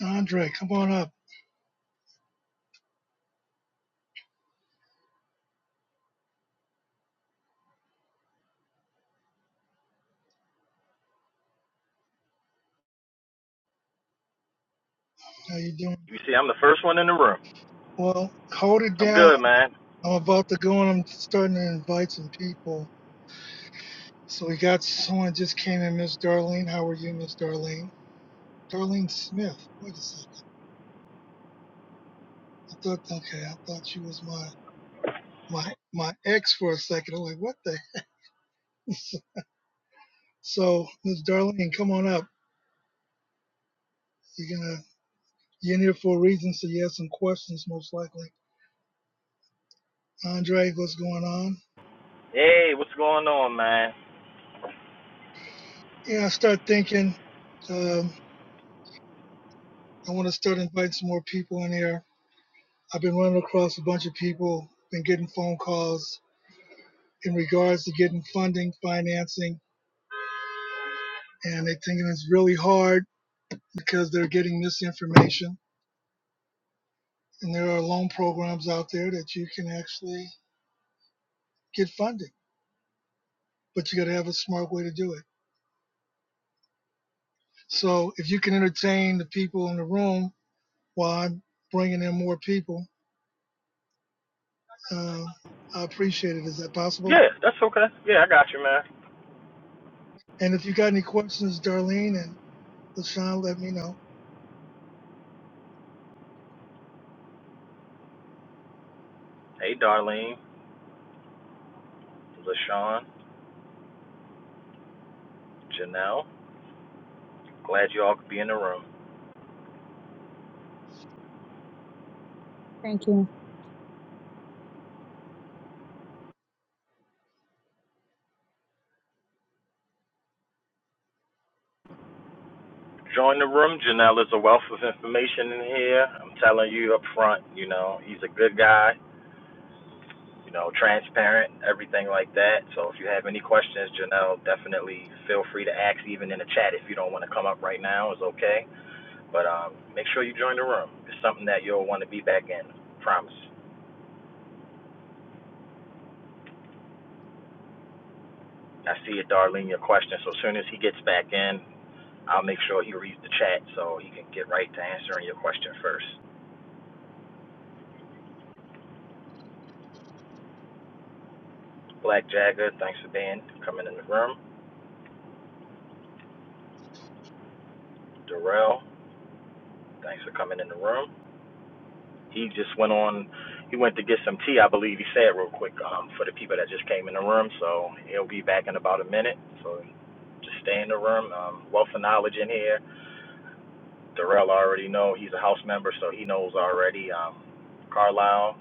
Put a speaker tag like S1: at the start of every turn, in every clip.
S1: Andre, come on up. How you doing?
S2: You see, I'm the first one in the room.
S1: Well, hold it
S2: I'm
S1: down.
S2: good, man.
S1: I'm about to go and I'm starting to invite some people. So we got someone just came in, Miss Darlene. How are you, Miss Darlene? Darlene Smith. Wait a second. I thought okay, I thought she was my my my ex for a second. I'm like, what the heck? So Miss Darlene, come on up. You're gonna you're in here for a reason, so you have some questions most likely. Andre, what's going on?
S2: Hey, what's going on, man?
S1: Yeah, I start thinking, um, I wanna start inviting some more people in here I've been running across a bunch of people, been getting phone calls in regards to getting funding, financing, and they're thinking it's really hard because they're getting misinformation. And there are loan programs out there that you can actually get funding, but you got to have a smart way to do it. So if you can entertain the people in the room while I'm bringing in more people, uh, I appreciate it. Is that possible?
S2: Yeah, that's okay. Yeah, I got you, man.
S1: And if you got any questions, Darlene and LaShawn, let me know.
S2: Hey, Darlene, LaShawn, Janelle. Glad you all could be in the room.
S3: Thank you.
S2: Join the room. Janelle is a wealth of information in here. I'm telling you up front, you know, he's a good guy, you know, transparent, everything like that. So if you have any questions, Janelle, definitely feel free to ask even in the chat if you don't want to come up right now. It's okay. But um, make sure you join the room. It's something that you'll want to be back in. Promise. I see it, Darlene, your question. So as soon as he gets back in, I'll make sure he reads the chat so he can get right to answering your question first. Black Jagger, thanks for being coming in the room. Darrell, thanks for coming in the room. He just went on. He went to get some tea, I believe. He said real quick um, for the people that just came in the room. So he'll be back in about a minute. So just stay in the room. Um, wealth of knowledge in here Darrell already know he's a house member, so he knows already. Um, Carlisle,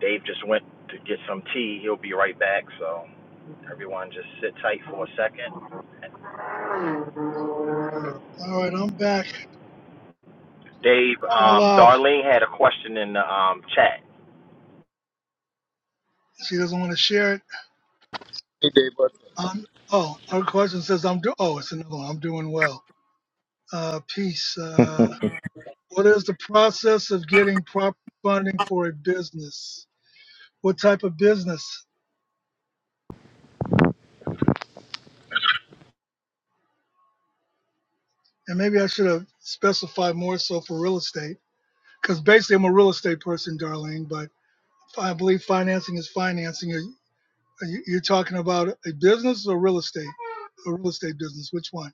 S2: Dave just went to get some tea. He'll be right back. So everyone, just sit tight for a second.
S1: All right, I'm back.
S2: Dave, um,
S1: Carlisle.
S2: Darlene had a question in the um, chat.
S1: She doesn't want to share it.
S4: Hey, Dave. what's
S1: Um, oh, her question says, "I'm do." Oh, it's another one. I'm doing well. Uh, peace.
S4: up?
S1: Uh, what is the process of getting prop funding for a business? What type of business? And maybe I should have specified more so for real estate, because basically I'm a real estate person, Darlene. But I believe financing is financing. Are you, are you- you're talking about a business or real estate? A real estate business. Which one?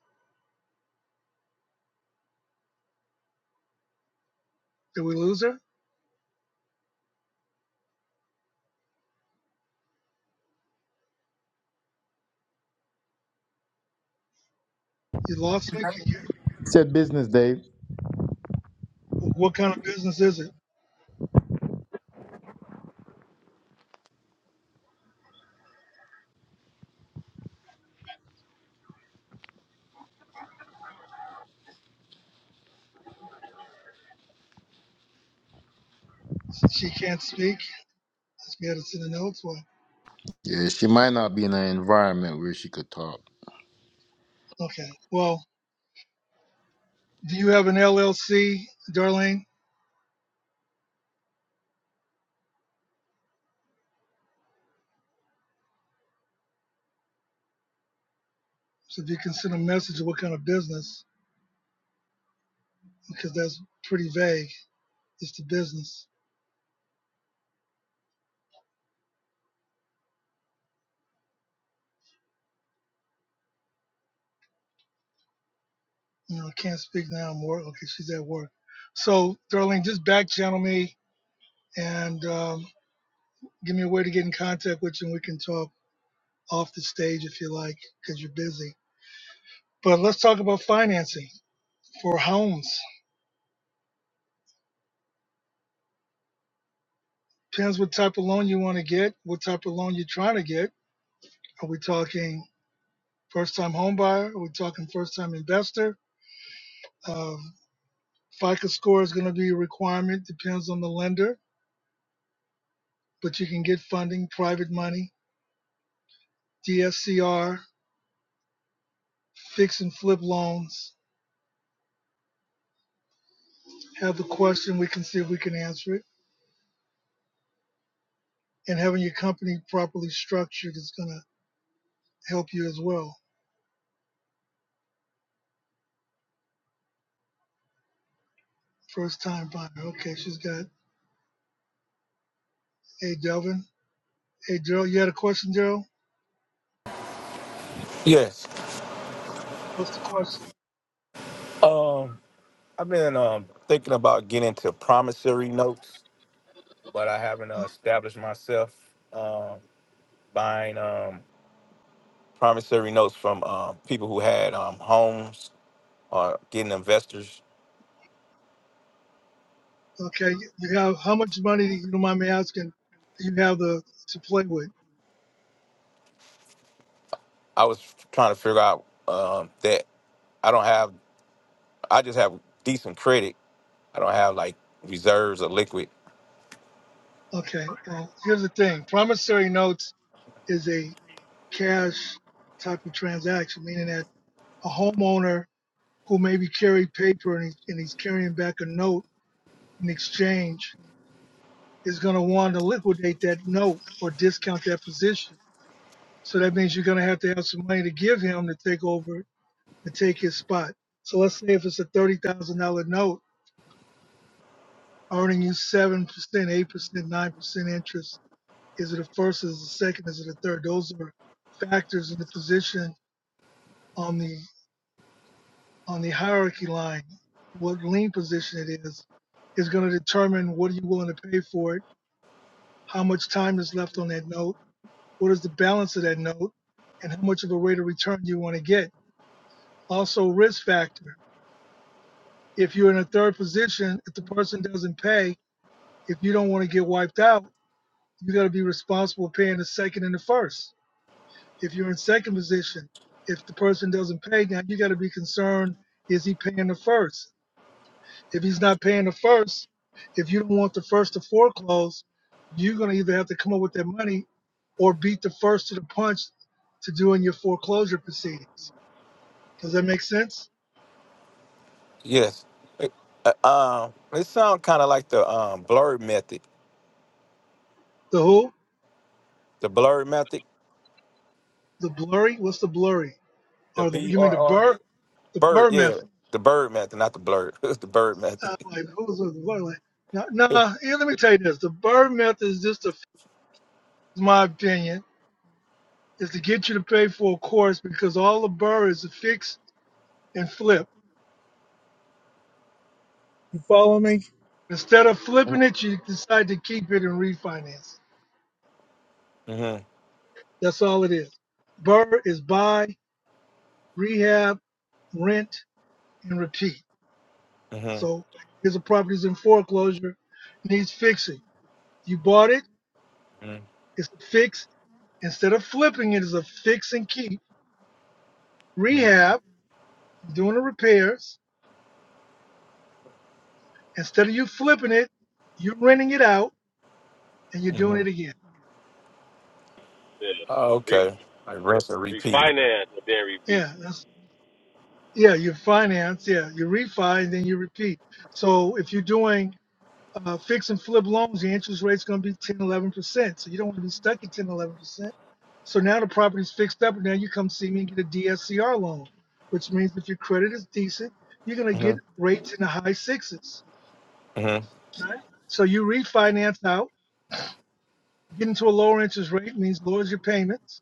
S1: Did we lose her? You lost me. Can you?
S4: Said business, Dave.
S1: What kind of business is it? She can't speak. Let's get it to the notes. Well,
S4: Yeah, she might not be in an environment where she could talk.
S1: okay. Well, do you have an LLC, Darlene? So if you can send a message of what kind of business, because that's pretty vague. It's the business. You know, I can't speak now. I'm work. Okay, she's at work. So, Darlene, just back channel me and um, give me a way to get in contact with you, and we can talk off the stage if you like, because you're busy. But let's talk about financing for homes. Depends what type of loan you want to get, what type of loan you're trying to get Are we talking first time home buyer? Are we talking first time investor? Um, FICO score is going to be a requirement, depends on the lender, but you can get funding, private money, DSCR, fix and flip loans. Have the question, we can see if we can answer it. And having your company properly structured is going to help you as well. First time buyer. Okay, she's got, hey, Delvin. Hey, Gerald, you had a question, Gerald?
S5: Yes.
S1: What's the question?
S5: Um, I've been um thinking about getting into promissory notes, but I haven't uh,
S1: Huh?
S5: established myself um, buying um promissory notes from um, people who had um homes or getting investors.
S1: Okay, you you have how much money do you don't mind me asking? do You have the to play with.
S5: I was trying to figure out um that I don't have. I just have decent credit. I don't have like reserves or liquid.
S1: Okay, well here's the thing: promissory notes is a cash type of transaction, meaning that a homeowner who maybe carried paper and he's, and he's carrying back a note in exchange is going to want to liquidate that note or discount that position. So that means you're going to have to have some money to give him to take over to take his spot. So let's say if it's a thirty thousand dollar note earning you seven percent, eight percent, nine percent interest? Is it a first? Is it a second? Is it a third? Those are factors in the position on the on the hierarchy line. What lean position it is is going to determine what are you willing to pay for it, how much time is left on that note, what is the balance of that note, and how much of a rate of return you want to get. Also, risk factor. If you're in a third position, if the person doesn't pay, if you don't want to get wiped out, you got to be responsible paying the second and the first. If you're in second position, if the person doesn't pay, now you got to be concerned: is he paying the first? If he's not paying the first, if you don't want the first to foreclose, you're going to either have to come up with that money or beat the first to the punch to doing your foreclosure proceedings. Does that make sense?
S5: Yes. It, Uh, um, it sounds kind of like the um blurred method.
S1: The who?
S5: The blurred method.
S1: The blurry? What's the blurry?
S5: The
S1: Or the you mean the
S5: BRR.
S1: burr? The burr
S5: Bird, yeah.
S1: method?
S5: The bird method, not the blurt. It's the bird method.
S1: Uh, like who's the blurry? Like, no, nah, nah, here, let me tell you this. The burr method is just a, my opinion is to get you to pay for a course because all the burr is are fix and flip. You follow me? Instead of flipping it, you decide to keep it and refinance. it.
S5: hmm
S1: That's all it is. Burr is buy, rehab, rent, and repeat.
S5: hmm
S1: So here's a property's in foreclosure, needs fixing. You bought it,
S5: hmm
S1: it's a fix. Instead of flipping it, it's a fix and keep.
S5: hmm
S1: Rehab, you're doing the repairs. Instead of you flipping it, you're renting it out and you're doing it again.
S6: Yeah.
S5: Oh,
S6: Re-
S5: okay. Like rinse and repeat.
S6: refinance and then repeat.
S1: Yeah, that's Yeah, you finance, yeah, you refi and then you repeat. So if you're doing uh, fix and flip loans, the interest rate's going to be ten, eleven percent So you don't want to be stuck at ten, eleven percent So now the property's fixed up, and now you come see me and get a DSCR loan, which means if your credit is decent, you're going to
S5: hmm
S1: get rates in the high sixes.
S5: hmm
S1: Right? So you refinance out, get into a lower interest rate means lowers your payments,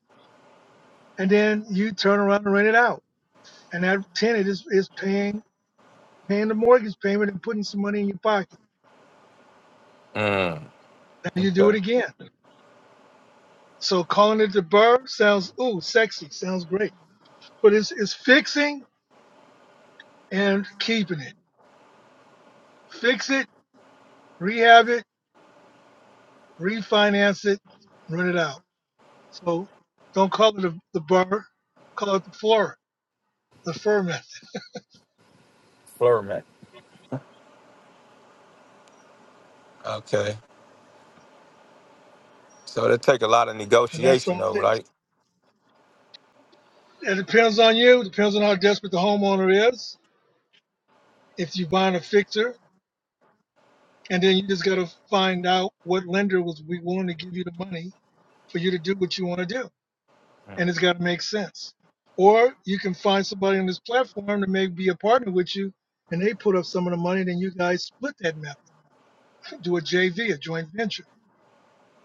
S1: and then you turn around and rent it out. And that tenant is, is paying paying the mortgage payment and putting some money in your pocket.
S5: Mm.
S1: Now you do
S5: Okay.
S1: it again. So calling it the burr sounds ooh sexy, sounds great, but it's it's fixing and keeping it. Fix it, rehab it, refinance it, rent it out. So don't call it the, the burr, call it the floor, the fur method,
S5: Blur method. Okay. So that take a lot of
S1: and that's
S5: negotiation
S1: all
S5: though,
S1: it is.
S5: right?
S1: It depends on you. Depends on how desperate the homeowner is. If you are buying a fixer, and then you just got to find out what lender was willing to give you the money for you to do what you want to do. and it's got to make sense. Or you can find somebody on this platform that may be a partner with you, and they put up some of the money, then you guys split that method. Do a JV, a joint venture.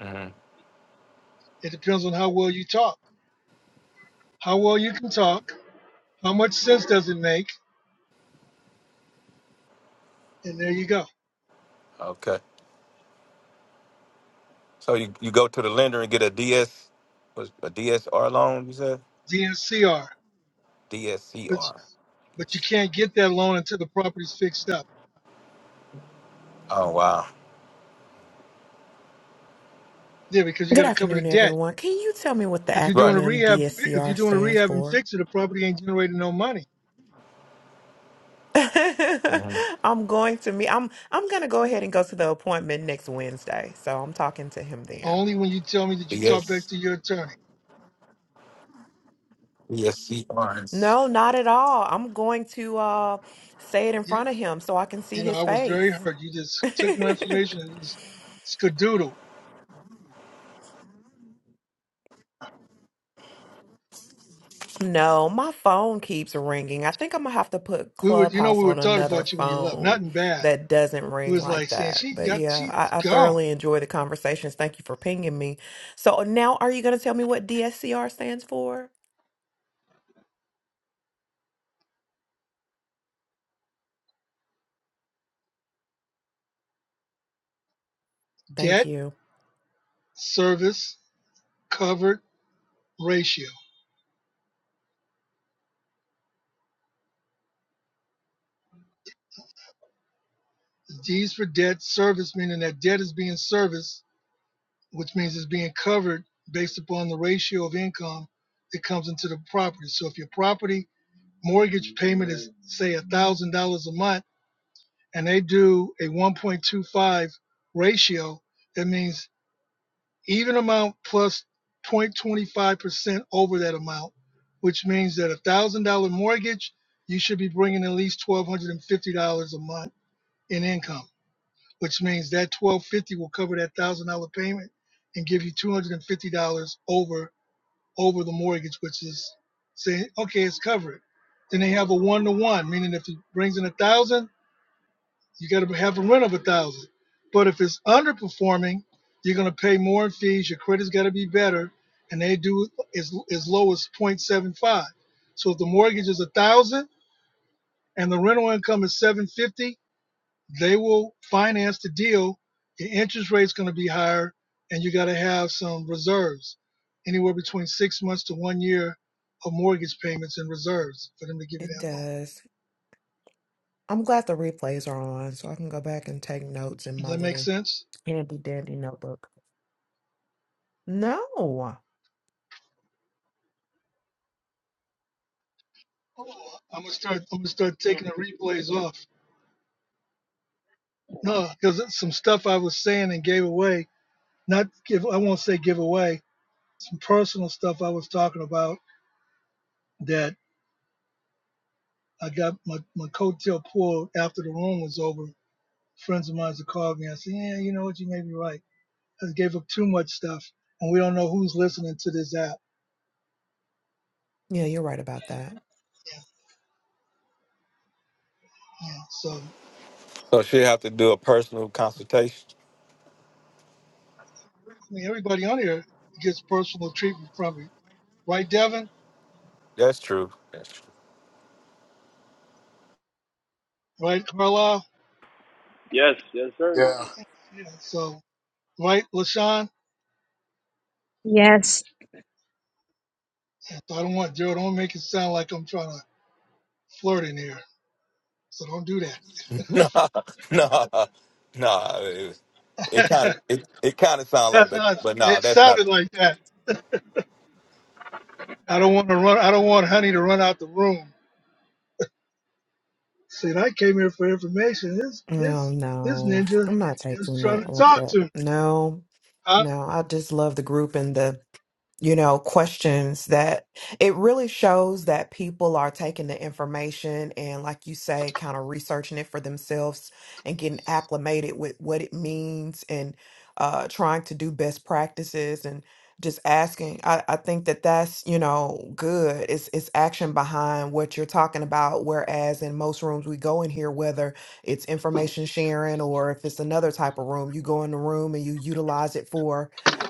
S5: Mm-hmm.
S1: It depends on how well you talk, how well you can talk, how much sense does it make, and there you go.
S5: Okay. So you, you go to the lender and get a DS was a DSR loan, you said?
S1: DNCR. But
S5: DSCR.
S1: but you
S5: Yes.
S1: can't get that loan until the property's fixed up.
S5: Oh wow.
S1: Yeah, because you
S7: Good
S1: got to cover the
S7: afternoon,
S1: debt.
S7: everyone. Can you tell me what the
S1: If you're doing
S5: Right.
S1: a
S7: acronym
S1: rehab, if
S7: DSCR
S1: you're doing a
S7: stands
S1: rehab and
S7: for?
S1: fix it, the property ain't generating no money.
S5: Mm-hmm.
S7: I'm going to me. I'm I'm going to go ahead and go to the appointment next Wednesday. So I'm talking to him then.
S1: Only when you tell me that you talk back
S5: DS
S1: to your attorney.
S7: No, not at all. I'm going to uh say it in
S1: yeah.
S7: front of him so I can see
S1: You know, I
S7: his
S1: was very
S7: face.
S1: hurt. You just took my information and just skadoodle.
S7: No, my phone keeps ringing. I think I'm gonna have to put
S1: We were, you know,
S7: Clubhouse
S1: we were
S7: on
S1: taught
S7: another
S1: about you when you left.
S7: phone
S1: Nothing bad.
S7: that doesn't
S1: It
S7: ring
S1: was
S7: like
S1: like saying
S7: that.
S1: she
S7: But
S1: got,
S7: yeah,
S1: she's
S7: I, I
S1: gone.
S7: thoroughly enjoy the conversations. Thank you for pinging me. So now, are you gonna tell me what DSCR stands for? Thank
S1: Debt,
S7: you.
S1: service, covered ratio. D's for debt, service meaning that debt is being serviced, which means it's being covered based upon the ratio of income that comes into the property. So if your property mortgage payment is say a thousand dollars a month, and they do a 1.25 ratio, that means even amount plus 0.25% over that amount, which means that a one thousand dollar mortgage, you should be bringing at least twelve hundred and fifty dollars a month in income, which means that twelve fifty dollars will cover that one thousand dollar payment and give you two hundred and fifty dollars over over the mortgage, which is saying okay, it's covered. Then they have a one to one, meaning if he brings in $1,000. You got to have a rent of a thousand. But if it's underperforming, you're going to pay more in fees. Your credit's got to be better, and they do as as low as 0.75. So if the mortgage is a thousand and the rental income is 750, they will finance the deal. Your interest rate's going to be higher, and you got to have some reserves, anywhere between six months to one year of mortgage payments and reserves for them to give you
S7: It
S1: that loan.
S7: does. I'm glad the replays are on so I can go back and take notes in
S1: Does
S7: my
S1: that make
S7: little
S1: sense?
S7: handy dandy notebook. No.
S1: I'm gonna start. I'm gonna start taking the replays off. No, because it's some stuff I was saying and gave away, not give, I won't say give away, some personal stuff I was talking about that I got my, my coattail pulled after the room was over. Friends of mine that called me I said, yeah, you know what, you may be right. I gave up too much stuff and we don't know who's listening to this app.
S7: Yeah, you're right about that.
S1: Yeah, so,
S5: So she have to do a personal consultation.
S1: I mean, everybody on here gets personal treatment from me. Right, Devin?
S5: That's true. That's true.
S1: Right, Carlisle?
S6: Yes, yes, sir.
S4: Yeah,
S1: Yeah, so, right, LaShawn?
S3: Yes,
S1: Yeah, So I don't want Gerald, don't make it sound like I'm trying to flirt in here. So don't do
S5: No, no, no. It, it
S1: that.
S5: kind of it, it kind of sounds like,
S1: That's
S5: but
S1: how it
S5: but no,
S1: it
S5: that's
S1: sounded
S5: not.
S1: like that. I don't want to run. I don't want honey to run out the room. Said I came here for information. This
S7: No,
S1: this this
S7: no.
S1: ninja
S7: I'm not
S1: is
S7: taking it
S1: trying to
S7: like
S1: talk
S7: that.
S1: to me.
S7: No.
S1: Uh,
S7: No, I just love the group and the, you know, questions that it really shows that people are taking the information and, like you say, kind of researching it for themselves and getting acclimated with what it means and uh, trying to do best practices and just asking. I, I think that that's, you know, good. It's, it's action behind what you're talking about. Whereas in most rooms we go in here, whether it's information sharing or if it's another type of room, you go in the room and you utilize it for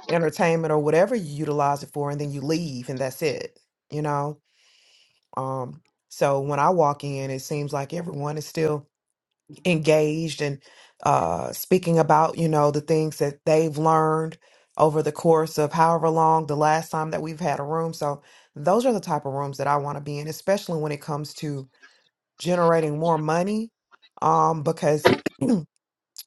S7: entertainment or whatever you utilize it for and then you leave and that's it you know um so when i walk in it seems like everyone is still engaged and uh speaking about you know the things that they've learned over the course of however long the last time that we've had a room so those are the type of rooms that i want to be in especially when it comes to generating more money um because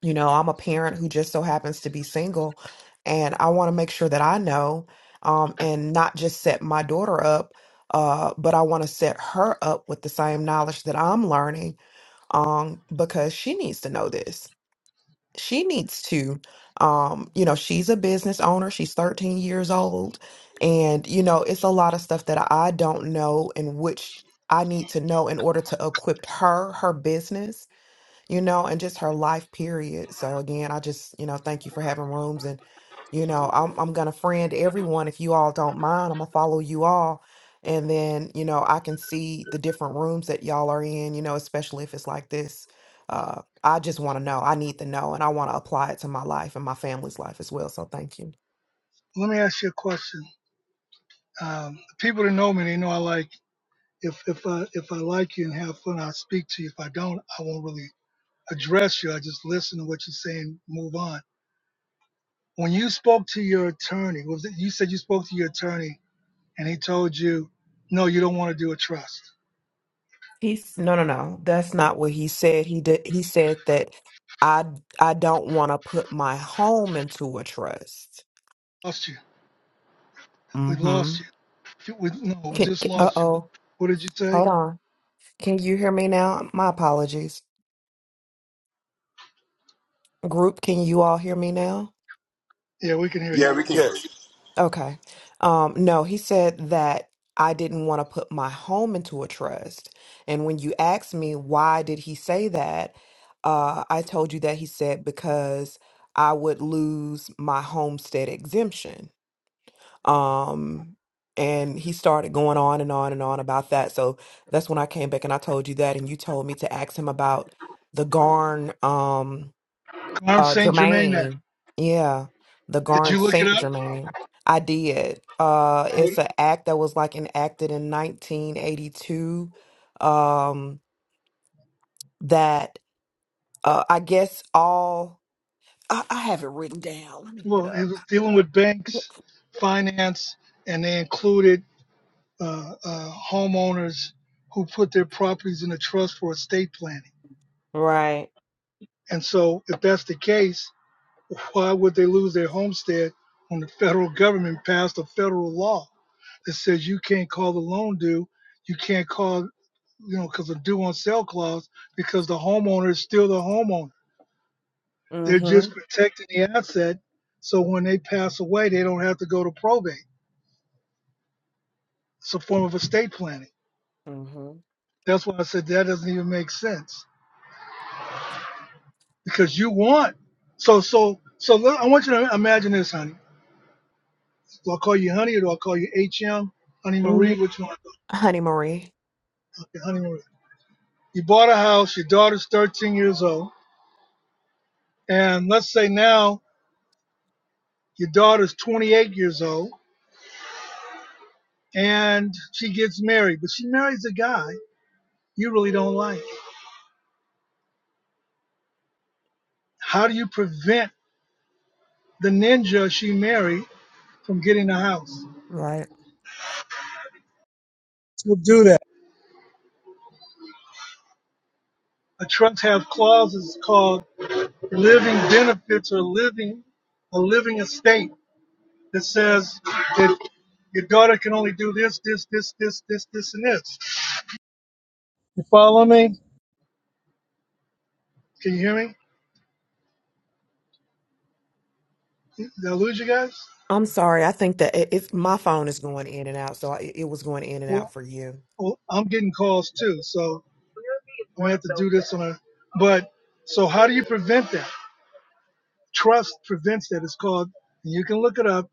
S7: you know, I'm a parent who just so happens to be single, and I want to make sure that I know um, and not just set my daughter up, uh, but I want to set her up with the same knowledge that I'm learning um, because she needs to know this. She needs to, um, you know, she's a business owner, she's 13 years old, and, you know, it's a lot of stuff that I don't know and which I need to know in order to equip her, her business you know, and just her life period. So again, I just, you know, thank you for having rooms and you know, I'm I'm gonna friend everyone if you all don't mind. I'm gonna follow you all. And then, you know, I can see the different rooms that y'all are in, you know, especially if it's like this. Uh I just wanna know. I need to know and I wanna apply it to my life and my family's life as well. So thank you.
S1: let me ask you a question. Um, the people that know me, they know I like. If if I if I like you and have fun, I'll speak to you. If I don't, I won't really address you. I just listen to what you're saying, move on. When you spoke to your attorney, was it, you said you spoke to your attorney and he told you, no, you don't want to do a trust.
S7: He's no no no. That's not what he said. He did he said that I I don't wanna put my home into a trust.
S1: Lost you. We
S7: hmm
S1: lost you. We, no, we
S7: Can,
S1: just
S7: uh
S1: lost you.
S7: oh,
S1: What did you say?
S7: hold on. Can you hear me now? My apologies. Group, can you all hear me now?
S1: Yeah, we can hear you.
S4: yeah, we can hear.
S5: Yeah,
S4: you.
S7: Okay. Um, no, he said that I didn't want to put my home into a trust. And when you asked me why did he say that, uh, I told you that he said because I would lose my homestead exemption. Um, and he started going on and on and on about that. So that's when I came back and I told you that, and you told me to ask him about the Garn, um,
S1: Carm
S7: uh,
S1: St. Germain Act.
S7: Germain. Yeah, the
S1: Did
S7: Garn
S1: you look it
S7: Saint
S1: up?
S7: Germain. I did. Uh,
S1: What-
S7: it's an act that was like enacted in 1982. Um, that uh, I guess all I, I have it written down. Let me get
S1: Well, it
S7: up.
S1: was dealing with banks, finance, and they included uh, uh, homeowners who put their properties in a trust for estate planning.
S7: Right.
S1: And so, if that's the case, why would they lose their homestead when the federal government passed a federal law? that says you can't call the loan due, you can't call, you know, because of due on sale clause, because the homeowner is still the homeowner. They're just
S7: Mm-hmm.
S1: protecting the asset, so when they pass away, they don't have to go to probate. It's a form of estate planning.
S7: Mm-hmm.
S1: That's why I said that doesn't even make sense because you want. So so so let, I want you to imagine this, honey. Do I call you honey or do I call you HM? Honey Marie,
S7: Mm,
S1: which one?
S7: Honey Marie.
S1: Okay, honey Marie. You bought a house. Your daughter's 13 years old, and let's say now Your daughter's 28 years old and she gets married, but she marries a guy you really don't like. How do you prevent the ninja she married from getting the house?
S7: Right.
S1: We'll do that. A trust have clauses called living benefits or living a living estate that says that your daughter can only do this, this, this, this, this, this, and this. You follow me? Can you hear me? Did I lose you guys?
S7: I'm sorry. I think that it, it's my phone is going in and out, so I, it was going in and
S1: Well,
S7: out for you.
S1: well I'm getting calls too, so We'll have to do this on. a But so how do you prevent that? Trust prevents that. It's called. You can look it up.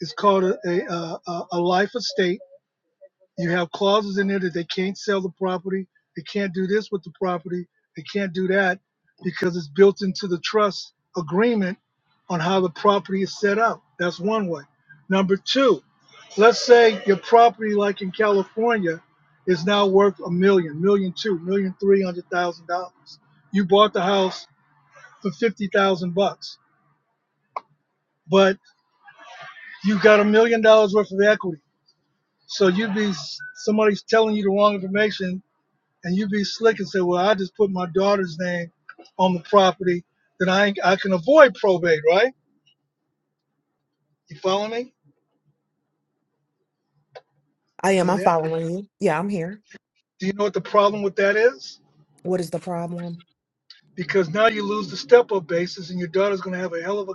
S1: It's called a a, a, a life estate. You have clauses in there that they can't sell the property, they can't do this with the property, they can't do that because it's built into the trust agreement on how the property is set up. That's one way. Number two, let's say your property, like in California, is now worth a million, million two, million three hundred thousand dollars. You bought the house for fifty thousand bucks, but you got a million dollars worth of equity. So you'd be somebody's telling you the wrong information and you be slick and say, well, I just put my daughter's name on the property, then I ain't, I can avoid probate, right? You follow me?
S7: I
S1: Are
S7: am.
S1: you
S7: I'm
S1: there?
S7: following you. Yeah, I'm here.
S1: Do you know what the problem with that is?
S7: What is the problem?
S1: Because now you lose the step up basis, and your daughter's going to have a hell of a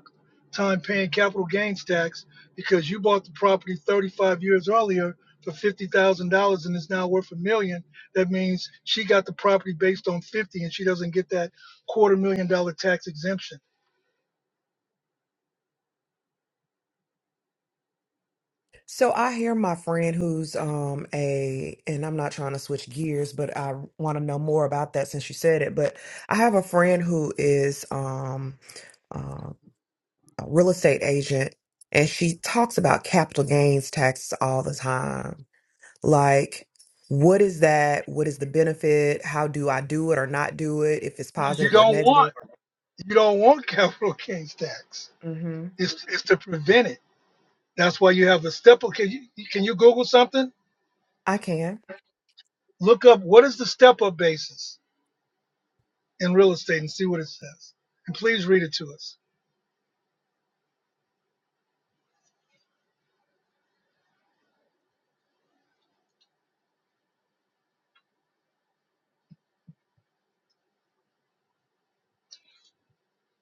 S1: time paying capital gains tax because you bought the property 35 years earlier for $50,000 and it's now worth a million. That means she got the property based on 50 and she doesn't get that quarter million dollar tax exemption.
S7: So I hear my friend who's um a, and I'm not trying to switch gears, but I want to know more about that since you said it. But I have a friend who is um uh, a real estate agent, and she talks about capital gains taxes all the time like what is that what is the benefit how do i do it or not do it if it's
S1: No, you
S7: positive or
S1: don't want.
S7: negative
S1: You don't want capital gains tax.
S7: hmm
S1: It's, it's to prevent it. That's why you have a step up. Can you, can you Google something?
S7: i can
S1: Look up what is the step up basis in real estate and see what it says. And please read it to us.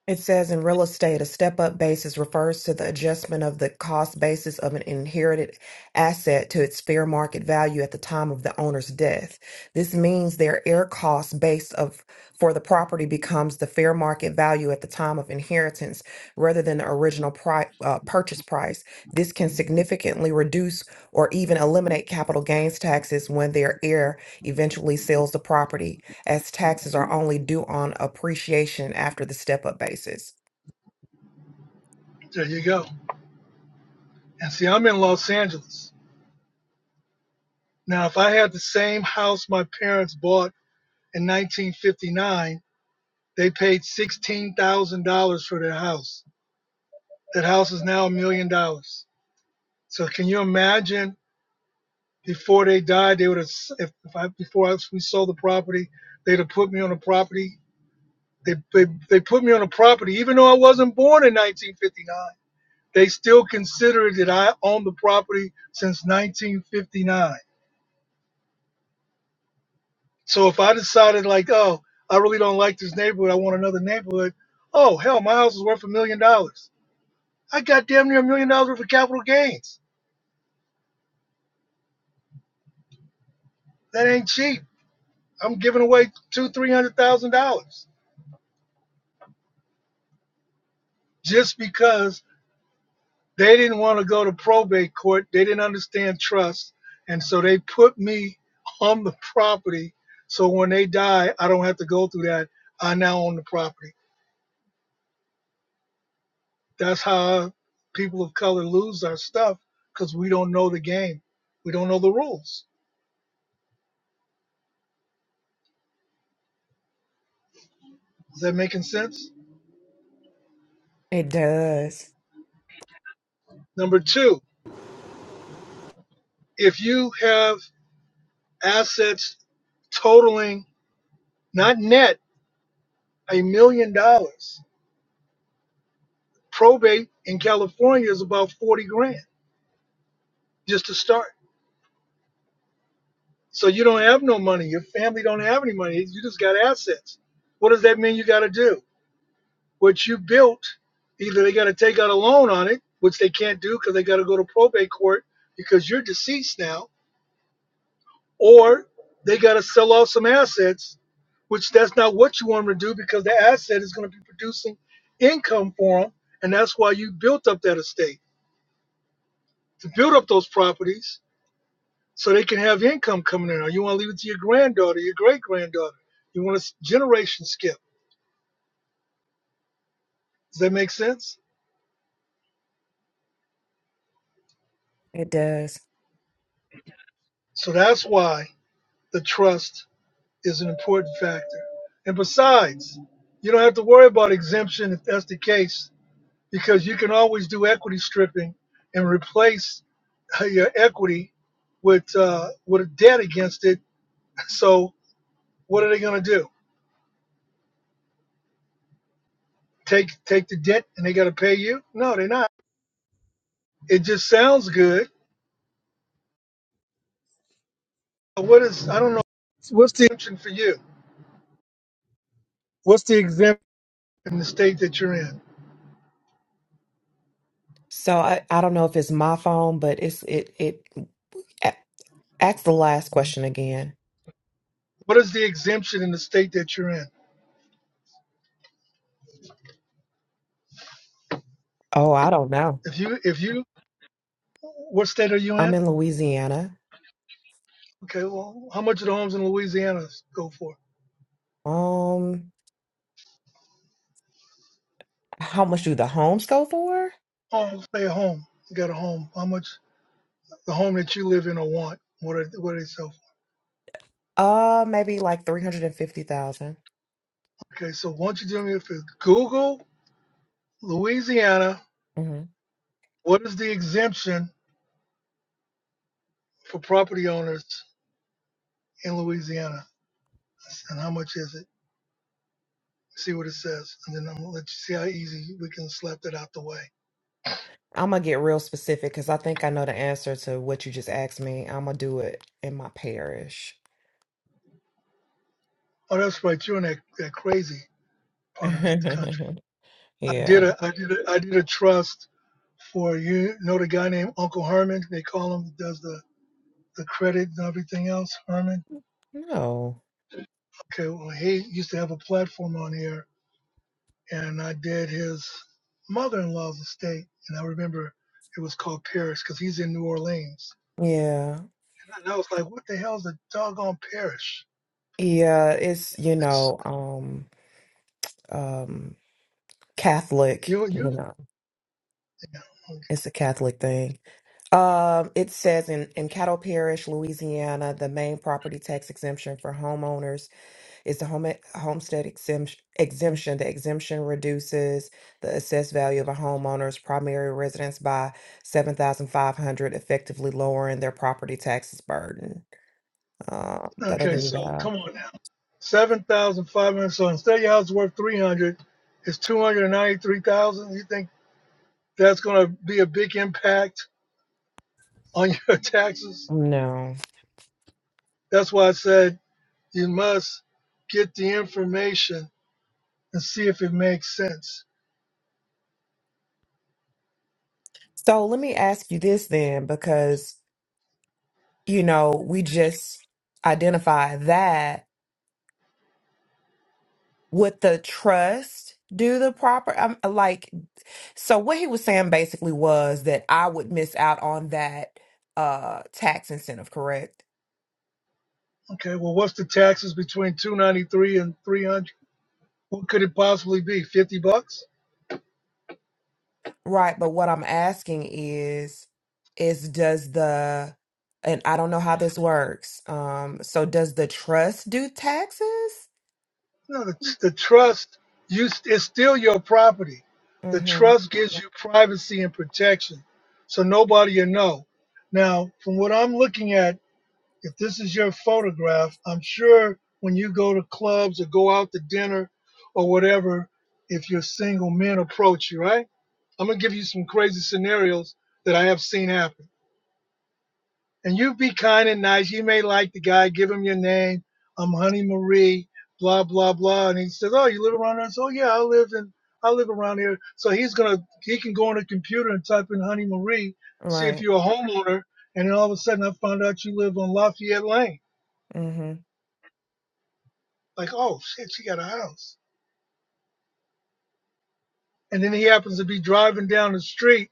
S7: It says in real estate, a step-up basis refers to the adjustment of the cost basis of an inherited asset to its fair market value at the time of the owner's death. This means their air cost base of for the property becomes the fair market value at the time of inheritance rather than the original pri- uh, purchase price. This can significantly reduce or even eliminate capital gains taxes when their heir eventually sells the property as taxes are only due on appreciation after the step up basis.
S1: There you go. And see, I'm in Los Angeles. Now, if I had the same house my parents bought in 1959, they paid $16,000 for their house. That house is now a million dollars. So can you imagine Before they died, they would have if, if I before I, we sold the property, they'd have put me on a property. They, they they put me on a property, even though I wasn't born in 1959. They still considered that I owned the property since 1959. So if I decided like, oh, I really don't like this neighborhood, I want another neighborhood. Oh hell, my house is worth a million dollars. I got damn near a million dollars worth of capital gains. That ain't cheap. I'm giving away two, three hundred thousand dollars just because They didn't want to go to probate court. They didn't understand trust. And so they put me on the property. So when they die, I don't have to go through that. I now own the property. That's how people of color lose our stuff because we don't know the game. We don't know the rules. Is that making sense?
S7: It does.
S1: Number two, if you have assets totaling not net a million dollars. Probate in California is about 40 grand just to start. So you don't have no money. Your family don't have any money. You just got assets. What does that mean you got to do? What you built, either they got to take out a loan on it, which they can't do because they got to go to probate court because you're deceased now, or they got to sell off some assets, which that's not what you want them to do because the asset is going to be producing income for them. And that's why you built up that estate to build up those properties so they can have income coming in. Or you want to leave it to your granddaughter, your great granddaughter. You want to generation skip. Does that make sense?
S7: It does.
S1: So that's why the trust is an important factor. And besides, you don't have to worry about exemption if that's the case, because you can always do equity stripping and replace uh, your equity with uh, with a debt against it. So what are they going to do? Take take the debt and they got to pay you? No, they're not. It just sounds good What is, I don't know, what's the exemption for you? What's the exemption in the state that you're in?
S7: So I, I don't know if it's my phone, but it's it it a- ask the last question again.
S1: What is the exemption in the state that you're in?
S7: Oh, I don't know.
S1: If you, if you, what state are you
S7: I'm
S1: in?
S7: in Louisiana.
S1: Okay, well, how much do the homes in Louisiana go for?
S7: Um, how much do the homes go for?
S1: Oh, stay at home. You got a home. How much the home that you live in or want? What are, what are they sell
S7: Uh, maybe like 350,000.
S1: for? Okay, so won't you do me a favor? Google Louisiana. What is the exemption for property owners in Louisiana? And how much is it? see what it says, and then I'm gonna let you see how easy we can slap that out the way.
S7: I'm gonna get real specific because I think I know the answer to what you just asked me. I'm gonna do it in my parish.
S1: Oh, that's right. You're in that, that crazy part of the country.
S7: yeah.
S1: I did a I did a I did a trust for you know the guy named Uncle Herman. They call him He does the the credit and everything else. Herman.
S7: No.
S1: Okay. Well, he used to have a platform on here, and I did his mother-in-law's estate, and I remember it was called Parish because he's in New Orleans.
S7: Yeah.
S1: And I was like, what the hell is a doggone parish?
S7: Yeah. It's you
S1: It's,
S7: know um um Catholic.
S1: you you.
S7: You know,
S1: Yeah.
S7: it's a Catholic thing. Um, it says in in Cattle Parish, Louisiana, the main property tax exemption for homeowners. It's the home e, homestead exemption, exemption. The exemption reduces the assessed value of a homeowner's primary residence by seven thousand five hundred, effectively lowering their property taxes burden. Um, da, da,
S1: Okay,
S7: da, da.
S1: so
S7: da.
S1: come on now. Seven thousand five hundred. So instead your house is worth three hundred, it's two hundred and ninety-three thousand. You think that's gonna be a big impact on your taxes?
S7: No.
S1: That's why I said you must get the information and see if it makes sense.
S7: So let me ask you this then, because you know we just identified that would the trust do the proper? i like. So what he was saying basically was that I would miss out on that uh tax incentive, correct?
S1: Okay, well what's the taxes between two ninety-three and three hundred? What could it possibly be? Fifty bucks?
S7: Right, but what I'm asking is is does the and I don't know how this works. Um so does the trust do taxes?
S1: No, the, the trust you it's still your property. The
S7: Mhm.
S1: trust gives you privacy and protection, so nobody will know. Now, from what I'm looking at, if this is your photograph, I'm sure when you go to clubs or go out to dinner or whatever, if your single men approach you, right? I'm gonna give you some crazy scenarios that I have seen happen and you be kind and nice. You may like the guy, give him your name. I'm Honey Marie, blah blah blah. And he says, "Oh, you live around us? Oh yeah, I live in I live around here." So he's gonna he can go on the computer and type in Honey Marie, see if
S7: Right.
S1: you're a homeowner, and then all of a sudden I found out you live on Lafayette Lane.
S7: Mhm.
S1: Like, oh shit, she got a house. And then he happens to be driving down the street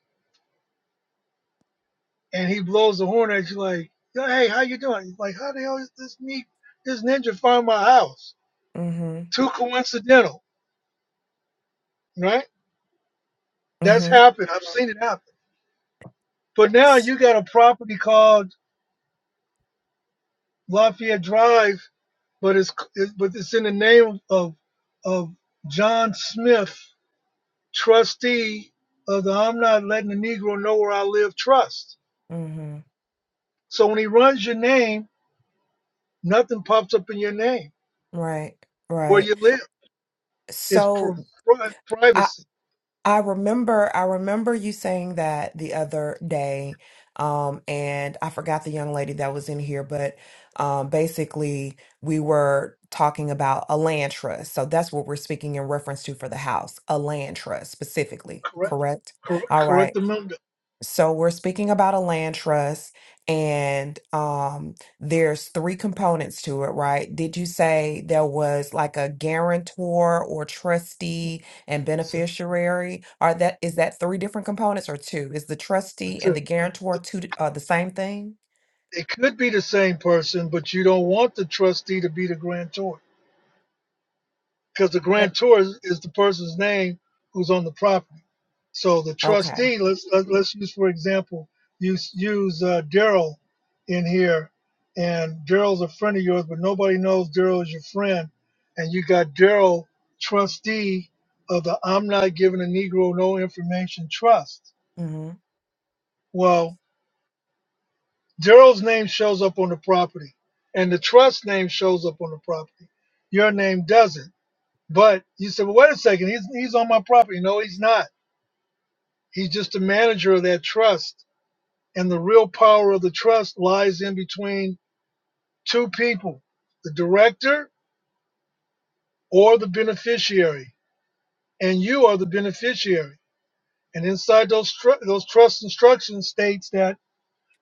S1: and he blows the horn at you like, "Hey, how you doing?" He's like, "How the hell is this neat this ninja find my house?"
S7: Mhm.
S1: Too coincidental, right? That's
S7: Mhm.
S1: happened. I've seen it happen. But now
S7: S-
S1: you got a property called Lafayette Drive, but it's it, but it's in the name of of John Smith, trustee of the I'm not letting the Negro know where I live trust.
S7: Mhm.
S1: So when he runs your name, nothing pops up in your name
S7: Right.
S1: where
S7: Right.
S1: you live. It's pri-
S7: So
S1: pri- privacy.
S7: I remember, I remember you saying that the other day, um, and I forgot the young lady that was in here, but um, basically we were talking about a land trust. So that's what we're speaking in reference to for the house, a land trust specifically,
S1: Correct.
S7: correct?
S1: Correct.
S7: All right.
S1: Correct. Amendment.
S7: So we're speaking about a land trust and um there's three components to it, right? Did you say there was like a guarantor or trustee and
S1: So
S7: beneficiary? Are that is that three different components or two? Is the trustee
S1: that's
S7: and
S1: it.
S7: the guarantor two di- uh, the same thing?
S1: It could be the same person, but you don't want the trustee to be the grantor. because the
S7: It,
S1: grantor is, is the person's name who's on the property. So the
S7: Okay.
S1: trustee, let's let, let's use for example, use use uh, Daryl in here, and Daryl's a friend of yours, but nobody knows Daryl is your friend, and you got Daryl trustee of the I'm not giving a Negro no information trust.
S7: Mm-hmm.
S1: Well, Daryl's name shows up on the property, and the trust name shows up on the property. Your name doesn't. But you said, well, wait a second, he's, he's on my property. No, he's not. He's just the manager of that trust. And the real power of the trust lies in between two people, the director or the beneficiary. And you are the beneficiary. And inside those, tr- those trust instructions states that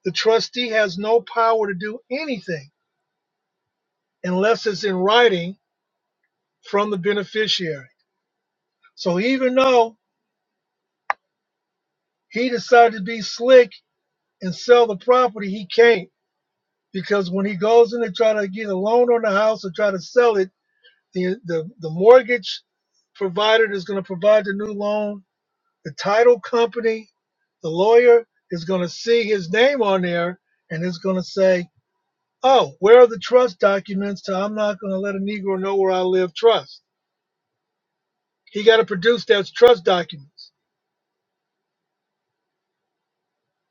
S1: the trustee has no power to do anything unless it's in writing from the beneficiary. So even though he decided to be slick and sell the property, he can't because when he goes in to try to get a loan on the house or try to sell it, the the, the mortgage provider that's going to provide the new loan, the title company, the lawyer is going to see his name on there and is going to say, "Oh, where are the trust documents?" To I'm not going to let a Negro know where I live. Trust. He got to produce those trust documents.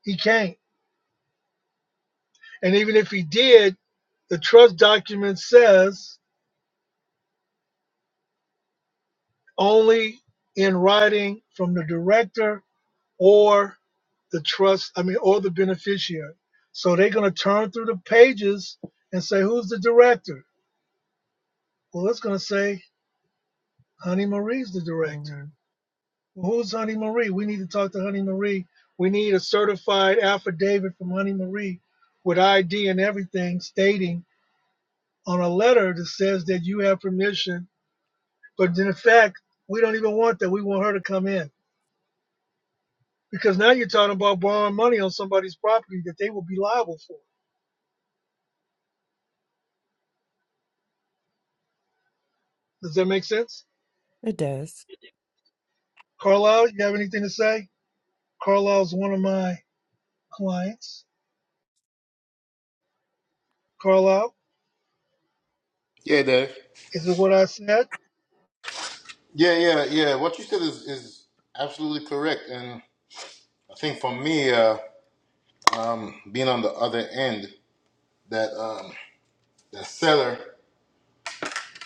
S1: He can't. And even if he did, the trust document says only in writing from the director or the trust, I mean, or the beneficiary. So they're going to turn through the pages and say, who's the director? Well, it's going to say, Honey Marie's the director.
S7: Mm-hmm.
S1: Well, who's Honey Marie? We need to talk to Honey Marie. We need a certified affidavit from Honey Marie with ID and everything stating on a letter that says that you have permission. But in fact, we don't even want that. We want her to come in because now you're talking about borrowing money on somebody's property that they will be liable for. Does that make sense?
S7: it does.
S1: Carlisle, you have anything to say? Carlisle's one of my clients. Carlisle,
S4: Yeah, Dave.
S1: is it what I said?
S4: Yeah, yeah, yeah. What you said is is absolutely correct, and I think for me, uh, um, being on the other end, that um, the seller,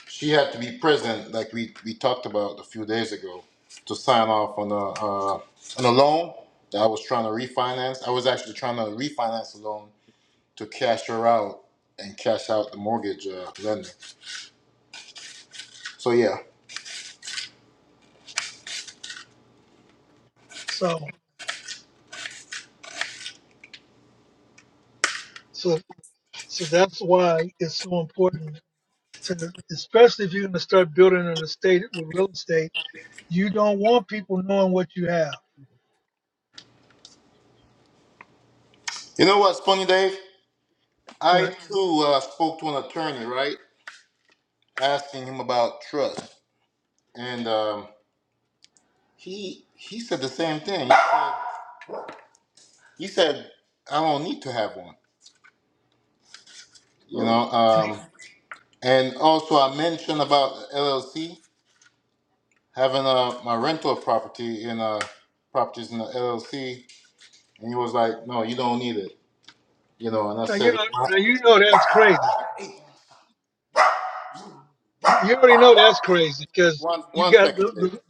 S4: she had to be present, like we we talked about a few days ago, to sign off on a uh, on a loan that I was trying to refinance. I was actually trying to refinance a loan to cash her out and cash out the mortgage uh, lender. So yeah,
S1: So, so, so that's why it's so important to, especially if you're going to start building an estate with real estate, you don't want people knowing what you have.
S4: you know what, funny Dave? I
S1: What?
S4: too uh, spoke to an attorney, right, asking him about trust, and um, he he said the same thing. He said, he said I don't need to have one, you know. Um, and also I mentioned about LLC having uh, my rental property in uh, properties in the LLC, and he was like, no, you don't need it, you know. And I
S1: Now you
S4: said,
S1: know, now you know that's crazy. You you already know that's crazy because
S4: one
S1: you
S4: one
S1: got
S4: second,
S1: the,
S4: Dave.
S1: the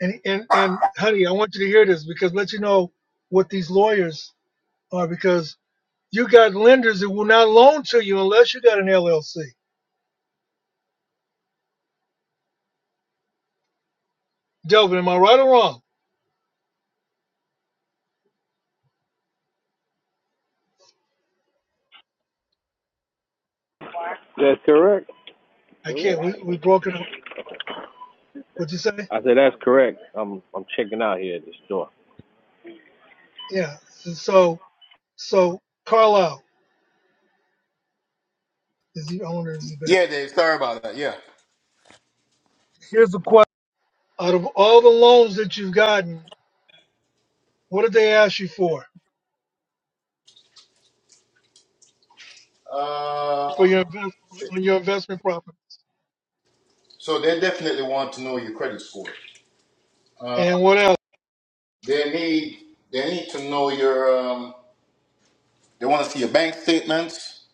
S1: and, and and honey, I want you to hear this because let you know what these lawyers are because You got lenders that will not loan to you unless you got an LLC. Delvin, am I right or wrong?
S6: That's correct.
S1: I can't. We
S6: Correct.
S1: we broke it up. What'd you say?
S6: I said that's correct. I'm I'm checking out here at the store.
S1: Yeah. So so Carlisle is the owner. Is the back.
S4: Yeah, Dave. Sorry about that. Yeah.
S1: Here's the question: Out of all the loans that you've gotten, what did they ask you for
S4: Uh,
S1: for your invest on your investment properties?
S4: so they definitely want to know your credit score. Uh,
S1: And what else?
S4: they need they need to know your. Um, they want to see your bank statements.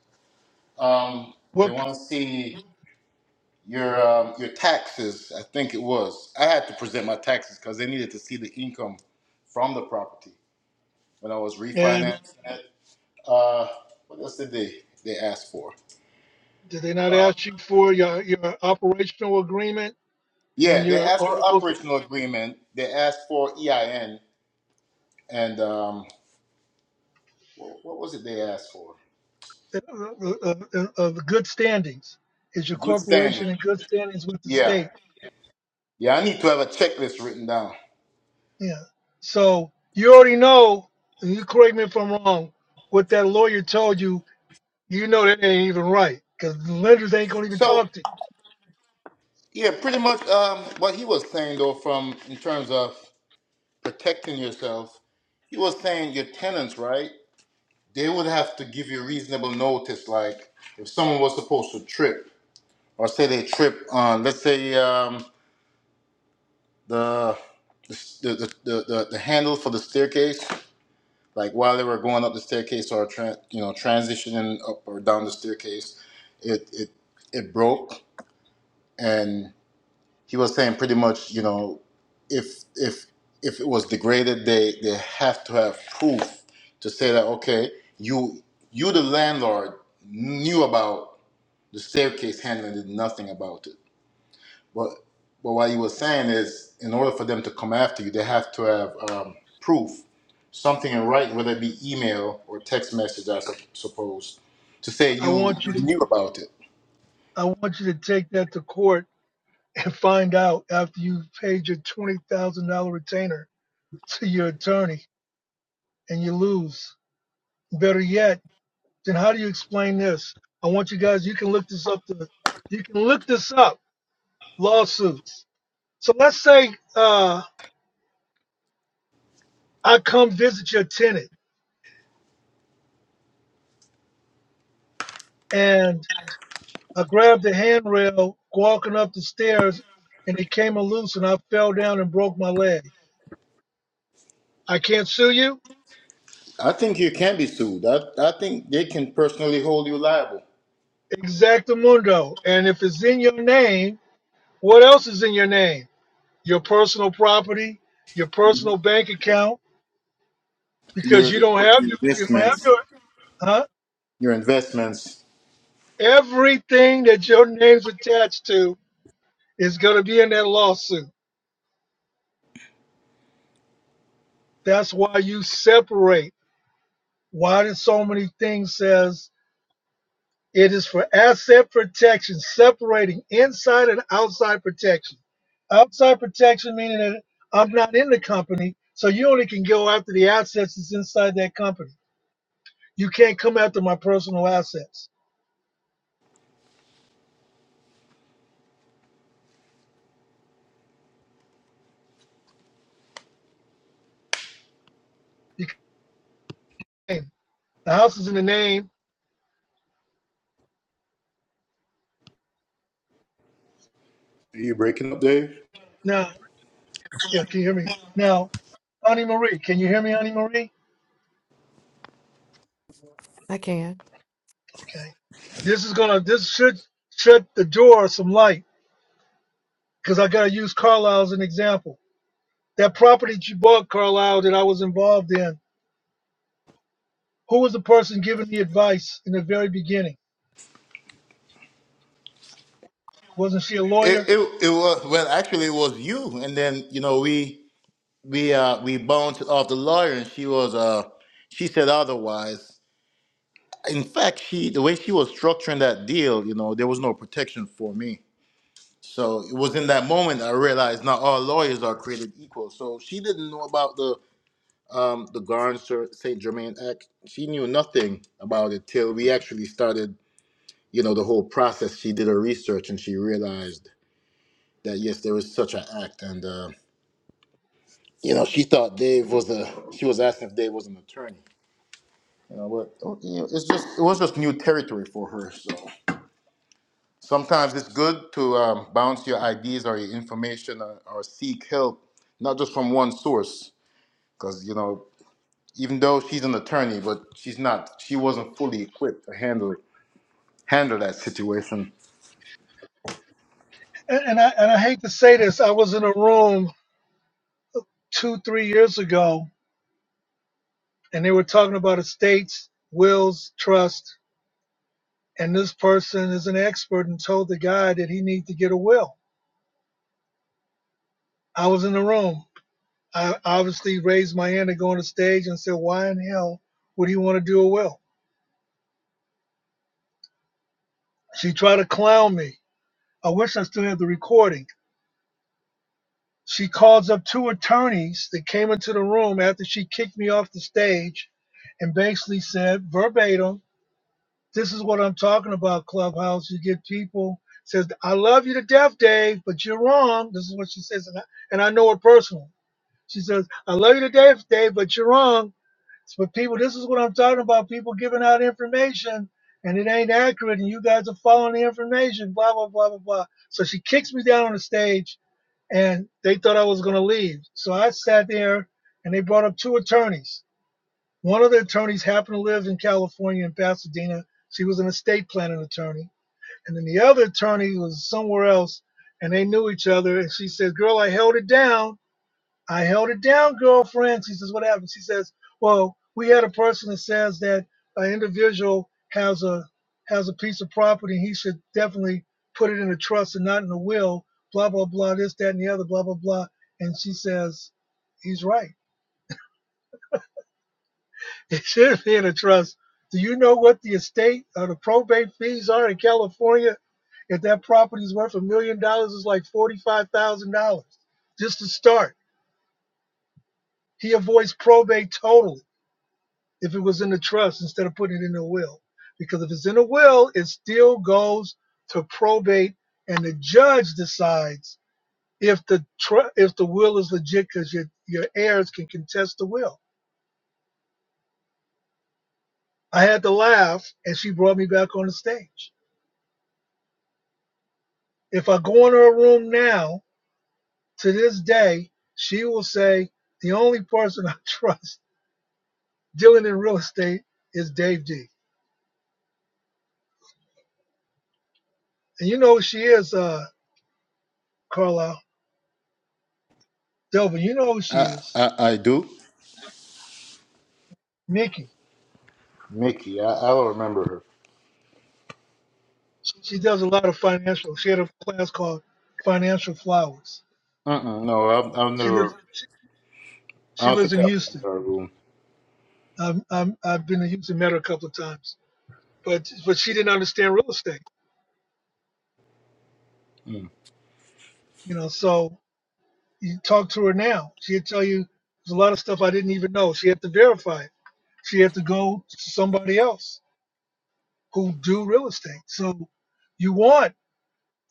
S4: Um, they
S1: What
S4: want to see your um, your taxes. I think it was. I had to present my taxes because they needed to see the income from the property when I was
S1: and
S4: refinancing it. Uh, what else did they they ask for?
S1: did they not ask you for your your operational agreement and
S4: Yeah, they
S1: your
S4: asked for the
S1: articles?
S4: operational agreement. They asked for EIN and. Um, What, what was it they asked for?
S1: of, of, of good standings. Is your
S4: Good standing.
S1: corporation in good standings with the
S4: Yeah.
S1: state?
S4: Yeah, I need to have a checklist written down.
S1: Yeah. So you already know, and you correct me if I'm wrong, what that lawyer told you, you know that ain't even right because the lenders ain't going to even
S4: So,
S1: talk to you.
S4: yeah, pretty much um, what he was saying, though, from in terms of protecting yourself, he was saying your tenants, right? They would have to give you reasonable notice. Like if someone was supposed to trip, or say they trip on, let's say um, the, the, the, the, the, the handle for the staircase, Like while they were going up the staircase or tran you know transitioning up or down the staircase, it it it broke, and he was saying pretty much you know if if if it was degraded, they they have to have proof to say that okay you you the landlord knew about the staircase handle and did nothing about it. But but what he was saying is, in order for them to come after you, they have to have um, proof, something in writing, whether it be email or text message, I sup- suppose, to say
S1: I
S4: you
S1: want you
S4: you
S1: to
S4: knew about it.
S1: I want you to take that to court and find out after you've paid your $20,000 retainer to your attorney and you lose. Better yet, then how do you explain this? I want you guys, you can look this up. To, you can look this up lawsuits. So let's say uh, I come visit your tenant and I grabbed the handrail walking up the stairs and it came loose and I fell down and broke my leg. I can't sue you?
S4: I think you can be sued. I, I think they can personally hold you liable.
S1: Exactamundo. And if it's in your name, what else is in your name? Your personal property, your personal bank account, because
S4: Your
S1: you don't have your, you don't have
S4: investments,
S1: your, huh?
S4: your investments.
S1: Everything that your name's attached to is going to be in that lawsuit. That's why you separate. Why did so many things says it is for asset protection, separating inside and outside protection. Outside protection meaning that I'm not in the company, so you only can go after the assets that's inside that company. You can't come after my personal assets. You can't. The house is in the name.
S4: Are you breaking up, Dave?
S1: Now, yeah, can you hear me? Now, Honey Marie, can you hear me, Honey Marie?
S7: I can.
S1: Okay. This is gonna. This should shut the door some light because I got to use Carlisle as an example. That property that you bought, Carlisle, that I was involved in, who was the person giving the advice in the very beginning? Wasn't she a
S4: It,
S1: lawyer?
S4: it it was well actually it was you and then you know we we uh we bounced off the lawyer and she was uh she said otherwise in fact, she the way she was structuring that deal, you know, there was no protection for me. So it was in that moment I realized not all lawyers are created equal. So she didn't know about the um, the Garn St. Germain Act. She knew nothing about it till we actually started, you know, the whole process. She did her research and she realized that yes, there was such an act, and uh, you know, she thought Dave was a. She was asking if Dave was an attorney. You know, but you know, it's just it was just new territory for her. So. Sometimes it's good to um, bounce your ideas or your information or, or seek help, not just from one source, because you know, even though she's an attorney, but she's not, she wasn't fully equipped to handle handle that situation.
S1: And, and I and I hate to say this, I was in a room two, three years ago, and they were talking about estates, wills, trust, and this person is an expert and told the guy that he need to get a will. I was in the room. I obviously raised my hand to go on the stage and said, "Why in hell would he want to do a will?" She tried to clown me I wish I still had the recording. She calls up two attorneys that came into the room after she kicked me off the stage and basically said verbatim, This is what I'm talking about, Clubhouse. You get people says, 'I love you to death, Dave, but you're wrong. This is what she says, and I, and I know it personally. She says, I love you to death, Dave, but you're wrong. But people, this is what I'm talking about. People giving out information and it ain't accurate, and you guys are following the information, blah, blah, blah, blah, blah. So she kicks me down on the stage and they thought I was going to leave. So I sat there, and they brought up two attorneys. One of the attorneys happened to live in California in Pasadena. She was an estate planning attorney, and then the other attorney was somewhere else, and they knew each other. And she said, "Girl, I held it down." I held it down, girlfriend. She says, What happened? She says, Well, we had a person that says that an individual has a has a piece of property he should definitely put it in a trust and not in a will, blah, blah, blah, this, that, and the other, blah, blah, blah. And she says, He's right. It should be in a trust. Do you know what the estate or the probate fees are in California? If that property is worth a million dollars, it's like forty-five thousand dollars just to start. He avoids probate totally. if it was in the trust instead of putting it in the will. Because if it's in the will, it still goes to probate, and the judge decides if the tr- if the will is legit, because your your heirs can contest the will. I had to laugh, and she brought me back on the stage. If I go in her room now, to this day, she will say the only person I trust dealing in real estate is Dave D. And you know who she is, uh, Carlisle Delvin. You know who she
S4: I
S1: is,
S4: I, I do,
S1: Nikki.
S4: Mickey. I, I don't remember her.
S1: She does a lot of financial. She had a class called Financial Flowers.
S4: Mm-mm, no, I've, I've
S1: She lives.
S4: never.
S1: She,
S4: I
S1: she
S4: don't
S1: lives
S4: think
S1: in
S4: I've been
S1: Houston.
S4: to her room.
S1: I'm, I'm, I've been to Houston, met her a couple of times, but but she didn't understand real estate.
S4: Mm.
S1: You know, so you talk to her now. She'd tell you there's a lot of stuff I didn't even know. She had to verify it. She had to go to somebody else who do real estate. So you want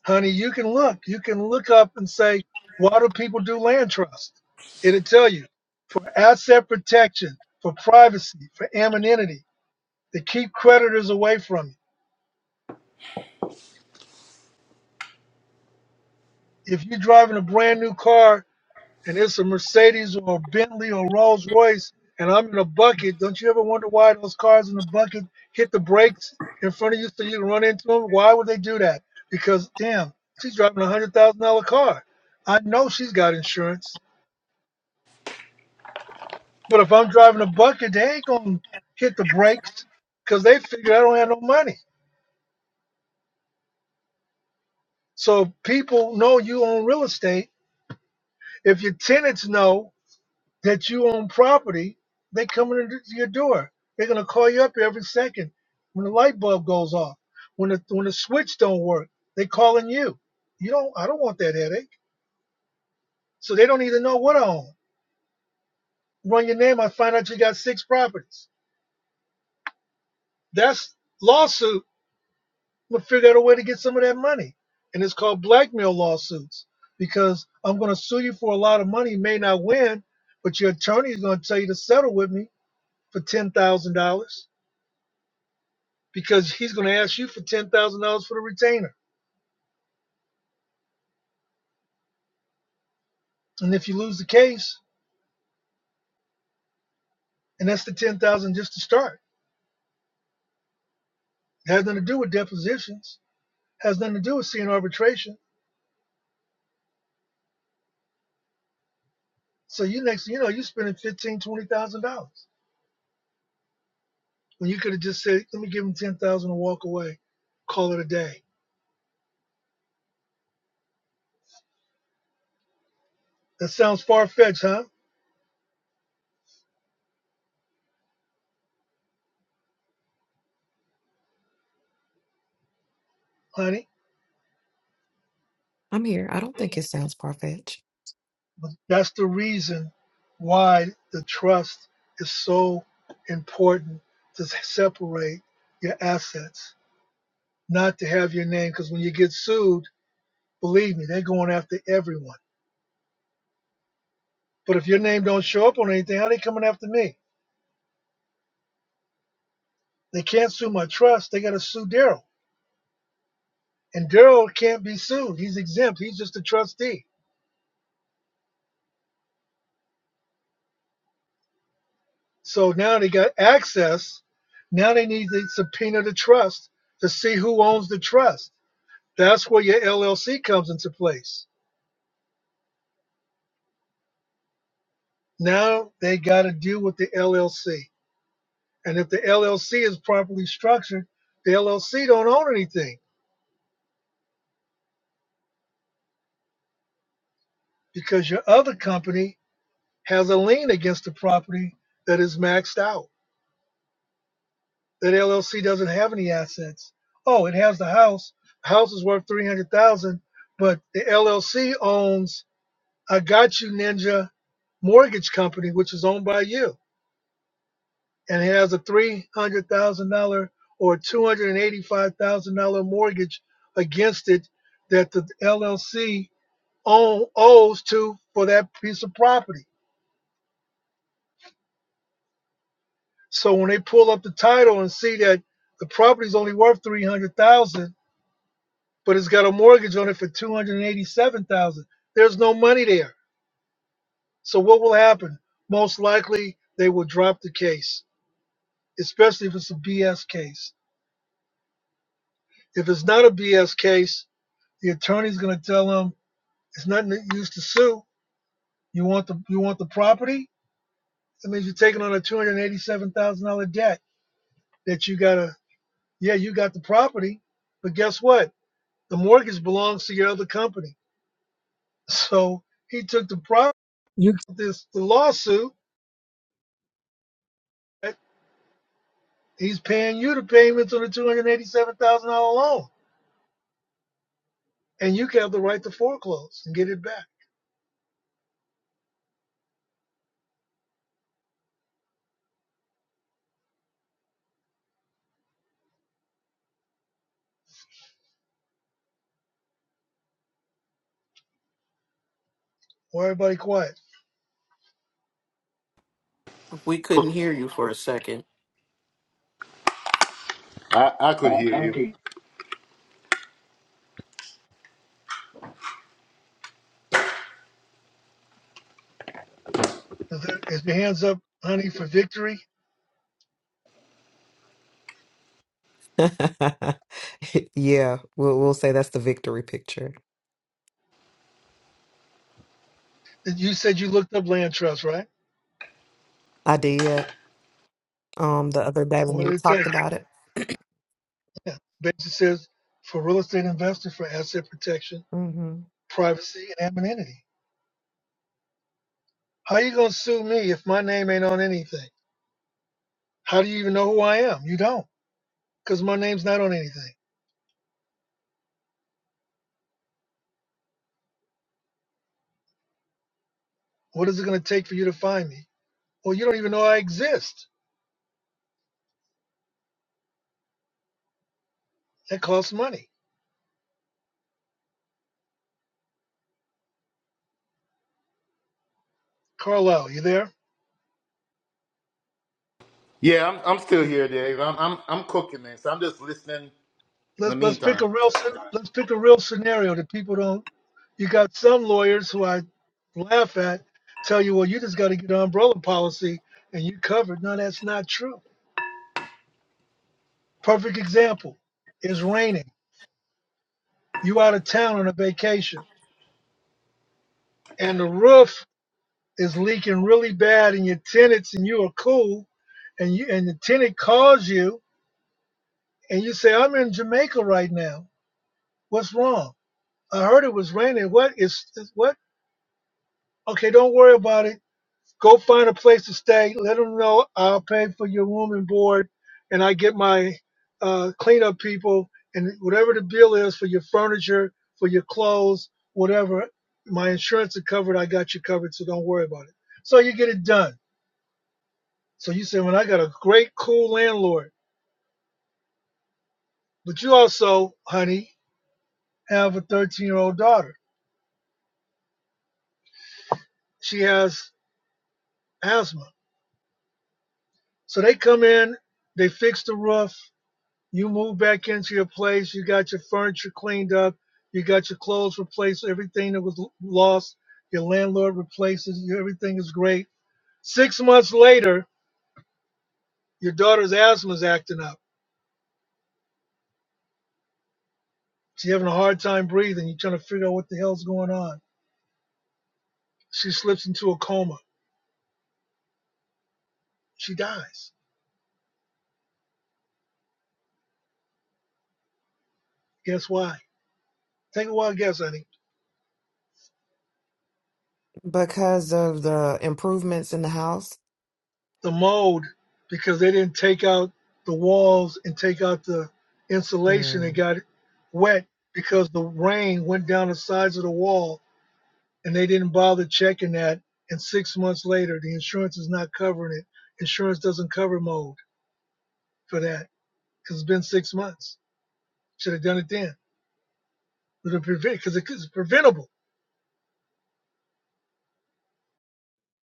S1: honey, you can look. You can look up and say, why do people do land trust? It'll tell you for asset protection, for privacy, for anonymity, to keep creditors away from you. If you're driving a brand new car and it's a Mercedes or a Bentley or Rolls Royce and I'm in a bucket, don't you ever wonder why those cars in the bucket hit the brakes in front of you so you can run into them? Why would they do that? Because, damn, she's driving a $100,000 car. I know she's got insurance. But if I'm driving a bucket, they ain't gonna hit the brakes because they figure I don't have no money. So people know you own real estate. If your tenants know that you own property, they coming into your door. They're gonna call you up every second when the light bulb goes off, when the when the switch don't work. They calling you. You don't. I don't want that headache. So they don't even know what I own. Run your name. I find out you got six properties. That's lawsuit I'm gonna figure out a way to get some of that money. And it's called blackmail lawsuits because I'm gonna sue you for a lot of money, you may not win, but your attorney is gonna tell you to settle with me for ten thousand dollars because he's gonna ask you for ten thousand dollars for the retainer. And if you lose the case, and that's the ten thousand dollars just to start. It has nothing to do with depositions, has nothing to do with seeing arbitration. So you next you know, you're spending fifteen, twenty thousand dollars. When you could have just said, Let me give him ten thousand and walk away, call it a day That sounds far fetched, huh, honey?
S7: I'm here. I don't think it sounds far fetched.
S1: But that's the reason why the trust is so important to separate your assets, not to have your name. Because when you get sued, believe me, they're going after everyone. But if your name don't show up on anything, how they coming after me? They can't sue my trust. They got to sue Daryl, and Daryl can't be sued. He's exempt. He's just a trustee. So now they got access. Now they need to subpoena the trust to see who owns the trust. That's where your LLC comes into place. Now they got to deal with the LLC. And if the LLC is properly structured, the LLC don't own anything because your other company has a lien against the property that is maxed out. That LLC doesn't have any assets. Oh, it has the house. The house is worth 300,000, but the LLC owns I Got You Ninja Mortgage Company, which is owned by you and he has a $300,000 or $285,000 mortgage against it that the LLC own, owes to for that piece of property. So when they pull up the title and see that the property is only worth 300,000, dollars but it's got a mortgage on it for 287,000, dollars there's no money there. So what will happen? Most likely they will drop the case, especially if it's a BS case. If it's not a BS case, the attorney's going to tell them It's nothing that used to sue. You want the you want the property? That means you're taking on a two hundred and eighty seven thousand dollar debt that you gotta yeah, you got the property, but guess what? The mortgage belongs to your other company. So he took the property You this the lawsuit he's paying you the payments on the two hundred and eighty seven thousand dollar loan. And you can have the right to foreclose and get it back. Or everybody quiet.
S8: We couldn't
S4: Cook-
S8: hear you for a second.
S4: I I could
S8: Oh,
S4: hear you.
S8: okay.
S1: Is, there, is your hands up, honey, for victory?
S7: yeah, we'll we'll say that's the victory picture.
S1: You said you looked up land trust, right?
S7: I did. um the other day when
S1: What
S7: we
S1: did it tell you?
S7: talked about it
S1: Yeah. Basically says for real estate investors for asset protection,
S7: hmm
S1: privacy, and anonymity. How you gonna sue me if my name ain't on anything? How do you even know who I am? You don't, because my name's not on anything. What is it gonna take for you to find me? Well, you don't even know I exist. That costs money. Carlisle, you there?
S4: Yeah, I'm I'm still here, Dave. I'm I'm I'm cooking, man. So I'm just listening in the
S1: Let's let's pick
S4: meantime.
S1: a real scen- let's pick a real scenario that people don't. You got some lawyers who I laugh at tell you, well, you just got to get an umbrella policy and you covered. No, that's not true Perfect example. It's raining. You out of town on a vacation and the roof is leaking really bad and your tenants and you are cool and you and the tenant calls you and you say, I'm in Jamaica right now. What's wrong? I heard it was raining. What is what? Okay, don't worry about it. Go find a place to stay. Let them know I'll pay for your room and board, and I get my uh, cleanup people and whatever the bill is for your furniture, for your clothes, whatever. My insurance is covered. I got you covered, so don't worry about it. So you get it done. So you say, "Well, I got a great, cool landlord," but you also, honey, have a 13-year-old daughter. She has asthma, so they come in, they fix the roof, you move back into your place, you got your furniture cleaned up, you got your clothes replaced, everything that was lost, your landlord replaces you, everything is great. Six months later, your daughter's asthma is acting up. She's having a hard time breathing. You're trying to figure out what the hell's going on. She slips into a coma. She dies. Guess why? Take a wild guess, honey.
S7: because of the improvements in the house.
S1: the mold because they didn't take out the walls and take out the insulation. It got wet because the rain went down the sides of the wall and they didn't bother checking that. And six months later, the insurance is not covering it. Insurance doesn't cover mold for that because it's been six months. Should have done it then. But prevent because it's preventable.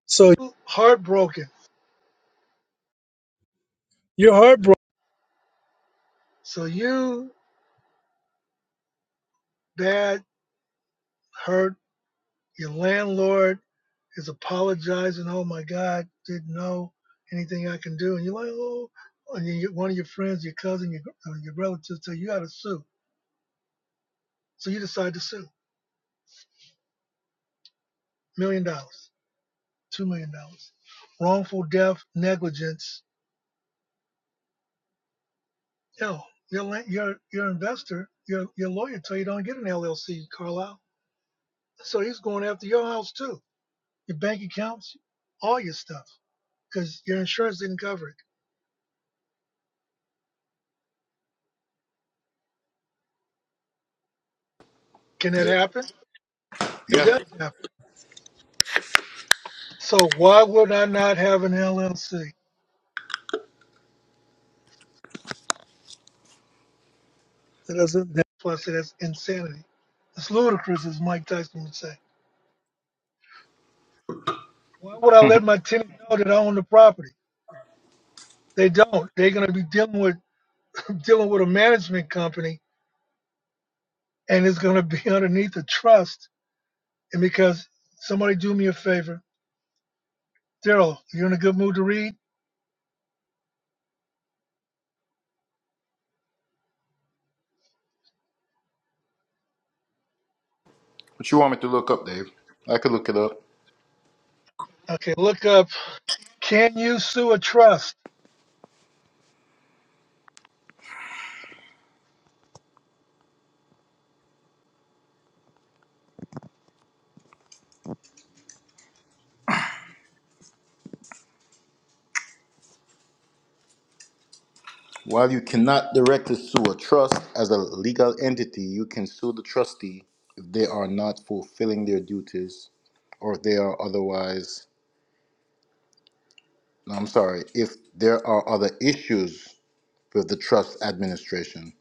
S1: So Heartbroken. you're heartbroken. So you bad hurt your landlord is apologizing. Oh my God, didn't know anything I can do. And you're like, oh, and you, one of your friends, your cousin, your uh, your relatives tell you, you got to sue. So you decide to sue. Million dollars, two million dollars, wrongful death, negligence. Hell, your your your investor, your your lawyer tell you don't get an LLC, Carlisle. So he's going after your house too, your bank accounts, all your stuff, because your insurance didn't cover it. Can that
S4: Yeah.
S1: happen? It
S4: Yeah.
S1: does happen So why would I not have an LLC? That doesn't. That, plus, that's insanity. It's ludicrous, as Mike Tyson would say. Why would I let my tenant know that I own the property? They don't. They're going to be dealing with dealing with a management company, and it's going to be underneath a trust. And because somebody do me a favor, Daryl, you in a good mood to read?
S4: What you want me to look up, Dave? I could look it up.
S1: Okay, look up. Can you sue a trust?
S4: While you cannot directly sue a trust as a legal entity, you can sue the trustee if they are not fulfilling their duties or if they are otherwise. No, I'm sorry, if there are other issues with the trust administration.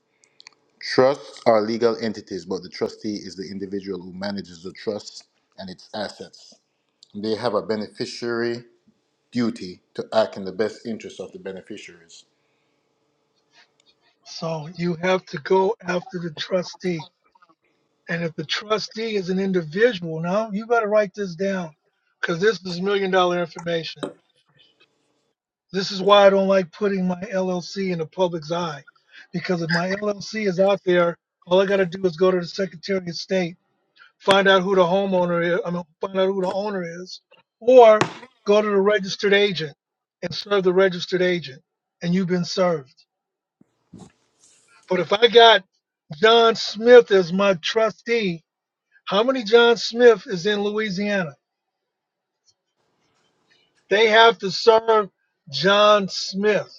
S4: Trusts are legal entities, but the trustee is the individual who manages the trust and its assets. They have a beneficiary duty to act in the best interest of the beneficiaries.
S1: So you have to go after the trustee And if the trustee is an individual, now you better write this down because this is million dollar information. This is why I don't like putting my LLC in the public's eye because if my LLC is out there, all I got to do is go to the Secretary of State, find out who the homeowner is, I mean, find out who the owner is, or go to the registered agent and serve the registered agent, and you've been served. But if I got John Smith as my trustee, how many John Smith is in Louisiana? They have to serve John Smith.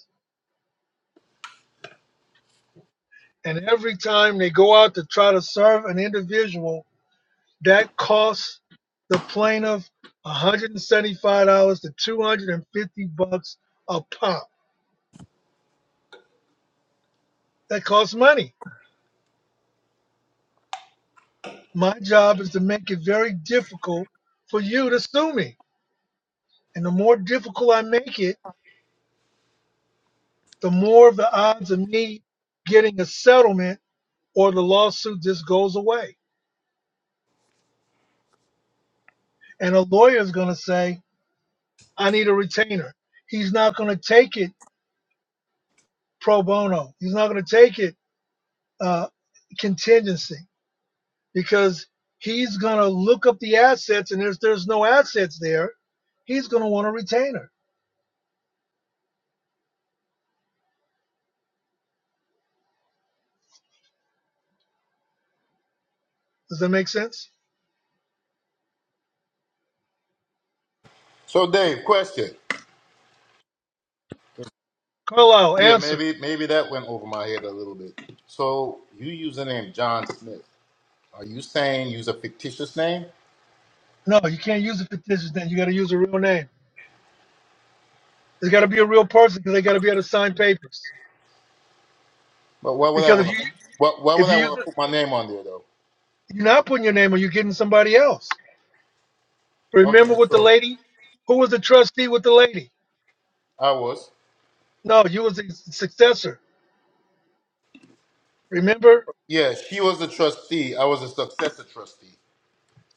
S1: And every time they go out to try to serve an individual, that costs the plaintiff $175 to 250 bucks a pop. That costs money. My job is to make it very difficult for you to sue me. And the more difficult I make it, the more of the odds of me getting a settlement or the lawsuit just goes away. And a lawyer is going to say, I need a retainer. He's not going to take it pro bono. He's not going to take it uh, contingency because he's going to look up the assets, and if there's no assets there, he's going to want a retainer. Does that make sense?
S4: So, Dave, question.
S1: Carlisle,
S4: Yeah,
S1: answer.
S4: maybe maybe that went over my head a little bit. So you use the name John Smith. Are you saying use a fictitious name?
S1: No, you can't use a fictitious name. You got to use a real name. There's got to be a real person because they got to be able to sign papers.
S4: But why would I
S1: Because if
S4: want
S1: you
S4: to? Why, why
S1: if
S4: would I
S1: you use
S4: want to
S1: it,
S4: put my name on there though?
S1: you're not putting your name, or you're getting somebody else.
S4: Okay,
S1: Remember with the
S4: so
S1: lady, who was the trustee with the lady?
S4: I was.
S1: No, you was his successor. Remember?
S4: Yeah, she was the trustee. I was a successor trustee.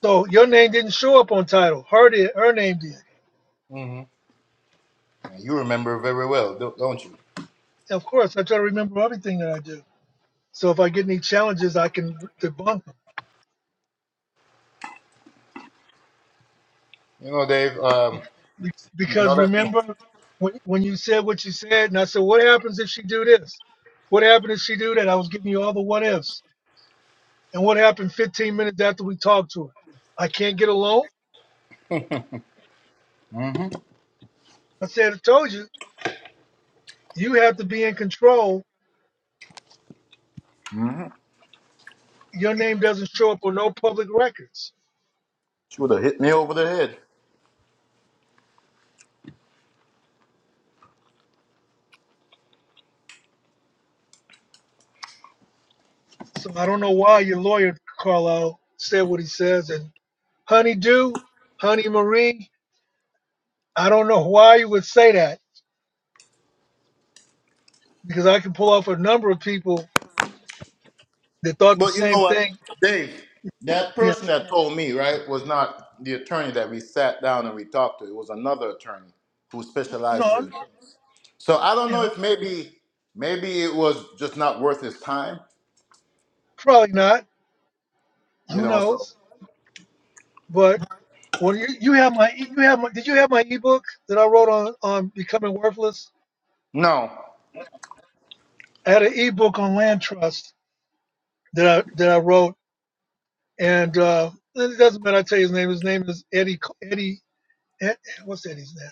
S1: So your name didn't show up on title. Her did. Her name did.
S4: hmm You remember very well, don't don't you?
S1: And Of course, I try to remember everything that I do. So if I get any challenges, I can debunk them.
S4: You know, Dave. Um, you know
S1: Because
S4: that
S1: remember, when when you said what you said, and I said, what happens if she do this? What happened if she do that? I was giving you all the what ifs. And what happened 15 minutes after we talked to her? I can't get a loan. I said, I told you, you have to be in control. Your name doesn't show up on no public records.
S4: she would have hit me over the head.
S1: So I don't know why your lawyer, Carlisle, said what he says. And Honey Dew, Honey Marie, I don't know why you would say that because I can pull off a number of people that thought the
S4: But you know
S1: same
S4: what,
S1: thing.
S4: Dave? That
S1: Yeah,
S4: person that told me, right, was not the attorney that we sat down and we talked to. It was another attorney who
S1: no,
S4: specializes
S1: I'm
S4: in.
S1: not-
S4: So I don't
S1: you
S4: know if
S1: know,
S4: maybe maybe it was just not worth his time,
S1: probably not.
S4: you
S1: Who
S4: know. So
S1: knows? But well, you you have my e, you have my did you have my ebook that I wrote on on becoming worthless?
S4: no,
S1: I had an ebook on land trust that I that I wrote, and uh, it doesn't matter. I tell you his name. His name is Eddie Eddie Ed, what's Eddie's name?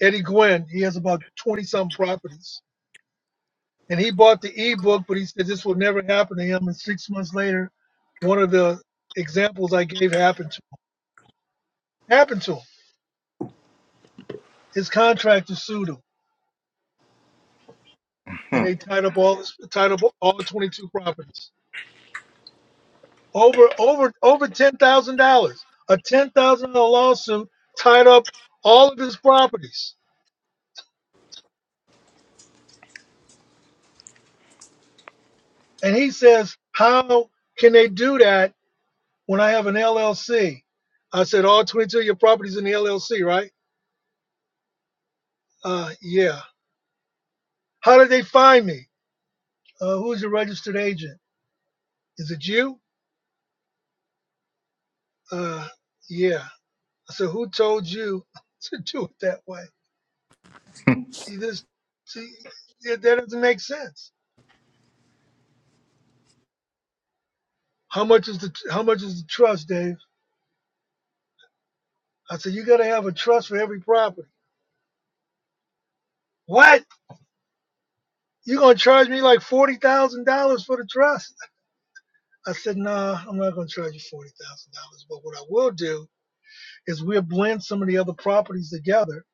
S1: Eddie Gwynn. He has about 20 some properties. And he bought the ebook, but he said this would never happen to him. And six months later, one of the examples I gave happened to him. Happened to him. His contractor sued him,
S4: Hmm.
S1: and they tied up all tied up all 22 properties. Over over over ten thousand dollars. A ten thousand dollar lawsuit tied up all of his properties. And he says, how can they do that? when I have an LLC. I said, all 22 of your properties in the LLC, right? Uh, yeah. How did they find me? Uh, who's your registered agent? Is it you? Uh, yeah. I said, who told you to do it that way? You just, see, yeah, that doesn't make sense. How much is the how much is the trust, Dave? I said, you gotta have a trust for every property. What? You gonna charge me like forty thousand dollars for the trust? I said, nah, I'm not gonna charge you forty thousand dollars. But what I will do is we'll blend some of the other properties together.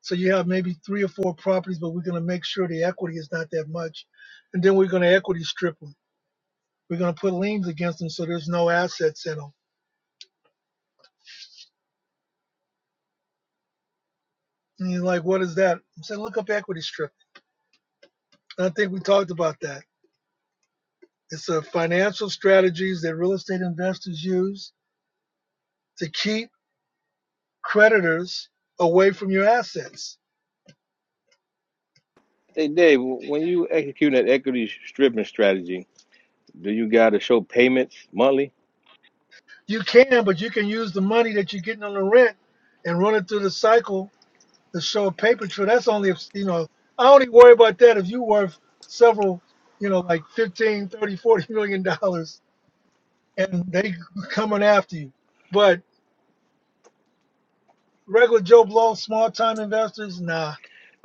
S1: So you have maybe three or four properties, but we're going to make sure the equity is not that much. And then we're going to equity strip them. We're going to put liens against them so there's no assets in them. And you're like, what is that? I said, look up equity strip. And I think we talked about that. It's a financial strategies that real estate investors use to keep creditors away from your assets.
S6: Hey Dave, when you execute an equity stripping strategy, do you got to show payments monthly?
S1: You can, but you can use the money that you're getting on the rent and run it through the cycle to show a paper trail. That's only if, you know, I only worry about that if you worth several, you know, like fifteen, thirty, forty million dollars and they coming after you. But regular Joe Blow, small time investors, nah.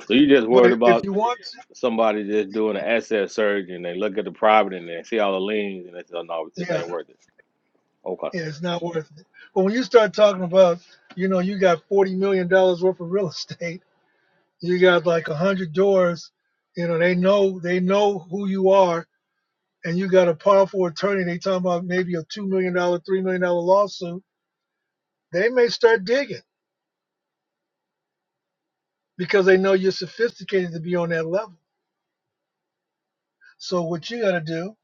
S6: So you just worried
S1: But if
S6: about
S1: you want to,
S6: somebody just doing an asset surge and they look at the private and they see all the liens and they say, oh, no,
S1: yeah,
S6: this
S1: yeah,
S6: ain't worth it. Okay.
S1: it's not worth it. But when you start talking about, you know, you got $40 million dollars worth of real estate, you got like 100 doors, you know, they know, they know who you are and you got a powerful attorney, and they talking about maybe a two million dollar, three million dollar lawsuit, they may start digging because they know you're sophisticated to be on that level. So what you gotta do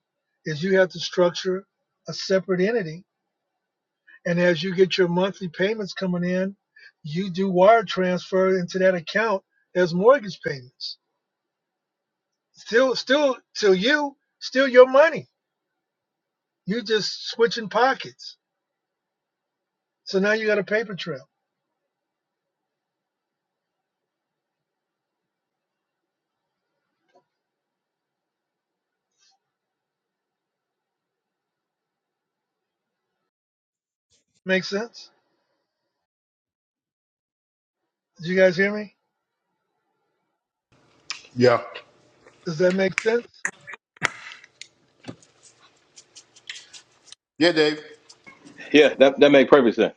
S1: is you have to structure a separate entity. And as you get your monthly payments coming in, you do wire transfer into that account as mortgage payments. Still still till you, still your money. You just switching pockets. So now you got a paper trail. Make sense? Do you guys hear me?
S4: yeah,
S1: Does that make sense?
S4: yeah, Dave.
S6: Yeah, that that makes perfect sense.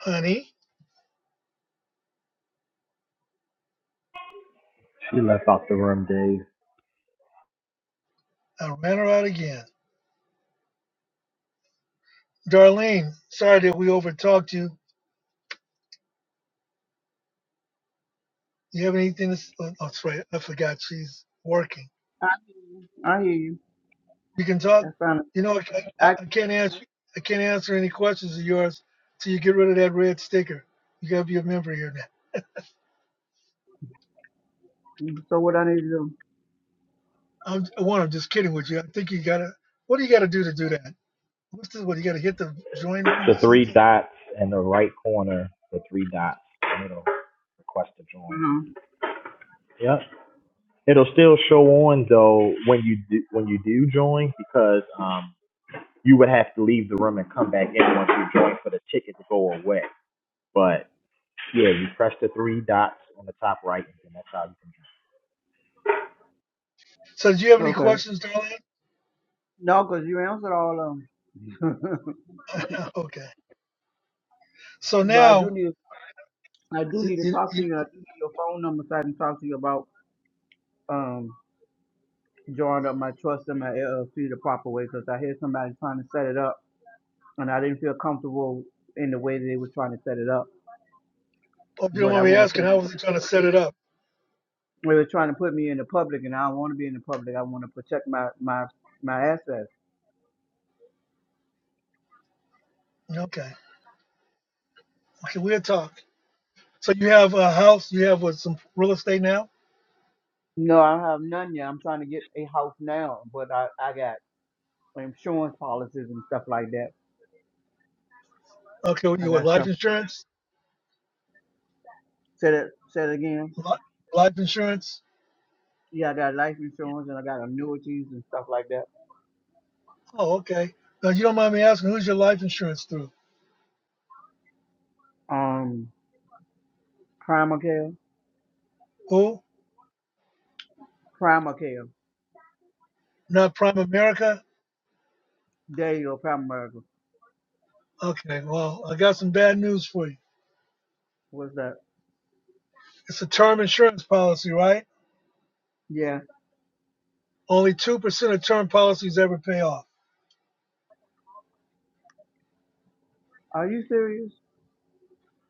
S1: Honey,
S2: She left out the room, Dave.
S1: I ran her out again. Darlene, sorry that we overtalked you. You have anything to s- oh, oh, sorry, I forgot she's working.
S9: I hear you. I hear you.
S1: We can talk.
S9: That's fine.
S1: You know, I, I,
S9: I
S1: I can't answer. I can't answer any questions of yours till you get rid of that red sticker. You gotta be a member here now.
S9: so what I need to do?
S1: I'm, one, I'm just kidding with you. I think you gotta. What do you gotta do to do that? What's this? What you gotta hit the join room or
S2: The three
S1: something?
S2: dots in the right corner, the three dots, in the middle, request to join.
S9: Mm-hmm.
S2: Yeah, it'll still show on though when you do, when you do join because um you would have to leave the room and come back in once you join for the ticket to go away. But yeah, you press the three dots on the top right, and then that's how you can join.
S1: So, do you have any
S9: Okay.
S1: questions, Darlene?
S9: No, because you answered all of them.
S1: okay. So
S9: but I do
S1: now,
S9: need I do
S1: you,
S9: need to
S1: you,
S9: talk to
S1: you,
S9: you. I do need your phone number so I can talk to you about um drawing up my trust and my LLC the proper way because I hear somebody trying to set it up and I didn't feel comfortable in the way they was trying to set it up.
S1: you don't
S9: But I
S1: mind me
S9: want to say
S1: asking, how was he trying to set it up?
S9: they were trying to put me in the public and I don't want to be in the public. I want to protect my my my assets.
S1: Okay. Okay, we'll talk. So you have a house, you have what, some real estate now?
S9: No, I don't have none yet. I'm trying to get a house now, but I, I got insurance policies and stuff like that.
S1: Okay,
S9: I
S1: you with
S9: got
S1: life
S9: stuff.
S1: insurance?
S9: Say that. Say it again.
S1: Li- Life insurance?
S9: Yeah, I got life insurance and I got annuities and stuff like that.
S1: Oh, okay. Now you don't mind me asking, who's your life insurance through?
S9: Um, Primacare,
S1: Who?
S9: Primacare.
S1: Not Prime America?
S9: There you go, Primacare.
S1: Okay, well, I got some bad news for you.
S9: What's that?
S1: It's a term insurance policy, right?
S9: Yeah.
S1: Only 2% of term policies ever pay off.
S9: Are you serious?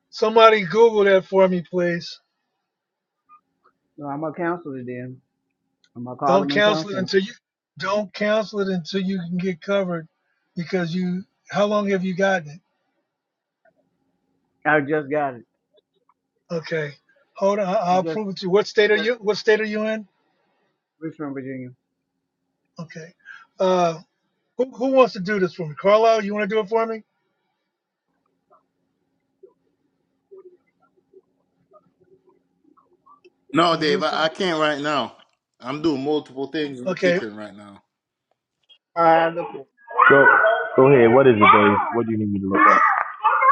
S1: Somebody Google that for me, please.
S9: No, I'm a counselor then. I'm a
S1: Don't
S9: Carleman
S1: cancel it
S9: counselor.
S1: until you don't cancel it until you can get covered because you how long have you gotten it?
S9: I just got it.
S1: Okay. Hold on. I-
S9: I
S1: I'll
S9: just
S1: prove it to you. What state are you? What state are you in?
S9: Richmond, Virginia.
S1: Okay. Uh, who, who wants to do this for me? Carlisle, you want to do it for me?
S4: No,
S1: Uh, well,
S4: Dave,
S1: let's go.
S4: I, I can't right now. I'm doing multiple things in the
S1: Okay.
S4: kitchen right now.
S9: All right, look. cool.
S2: Go go ahead. What is it, Dave? What do you need me to look
S1: Uh,
S2: at?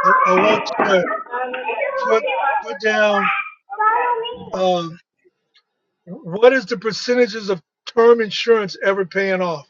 S1: I, I want you to put put down um, what is the percentages of term insurance ever paying off?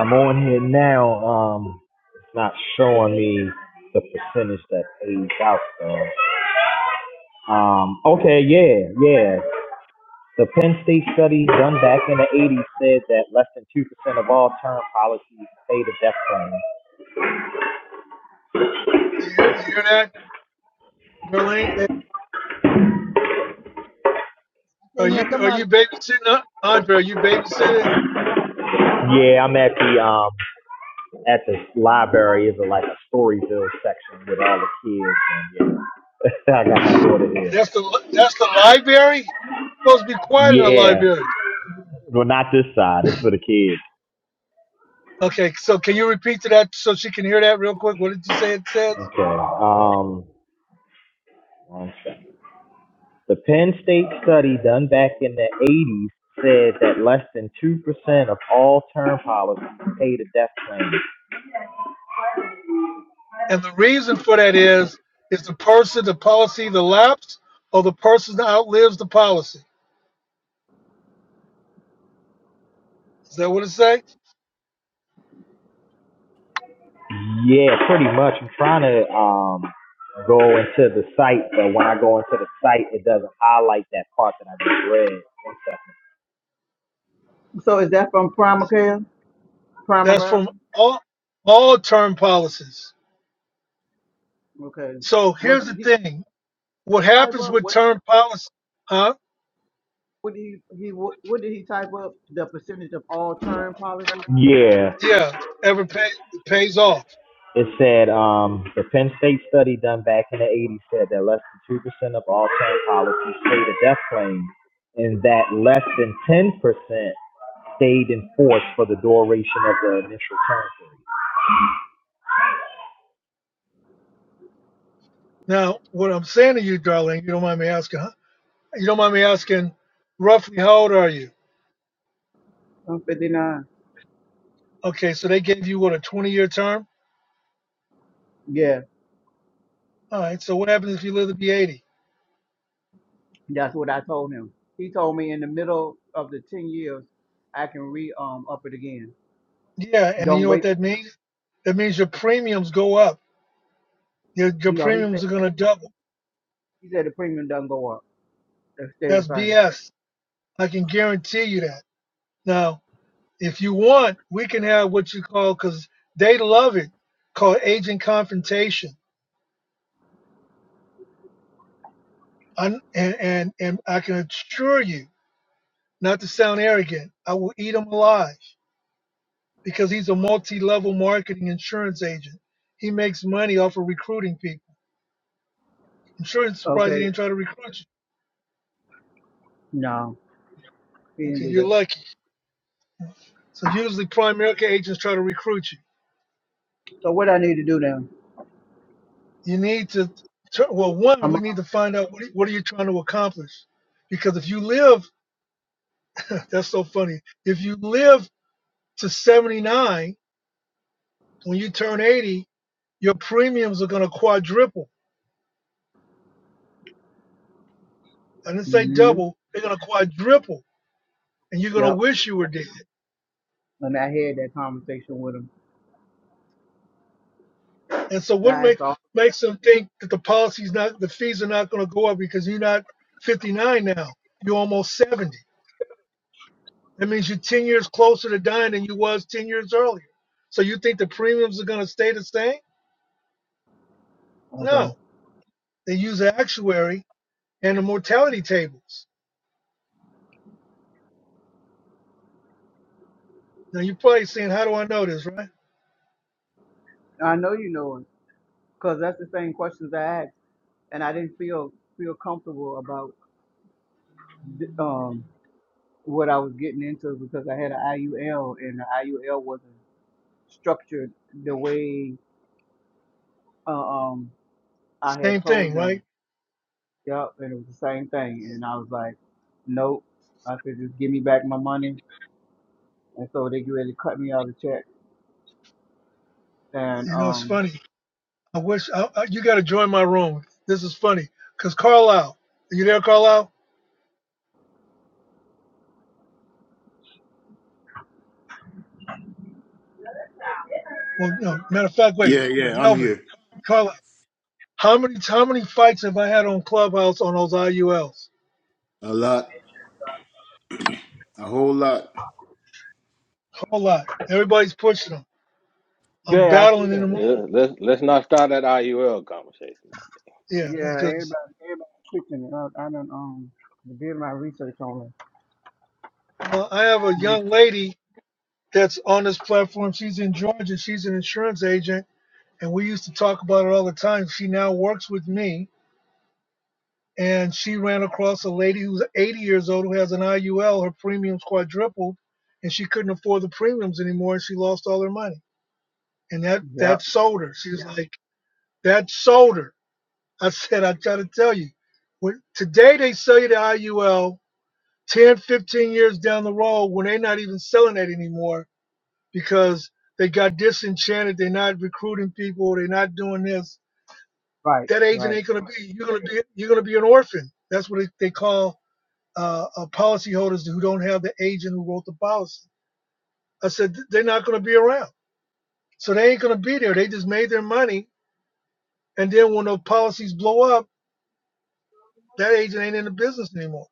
S2: I'm on here now. Um, it's not showing me the percentage that pays out though. Um, okay, yeah, yeah. The Penn State study done back in the 80s said that less than 2% of all term policies pay the death claim.
S1: You hear, you hear that, Darlene?
S9: Say- I
S1: Are
S9: can't
S1: you
S9: hear
S1: are
S9: somebody.
S1: you babysitting? Uh, Andre, are you babysitting?
S2: Yeah, I'm at the um at the library. It's a, like a Storyville section with all the kids. And, yeah. I got my daughter here.
S1: That's the li- that's the library. Supposed to be quiet in the
S2: Yeah.
S1: library.
S2: Well, not this side. It's for the kids.
S1: Okay, so can you repeat to that so she can hear that real quick? What did you say it says?
S2: Okay. Um, one second. The Penn State study done back in the 80s said that less than 2% of all term policies pay the death claim.
S1: And the reason for that is is the person, the policy, the lapse, or the person that outlives the policy. Is that what it says?
S2: Yeah, pretty much. I'm trying to um go into the site, but when I go into the site, it doesn't highlight that part that I just read. One
S9: So is that from Primacare?
S1: That's
S9: Primacare?
S1: from all all term policies.
S9: Okay.
S1: So
S9: Was
S1: here's the
S9: he
S1: thing: what
S9: type
S1: happens
S9: up?
S1: with
S9: What
S1: term policy? Huh?
S9: what did he he what, what did he type up? The percentage of all term policies?
S2: second. Yeah,
S1: Yeah, ever pay, pays off.
S2: it said um the Penn State study done back in the 80s said that less than two percent of all term policies stayed a death claim, and that less than 10 percent stayed in force for the duration of the initial term period.
S1: Now, what I'm saying to you, darling, you don't mind me asking? Huh? You don't mind me asking? Roughly, how old are you?
S9: Fifty nine.
S1: Okay, so they gave you what a 20-year term
S9: Yeah,
S1: All right. So what happens if you live to be 80?
S9: that's what I told him. He told me in the middle of the ten years, I can re um up it again.
S1: Yeah. And you
S9: Don't
S1: know what
S9: wait.
S1: that means? That means your premiums go up. Your, your
S9: You know, he said
S1: premiums are going to double.
S9: he said the premium doesn't go up. They stay the
S1: That's
S9: same.
S1: BS. I can guarantee you that. Now, if you want, we can have what you call, because they love it, called agent confrontation. i and, and, and I can assure you, not to sound arrogant, I will eat him alive because he's a multi level marketing insurance agent. He makes money off of recruiting people. I'm sure it's surprised he
S9: Okay.
S1: didn't try to recruit you
S9: No, he didn't
S1: Okay,
S9: do
S1: you're
S9: that.
S1: lucky. So usually prime America agents try to recruit you.
S9: So what I need to do then?
S1: You need to, well, one,
S9: I'm.
S1: we
S9: off.
S1: need to find out what are- what are you trying to accomplish? Because if you live, that's so funny. If you live to 79, when you turn 80, your premiums are going to quadruple. I didn't say
S9: Mm-hmm.
S1: double, they're going to quadruple and you're going to
S9: Yep.
S1: wish you were dead.
S9: And I had that conversation with him.
S1: And so
S9: And
S1: what
S9: I
S1: make,
S9: asked all.
S1: makes them think that the policy's not, the fees are not going to go up because you're not 59 now, you're almost 70 That means you're 10 years closer to dying than you was 10 years earlier. So you think the premiums are going to stay the same?
S9: Okay.
S1: No. They use the actuary and the mortality tables. Now you're probably saying, how do I know this, right?
S9: I know you know him. because that's the same questions I asked, and I didn't feel feel comfortable about um, what I was getting into because I had an IUL, and the IUL wasn't structured the way uh, um, I
S1: Same
S9: had told
S1: thing,
S9: them.
S1: right?
S9: Yep, and it was the same thing, and I was like, nope. I said, just give me back my money, and so they get ready to cut me out of check, and
S1: You know, it's
S9: um,
S1: funny. I wish I, I, you got to join my room. This is funny because Carlisle, are you there, Carlisle? Well, no. Matter of fact, wait,
S4: Yeah, yeah, I'm
S1: Delvin,
S4: here
S1: Carlisle, how many how many fights have I had on Clubhouse on those IULs?
S4: a lot, a whole lot.
S1: A whole lot. Everybody's pushing them. I'm
S9: yeah, I see
S1: battling in the
S9: that.
S1: room
S6: Yeah, let's let's not start that IUL conversation.
S1: Yeah,
S9: Yeah,
S1: because
S9: everybody, everybody clicking it. I, I done um did my research on it.
S1: well, I have a
S9: They-
S1: young lady that's on this platform. She's in Georgia. She's an insurance agent, and we used to talk about it all the time. She now works with me, and she ran across a lady who's 80 years old who has an IUL. Her premiums quadrupled, and she couldn't afford the premiums anymore, and she lost all her money. And that that
S9: Yep,
S1: sold her. She was Yeah. like, that sold her. I said, I try to tell you, when, today they sell you the IUL. 10, 15 years down the road, when they're not even selling it anymore, because they got disenchanted. They're not recruiting people. They're not doing this.
S9: right,
S1: That agent
S9: right.
S1: ain't gonna be. You're gonna be. You're gonna be an orphan. That's what it- they call uh, uh, policyholders who don't have the agent who wrote the policy. I said they're not gonna be around, so they ain't gonna be there. They just made their money, and then when the policies blow up, that agent ain't in the business anymore.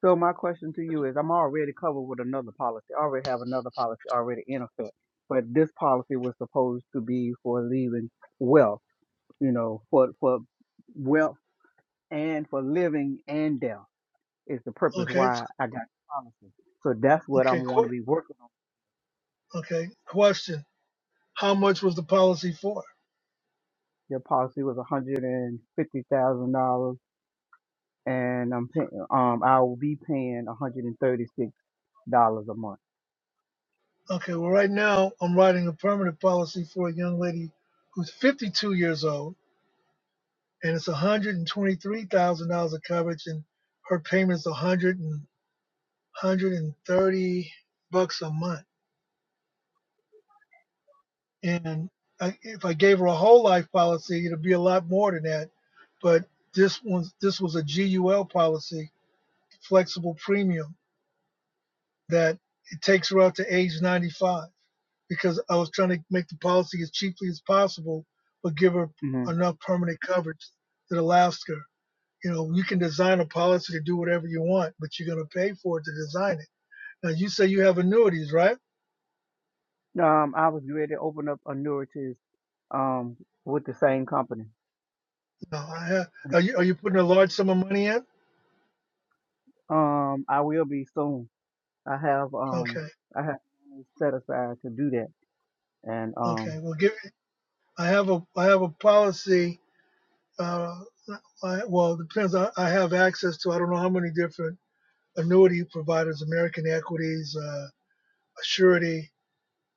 S9: So my question to you is, I'm already covered with another policy. I already have another policy already in effect, but this policy was supposed to be for leaving wealth, you know, for for wealth and for living and death is the purpose
S1: Okay.
S9: why I got the policy. So that's what
S1: Okay.
S9: I'm going to
S1: qu-
S9: be working on.
S1: Okay. Question: How much was the policy for?
S9: Your policy was hundred and fifty thousand dollars, and I'm paying. Um, I will be paying one hundred and thirty six dollars a month.
S1: Okay, well, right now I'm writing a permanent policy for a young lady who's 52 years old, and it's $123,000 of coverage, and her payment's 100 and 130 bucks a month. And I, if I gave her a whole life policy, it'd be a lot more than that. But this one's this was a GUL policy, flexible premium, that it takes her out to age 95. because I was trying to make the policy as cheaply as possible, but give her
S9: Mm-hmm.
S1: enough permanent coverage that allows her. You know, you can design a policy to do whatever you want, but you're going to pay for it to design it. Now, you say you have annuities, right?
S9: Um, I was ready to open up a annuities um with the same company.
S1: No, I have. Are you, are you putting a large sum of money in?
S9: Um, I will be soon. I have um
S1: Okay,
S9: I have money set aside to do that. And um
S1: okay. Well, give. I have a I have a policy. Uh, I, well, it depends. I, I have access to I don't know how many different annuity providers, American Equities, uh, Assurity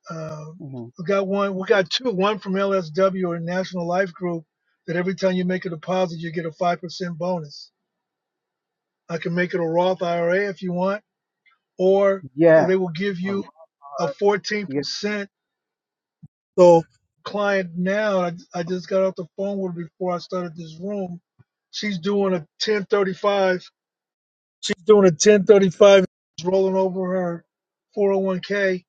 S1: Uh,
S9: mhm.
S1: we got one. We got two. One from LSW or National Life Group. That every time you make a deposit, you get a five percent bonus. I can make it a Roth IRA if you want, or
S9: yeah.
S1: they will give
S9: Uh,
S1: you a fourteen
S9: yeah.
S1: percent. So client now, I, I just got off the phone with her before I started this room. She's doing a ten thirty five. She's doing a ten thirty five. She's Rolling over her four hundred one k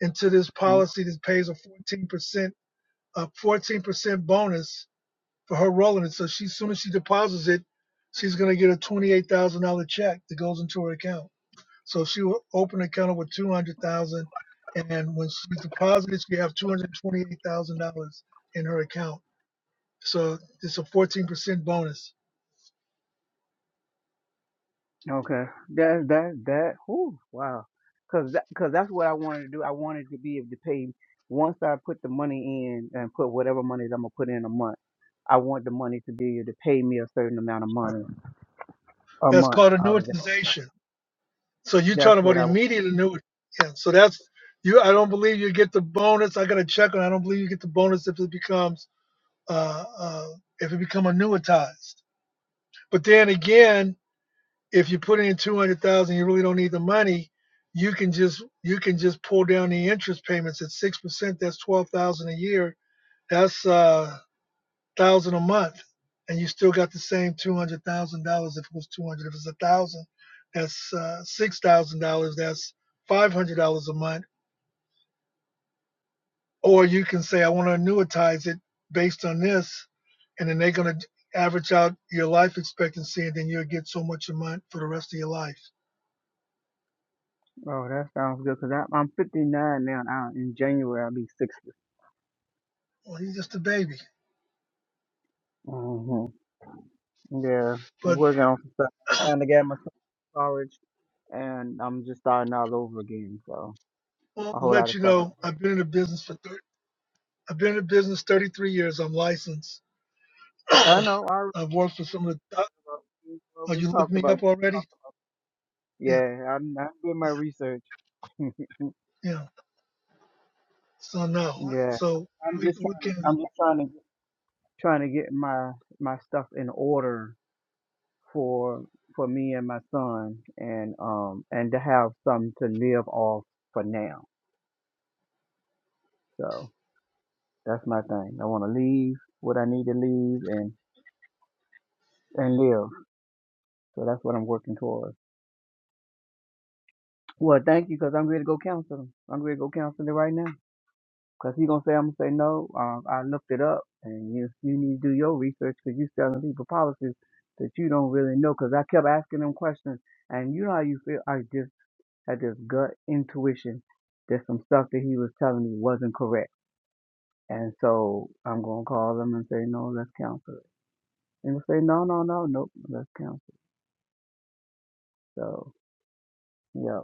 S1: into this
S9: mhm.
S1: policy that pays a 14% a 14% bonus for her rolling it. So she, as soon as she deposits it, she's going to get a $28,000 check that goes into her account. So she will open an account with 200,000. dollars And when she deposits, she have $228,000 in her account. So it's a 14% bonus.
S9: Okay. That that that whew, wow. Cause that, cause that's what I wanted to do. I wanted to be able to pay once I put the money in and put whatever money that I'm gonna put in a month. I want the money to be able to pay me a certain amount of money a
S1: That's
S9: month.
S1: called annuitization. So you're
S9: That's
S1: talking
S9: what
S1: about
S9: I.
S1: immediate annuity. Yeah. So that's you. I don't believe you get the bonus. I got to check on. I don't believe you get the bonus if it becomes uh, uh, if it become annuitized. But then again, if you put in two hundred thousand, you really don't need the money. You can just you can just pull down the interest payments at six percent. That's twelve thousand a year. That's uh thousand a month, and you still got the same two hundred thousand dollars if it was two hundred. If it's a thousand, that's uh, six thousand dollars. That's five hundred dollars a month. Or you can say I want to annuitize it based on this, and then they're gonna average out your life expectancy, and then you'll get so much a month for the rest of your life
S9: Oh, that sounds good. Cause I, I'm 59 now. And I, in January I'll be 60.
S1: Well, he's just a baby.
S9: hmm Yeah, I'm
S1: But
S9: working on some stuff. Trying to get my storage, and I'm just starting all over again. So
S1: I'll
S9: a whole lot
S1: let
S9: of
S1: you
S9: stuff
S1: know,
S9: I
S1: I've been in the business for 30, I've been in the business 33 years. I'm licensed.
S9: had. I know. I already
S1: I've worked for some of the.
S9: talked about. we
S1: Oh,
S9: already
S1: you looked
S9: talked
S1: me
S9: about.
S1: up already?
S9: talked about-
S1: Yeah,
S9: Yeah, I'm. I did my research.
S1: yeah. yeah. So no,
S9: yeah,
S1: so
S9: I'm
S1: we
S9: just
S1: we
S9: trying to.
S1: can.
S9: I'm just trying to. Trying to get my my stuff in order for for me and my son and um and to have something to live off for now. So that's my thing. I want to leave what I need to leave and and live. So that's what I'm working towards. Well, thank you because I'm ready to go counsel him. I'm ready to go counsel him right now. Cause he's gonna say I'm gonna say no. Um, I looked it up, and you you need to do your research because you are selling people policies that you don't really know. Cause I kept asking him questions, and you know how you feel. I had this gut intuition that some stuff that he was telling me wasn't correct. And so I'm gonna call him and say, No, let's cancel it. And he'll say, No, no, no, nope, let's cancel. it. So yeah,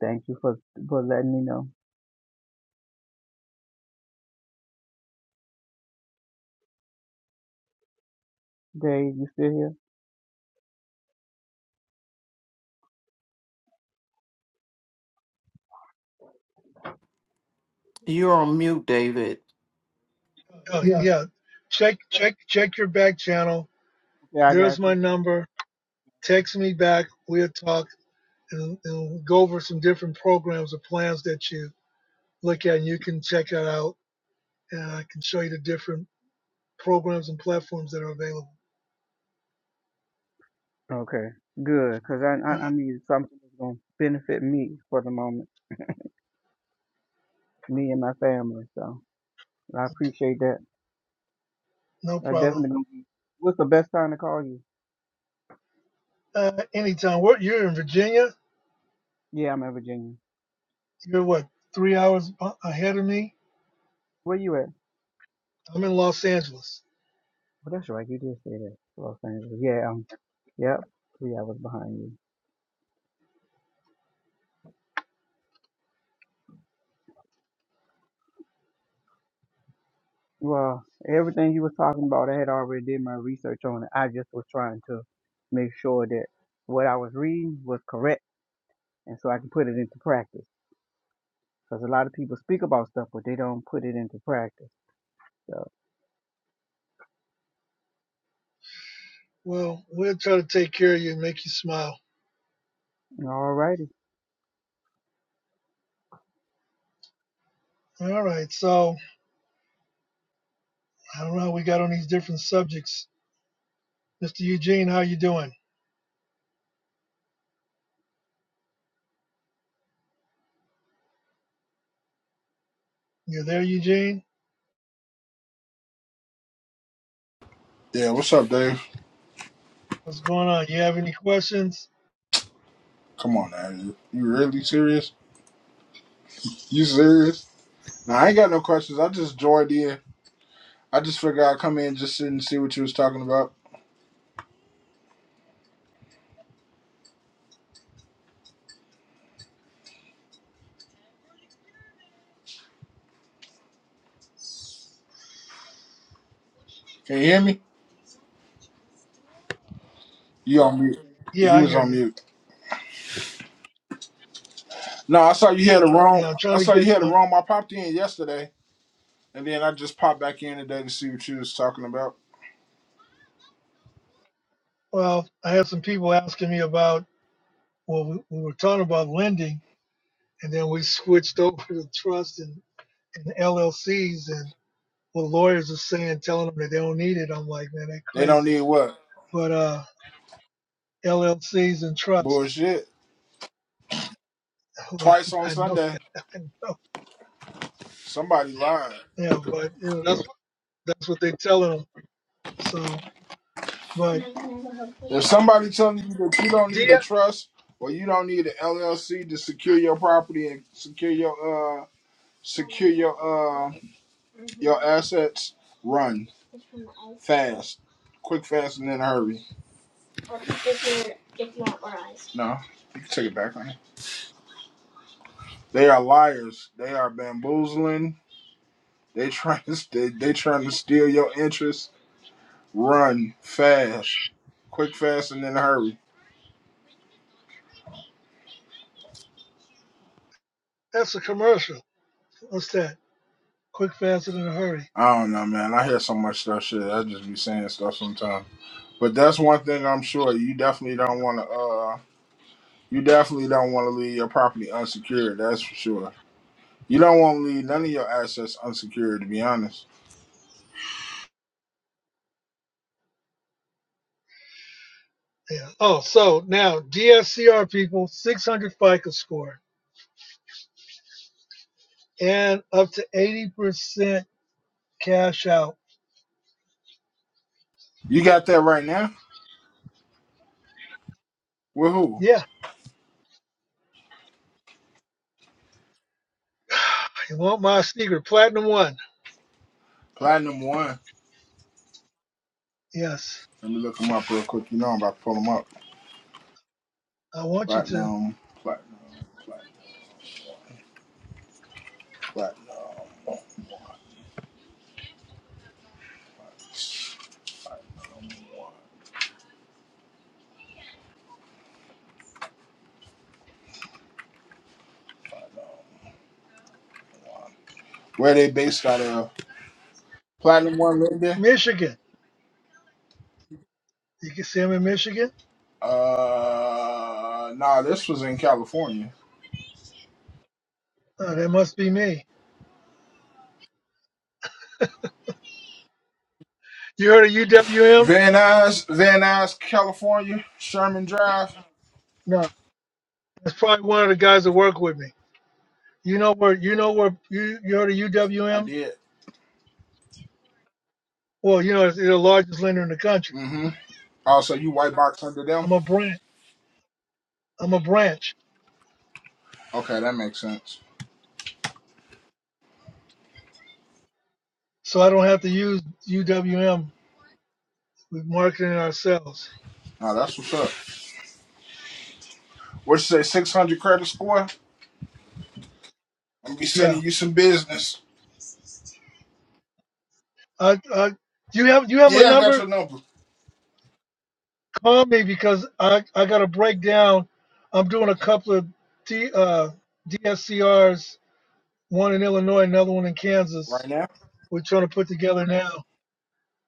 S9: thank you for for letting me know. Dave, you still here?
S8: You're on mute, David.
S1: Uh,
S8: Yeah.
S1: yeah, check check check your back channel.
S9: Yeah, I
S1: There's
S9: got
S1: my
S9: you.
S1: number. Text me back. We'll talk and, and we'll go over some different programs or plans that you look at, and you can check that out. And I can show you the different programs and platforms that are available.
S9: Okay, good, 'cause I, I I need something that's gonna benefit me for the moment, me and my family. So I appreciate that.
S1: No
S9: I
S1: problem.
S9: definitely gonna be. What's the best time to call you?
S1: Uh, anytime. What you're in Virginia?
S9: Yeah, I'm in Virginia.
S1: You're what? Three hours a- ahead of me.
S9: Where you at?
S1: I'm in Los Angeles.
S9: Well, that's right. You did say that, Los Angeles. Yeah, um, yep, three hours behind you. Well, everything you was talking about, I had already did my research on it. I just was trying to make sure that what I was reading was correct, and so I can put it into practice. Because a lot of people speak about stuff, but they don't put it into practice. So,
S1: Well, we'll try to take care of you and make you smile.
S9: all righty.
S1: All right. So I don't know. how We got on these different subjects. Mr. Eugene, how you doing? You there, Eugene?
S10: Yeah, what's up, Dave?
S1: What's going on? You have any questions?
S10: Come on, man. You really serious? You serious? Now, I ain't got no questions. I just joined in. I just figured I'd come in, just sit and see what you was talking about. Can you hear me? You on mute.
S1: Yeah,
S10: You
S1: I
S10: was
S1: hear
S10: on
S1: you.
S10: mute. No, I saw you had a room.
S1: Yeah, I'm
S10: I
S1: trying to
S10: saw
S1: get.
S10: you had a
S1: Um,
S10: room. I popped in yesterday, and then I just popped back in today to see what you was talking about.
S1: well, I had some people asking me about. Well, we, we were talking about lending, and then we switched over to trust and, and LLCs, and what lawyers are saying, telling them that they don't need it. I'm like, man, they
S10: They don't
S1: crazy.
S10: need what?
S1: But uh, LLCs and trust,
S10: Bullshit.
S1: well,
S10: Twice on
S1: I know,
S10: Sunday.
S1: I know,
S10: Somebody lied.
S1: yeah, but you know that's that's what they're telling them. So, but
S10: If somebody telling you that you don't need a
S1: DF,
S10: trust or you don't need an LLC to secure your property and secure your uh secure your uh your assets, run fast, quick, fast, and then hurry. No, you can take it back on. it. They are liars. They are bamboozling. They trying to they, they trying to steal your interest. Run fast, quick, fast, and then hurry.
S1: that's a commercial. What's that? Quick, faster than a hurry.
S10: I don't know, man. I hear so much stuff. Shit, I just be saying stuff sometimes. But that's one thing I'm sure you definitely
S1: Yeah,
S10: don't want to. Uh, you definitely don't want to leave your property unsecured. That's for sure. You don't want to leave none of your assets unsecured. To be honest,
S1: yeah. Oh, so now DSCR people, 600 FICO score and up to 80% cash out.
S10: you got that right now. With who?
S1: Yeah, you want my secret, platinum one?
S10: Platinum One.
S1: Yes,
S10: Let me look them up real quick. You know I'm about to pull them up.
S1: I want you to.
S10: Platinum, platinum, platinum, platinum. Where they based out of? Platinum One, Linda.
S1: Michigan. You can see them in Michigan.
S10: Uh, nah, this was in California.
S1: Oh, that must be me. You heard of UWM?
S10: Van Nuys, Van Nuys, California, Sherman Drive.
S1: No, that's probably one of the guys that work with me. You know where? You know where? You, you heard of
S10: I
S1: UWM?
S10: did.
S1: Well, you know it's the largest lender in the country.
S10: Mm-hmm. Oh, so you white box under them?
S1: I'm a branch. I'm a branch,
S10: Okay, that makes sense.
S1: so I don't have to use UWM. We're marketing ourselves.
S10: Oh, that's what's up. What you say, 600 credit score? I'm be
S1: Yeah.
S10: sending you some business.
S1: I, I, do you have you have my
S10: Yeah, I got
S1: number?
S10: your number.
S1: Call me because I I got to break down. I'm doing a couple of D, uh, DSCRs, one in Illinois, another one in Kansas
S10: Right now?
S1: we're trying to put together now.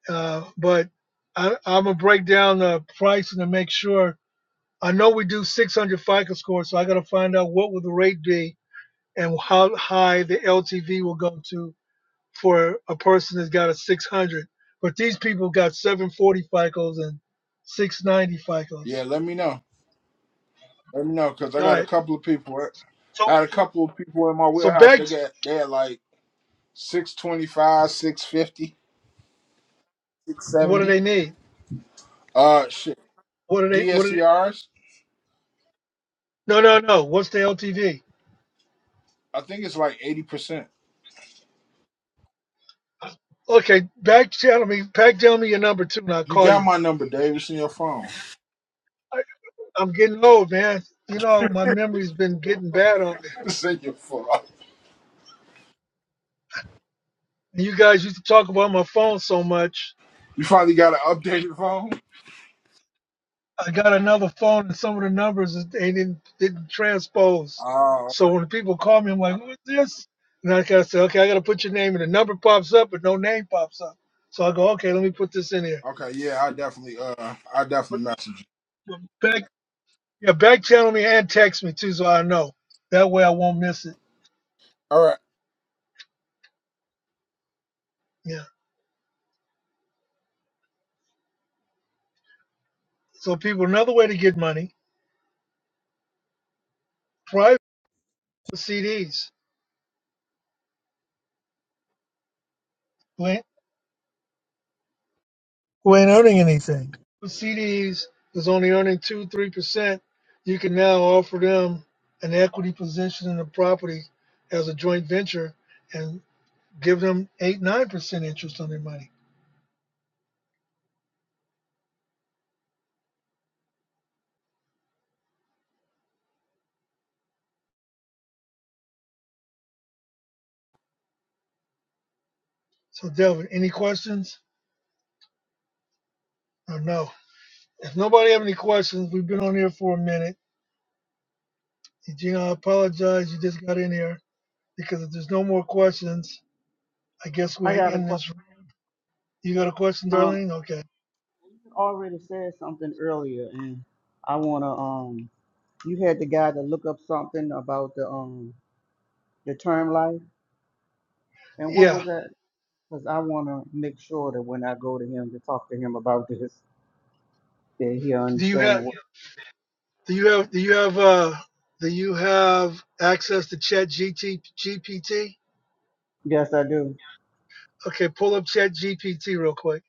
S1: Uh, but I, I'm gonna break down the pricing to make sure. I know we do 600 FICO scores, so I gotta find out what would the rate be and how high the LTV will go to for a person that's got a 600. But these people got 740 FICOs and 690 FICOs.
S10: Yeah, let me know. Let me know, because I
S1: All
S10: got a
S1: right.
S10: couple of people.
S1: So
S10: I had a couple of people in my
S1: so
S10: warehouse.
S1: back.
S10: They
S1: To,
S10: got, they had like 625, six fifty, six
S1: what do
S10: seventy. 670.
S1: they need?
S10: Uh, shit.
S1: What do they? What do they?
S10: DSCRs,
S1: No, no, no. What's the LTV?
S10: I think it's like 80%.
S1: Okay, back channel me. Back tell me your number too, and I'll
S10: You
S1: call
S10: got
S1: you.
S10: my number, Dave. It's in your phone.
S1: I'm getting old, man. You know, my memory's been getting bad on me.
S10: It's in your phone.
S1: And you guys used to talk about my phone so much.
S10: You finally got an updated phone?
S1: I got another phone, and some of the numbers is- they didn't didn't transpose.
S10: Oh,
S1: So when people call me, I'm like, "Who is this?" And I gotta say, "Okay, I gotta put your name." And the number pops up, but no name pops up. So I go, "Okay, let me put this in here."
S10: okay. Yeah, I definitely, uh, I
S1: But,
S10: definitely message you.
S1: but back, yeah, back channel me and text me too, so I know. That way, I won't miss it.
S10: All right,
S1: Yeah. So people, another way to get money, private CDs. who ain't earning anything. The CDs is only earning two, three percent. You can now offer them an equity position in the property as a joint venture and give them eight, nine percent interest on their money. So, Delvin, any questions or no? If nobody have any questions, we've been on here for a minute. Eugene, I apologize. You just got in here because if there's no more questions, I guess
S9: I
S1: we're
S9: got a
S1: in
S9: question.
S1: this. You got a question,
S9: Um,
S1: Darlene? Okay.
S9: you already said something earlier, and I wanna um, you had the guy to look up something about the um the term life, and what
S1: Yeah.
S9: was that? Because I want to make sure that when I go to him to talk to him about this, that he'll
S1: Do you have?
S9: understand what.
S1: Do you have do you have uh do you have access to Chat GPT?
S9: Yes, I do.
S1: Okay, pull up Chat GPT real quick.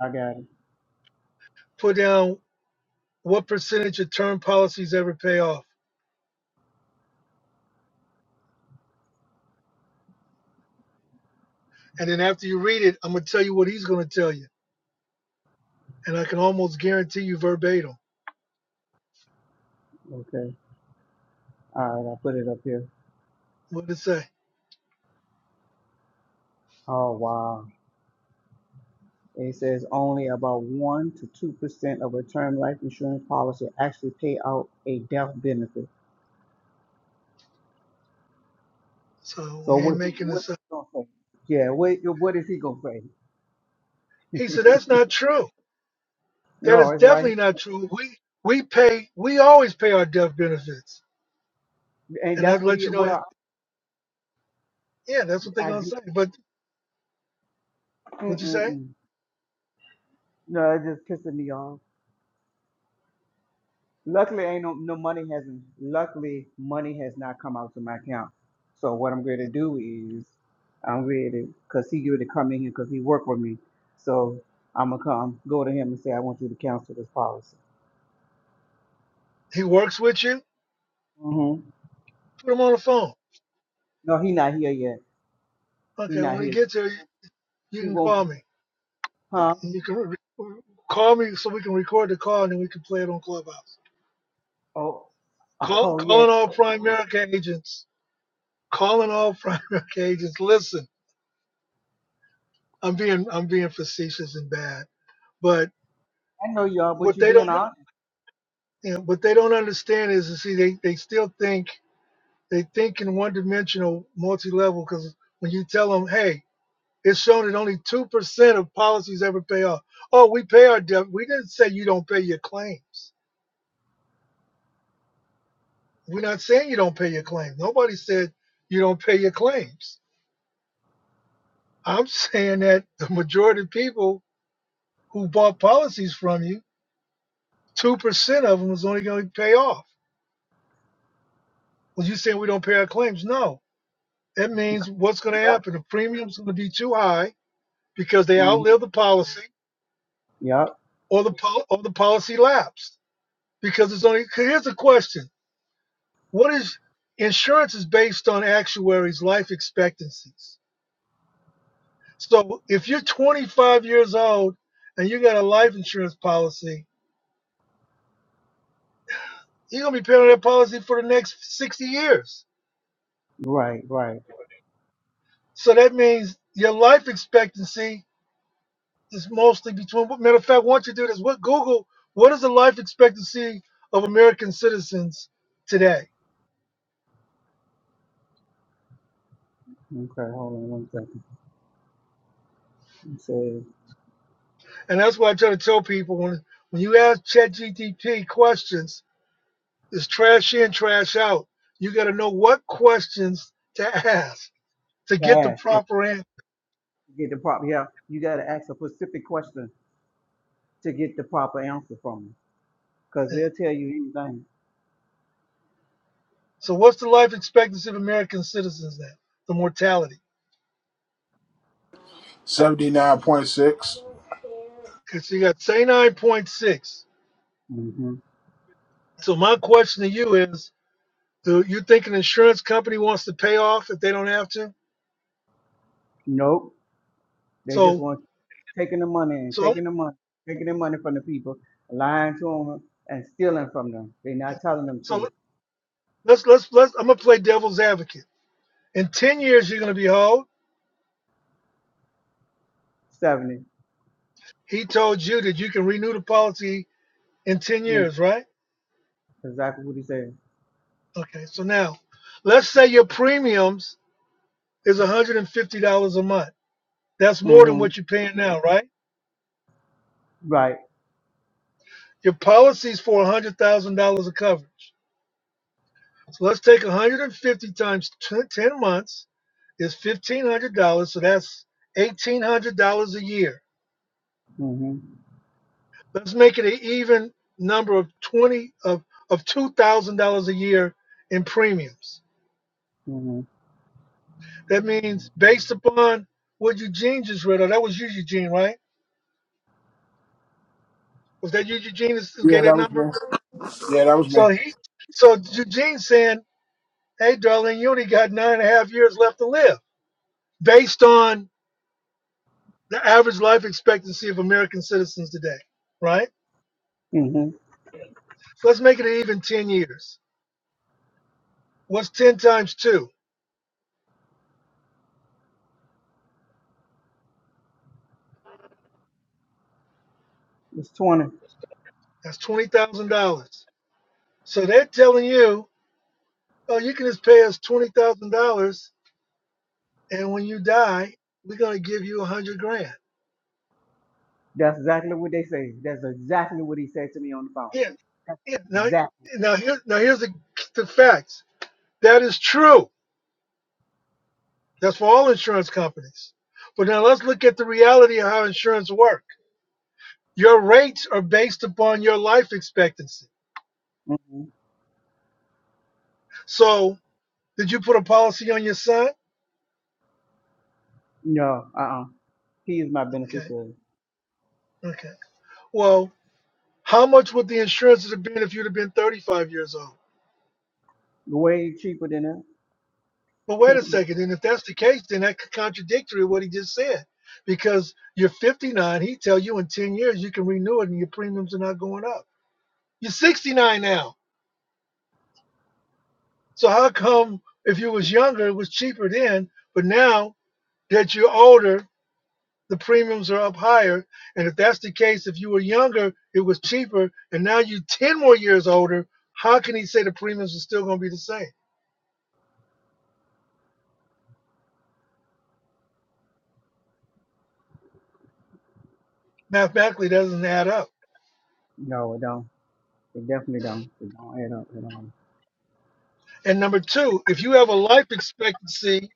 S9: I got it.
S1: Put down what percentage of term policies ever pay off. And then after you read it, I'm gonna tell you what he's gonna tell you. And I can almost guarantee you verbatim
S9: Okay. All right. I put it up here.
S1: what it say.
S9: Oh, wow. It says only about 1 to 2% of a term life insurance policy actually pay out a death benefit.
S1: So
S9: So
S1: we ain't
S9: what he
S1: making
S9: what
S1: this
S9: is
S1: up.
S9: he going to say? Yeah, what, what is he going to
S1: He
S9: say?
S1: said that's not true. That
S9: No,
S1: is
S9: it's right.
S1: definitely not true. We we pay we always pay our death benefits.
S9: And
S1: And
S9: that's
S1: I'd
S9: what
S1: let
S9: he,
S1: you know
S9: well,
S1: yeah, that's what they're
S9: I
S1: gonna
S9: do.
S1: say. But what would you say?
S9: Mm-mm-mm. No, it just pissing me off. Luckily, ain't no, no money hasn't. Luckily, money has not come out to my account. So what I'm going to do is, I'm ready because he going to come in here because he worked with me. So I'm gonna come go to him and say I want you to cancel this policy.
S1: He works with you
S9: hmm
S1: Put him on the phone.
S9: No, he not here yet. He
S1: Okay,
S9: not
S1: when
S9: here
S1: he
S9: yet.
S1: gets here, you
S9: He
S1: can call
S9: won't.
S1: me.
S9: Huh?
S1: And you can re- call me so we can record the call and then we can play it on Clubhouse.
S9: Oh,
S1: Call,
S9: oh yeah.
S1: calling all Prime America agents. Calling all Prime America agents. Listen, I'm being I'm being facetious and bad, but
S9: I know y'all, but
S1: what
S9: you
S1: they
S9: being
S1: don't
S9: honest.
S1: you know, what they don't understand is, to see they, they still think they think in one dimensional multi level because when you tell them hey it's shown that only two percent of policies ever pay off oh we pay our debt we didn't say you don't pay your claims We're not saying you don't pay your claim. Nobody said you don't pay your claims. I'm saying that the majority of people who bought policies from you, 2% of them is only going to pay off. Well, you saying we don't pay our claims? No. That means what's going to
S9: Yep.
S1: happen? The premium's going to be too high because they
S9: hmm
S1: outlive the policy
S9: Yep.
S1: or the, pol- or the policy lapsed. Because it's only. here's the question. What is, insurance is based on actuaries' life expectancies So if you're 25 years old and you got a life insurance policy, you're gonna be paying on that policy for the next 60 years.
S9: Right. Right.
S1: So that means your life expectancy is mostly between. Matter of fact, once you do this, what Google? What is the life expectancy of American citizens today?
S9: Okay. Hold on one second. It says
S1: And that's why I try to tell people when when you ask ChatGPT questions, it's trash in, trash out. You got to know what questions to ask to get the
S9: ask. If
S1: proper answer
S9: you Get the prop. Yeah. You gotta ask a specific question to get the proper answer from them because they'll tell you anything.
S1: So what's the life expectancy of American citizens then? The mortality.
S10: seventy nine point six.
S1: Because you got 9.6.
S9: hmm
S1: So my question to you is, do you think an insurance company wants to pay off if they don't have to?
S9: Nope. They just
S1: So
S9: want taking the money and
S1: so
S9: taking the money, taking the money from the people, lying to them and stealing from them. They're not telling them
S1: so
S9: truth.
S1: let's let's let's I'm gonna play devil's advocate. In 10 years you're gonna be how old?
S9: 70.
S1: He told you that you can renew the policy in 10
S9: That's
S1: years, right?
S9: exactly what he said.
S1: Okay, so now let's say your premiums is $150 a month. That's more than
S9: hmm
S1: what you're paying now, right?
S9: Right.
S1: Your policy is for one hundred thousand dollars of coverage. So let's take one hundred and fifty times ten months is fifteen hundred dollars. So that's eighteen hundred dollars a year.
S9: hmm
S1: Let's make it an even number of twenty of of two thousand dollars a year in premiums.
S9: hmm
S1: That means based upon what Eugene just read, or that was you, Eugene, right? Was that you, Eugene, who gave
S10: Yeah,
S1: that
S10: that was me.
S1: number?
S10: Yeah, that was
S1: So
S10: me.
S1: he, so Eugene's saying, "Hey, darling, you only got nine and a half years left to live." Based on the average life expectancy of American citizens today, right?
S9: hmm
S1: So let's make it even 10 years. What's 10 times 2?
S9: It's 20.
S1: That's $20,000. So they're telling you, oh, you can just pay us $20,000, and when you die, we're going to give you 100 grand.
S9: That's exactly what they say. That's exactly what he said to me on the phone.
S1: Yeah,
S9: That's
S1: yeah. Now,
S9: exactly.
S1: now, here, now here's the, the facts. That is true. That's for all insurance companies. But now let's look at the reality of how insurance works. Your rates are based upon your life expectancy.
S9: hmm
S1: So Did you put a policy on your son?
S9: No, uh-uh. He is my
S1: Okay.
S9: beneficiary.
S1: Okay. Well, how much would the insurance have been if you'd have been 35 years old?
S9: Way cheaper than that.
S1: But wait a second. And if that's the case, then that's contradictory to what he just said. Because you're 59, he tell you in 10 years you can renew it and your premiums are not going up. You're 69 now. So how come if you was younger, it was cheaper then, but now that you're older, the premiums are up higher. And if that's the case, if you were younger, it was cheaper, and now you're 10 more years older, how can he say the premiums are still going to be the same? Mathematically, it doesn't add up.
S9: No, it don't. They definitely don't. It don't add up at all.
S1: And number two, if you have a life expectancy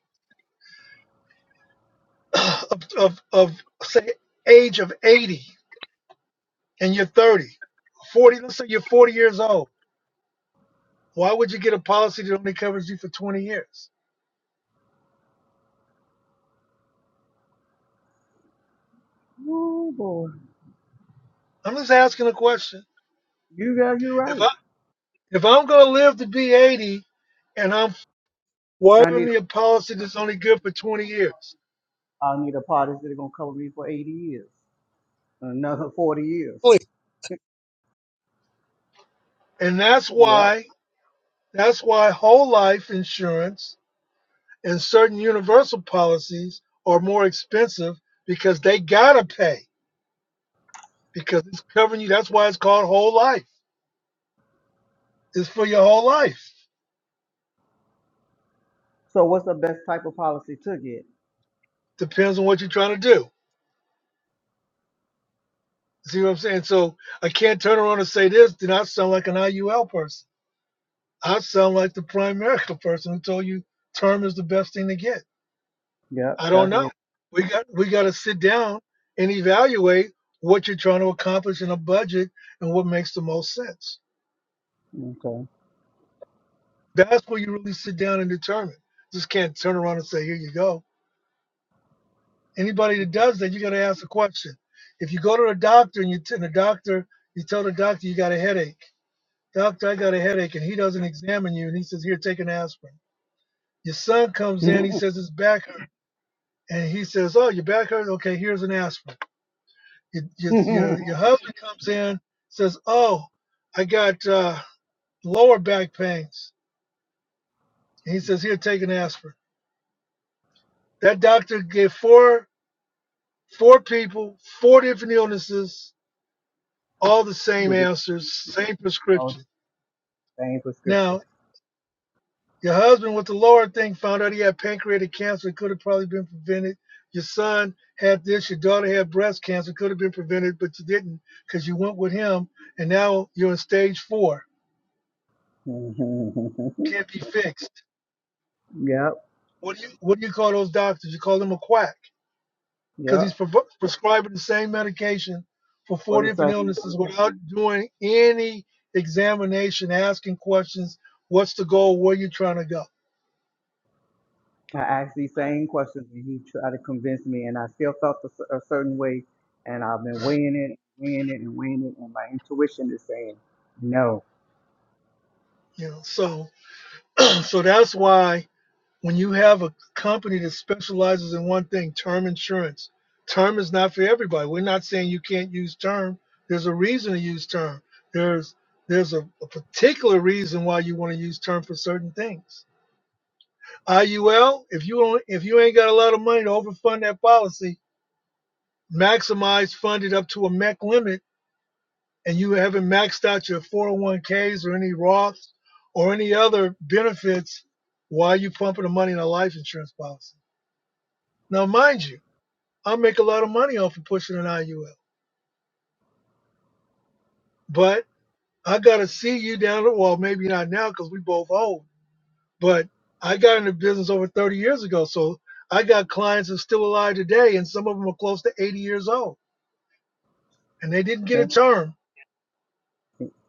S1: of, of, of say, age of 80 and you're 30, 40, let's say you're 40 years old, why would you get a policy that only covers you for 20 years?
S9: Oh boy,
S1: I'm just asking a question.
S9: you got you
S1: If
S9: right.
S1: I if I'm going to live to be 80 and I'm Why
S9: I
S1: give
S9: need
S1: me a policy
S9: a
S1: that's only good for 20 years?
S9: I need a policy that's gonna cover me for 80 years, another 40 years.
S1: Exactly. And that's
S9: Yep.
S1: why that's why whole life insurance and certain universal policies are more expensive because they gotta pay because it's covering you. That's why it's called whole life. It's for your whole life.
S9: So what's the best type of policy to get?
S1: Depends on what you're trying to do. See what I'm saying? So I can't turn around and say this. Then I sound like an IUL person. I sound like the prime medical person who told you term is the best thing to get.
S9: Yep,
S1: I don't
S9: that's
S1: know.
S9: what.
S1: We got we got to sit down and evaluate what you're trying to accomplish in a budget and what makes the most sense.
S9: Okay.
S1: That's where you really sit down and determine. Just can't turn around and say, "Here you go." Anybody that does that, you got to ask a question. If you go to the doctor and you t- and the doctor, you tell the doctor you got a headache. Doctor, I got a headache, and he doesn't examine you, and he says, "Here, take an aspirin." Your son comes in, he says his back hurt, and he says, "Oh, your back hurts? Okay, here's an aspirin." Your, your, your, your husband comes in, says, Oh, I got uh, lower back pains. And he says, Here, take an aspirin. That doctor gave four, four people, four different illnesses, all the same
S9: With the
S1: answers,
S9: same,
S1: same
S9: oh,
S1: prescription.
S9: same prescription.
S1: Now, your husband with the lower thing found out he had pancreatic cancer. It could have probably been prevented. Your son had this. Your daughter had breast cancer. Could have been prevented, but you didn't because you went with him. And now you're in stage four. Can't be fixed
S9: yep,
S1: What do you what do you call those doctors? You call them a quack because
S9: yep.
S1: he's pre- prescribing the same medication for four
S9: For the
S1: different
S9: same.
S1: illnesses without doing any examination, asking questions. What's the goal? Where are you trying to go?
S9: I asked these same questions and he tried to convince me, and I still felt a, cer- a certain way. And I've been weighing it, weighing it, and weighing it, and my intuition is saying no.
S1: You know. So so that's why when you have a company that specializes in one thing, term insurance. Term is not for everybody. We're not saying you can't use term. There's a reason to use term. There's there's a, a particular reason why you want to use term for certain things IUL, if you only, if you ain't got a lot of money to overfund that policy, maximize fund it up to a MEC limit, and you haven't maxed out your 401ks or any Roths or any other benefits while you pumping the money in a life insurance policy. Now, mind you, I make a lot of money off of pushing an IUL, but I got to see you down the wall. maybe not now because we both old, but I got into business over 30 years ago, so I got clients that's still alive today, and some of them are close to 80 years old and they didn't get a
S9: And
S1: term.
S9: who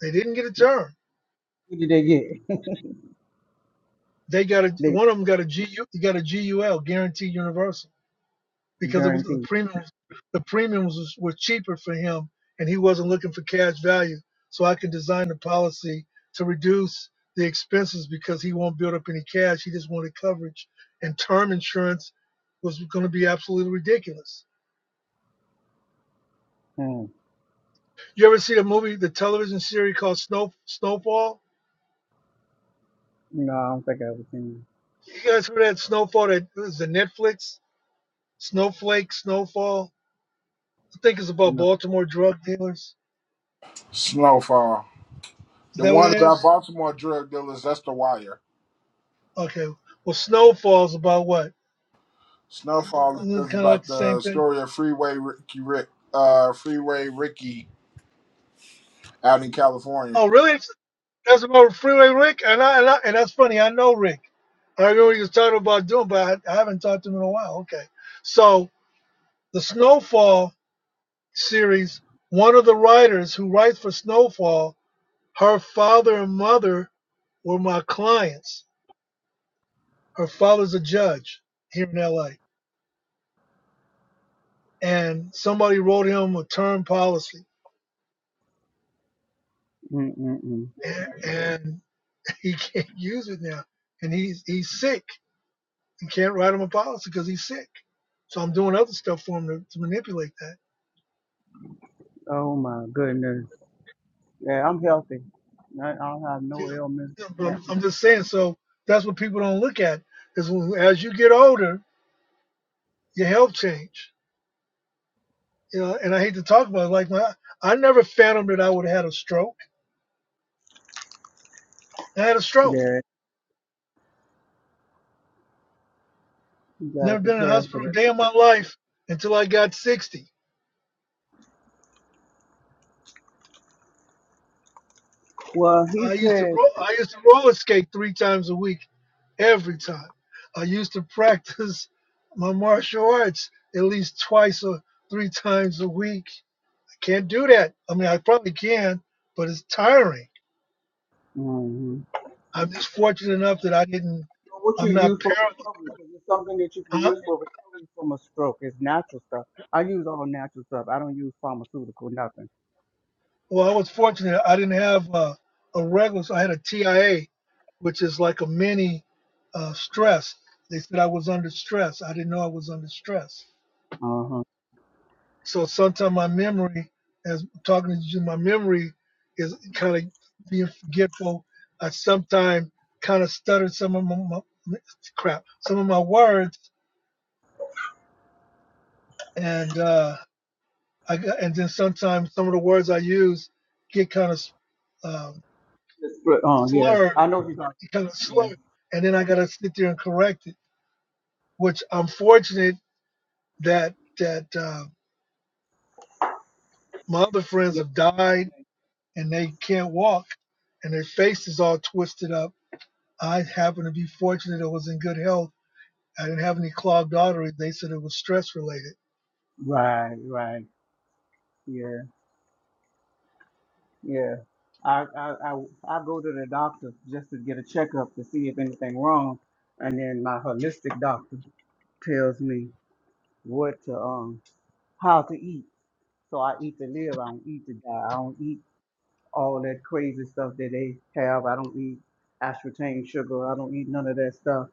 S1: They didn't get a term.
S9: did they get?
S1: They got a
S9: they
S1: one of them got a GU got a GUL guaranteed universal because it was the
S9: guaranteed.
S1: premiums the premiums was, were cheaper for him and he wasn't looking for cash value. So I could design the policy to reduce the expenses because he won't build up any cash. He just wanted coverage and term insurance was going to be absolutely ridiculous.
S9: Mm.
S1: You ever see a movie, the television series called Snow Snowfall?
S9: No, I don't think I was in.
S1: You guys heard that Snowfall that was the Netflix? Snowflake, Snowfall. I think it's about
S9: No.
S1: Baltimore drug dealers.
S10: Snowfall.
S1: Is
S10: The
S1: that what it
S10: one about
S1: is?
S10: Baltimore drug dealers. That's the wire.
S1: Okay. Well, Snowfall's about what?
S10: Snowfall
S1: Isn't it
S10: is
S1: kind of like
S10: about
S1: the same
S10: the
S1: thing?
S10: story of Freeway Ricky Rick, uh, Freeway Ricky out in California.
S1: Oh, really? It's- That's about Freeway Rick, and I, and I and that's funny. I know Rick. I remember he was talking about doing, but I, I haven't talked to him in a while. Okay. So the Snowfall series, one of the writers who writes for Snowfall, her father and mother were my clients. Her father's a judge here in LA. and somebody wrote him a term policy,
S9: Mm-mm-mm.
S1: and, and he can't use it now, and he's he's sick and can't write him a policy because he's sick. So I'm doing other stuff for him to, to manipulate that.
S9: Oh my goodness. Yeah, I'm healthy. I I don't have
S1: You
S9: no
S1: know,
S9: ailments,
S1: you know, but
S9: no
S1: I'm,
S9: nothing.
S1: I'm just saying. So that's what people don't look at is when, as you get older, your health change. You know, and I hate to talk about it. Like my, I never fathomed that I would have had a stroke. I had a stroke.
S9: Yeah, you gotta
S1: Never been in a
S9: prepare for
S1: hospital
S9: that.
S1: a day in my life until I got 60
S9: Well, he
S1: I used to
S9: said.
S1: roll, I used to roller skate three times a week, every time. I used to practice my martial arts at least twice or three times a week. I can't do that. I mean, I probably can, but it's tiring. I'm just fortunate enough that I didn't.
S9: Well, what you
S1: I'm not
S9: use for
S1: paralyzed.
S9: recovery, because it's something that you can
S1: Huh?
S9: use for recovery from a stroke. It's natural stuff. I use all natural stuff. I don't use pharmaceutical, nothing.
S1: Well, I was fortunate. I didn't have a, a regular, so I had a TIA, which is like a mini uh, stress. They said I was under stress. I didn't know I was under stress.
S9: Uh huh.
S1: So sometimes my memory, as I'm talking to you, my memory is kind of being forgetful. I sometimes kind of stuttered some of my, my crap, some of my words, and uh, I got, and then sometimes some of the words I use get kind of um,
S9: Oh yeah,
S1: slurred,
S9: I know what you're talking.
S1: kind of
S9: Yeah,
S1: slurred, and then I gotta sit there and correct it. Which I'm fortunate that that uh, my other friends
S9: yeah.
S1: have died and they can't walk, and their face is all twisted up I happened to be fortunate I was in good health. I didn't have any clogged arteries. They said it was stress related.
S9: Right, right. Yeah, yeah. I, I I I go to the doctor just to get a checkup to see if anything wrong, and then my holistic doctor tells me what to um how to eat. So I eat to live. I don't eat to die. I don't eat all that crazy stuff that they have. I don't eat aspartame sugar. I don't eat none of that stuff.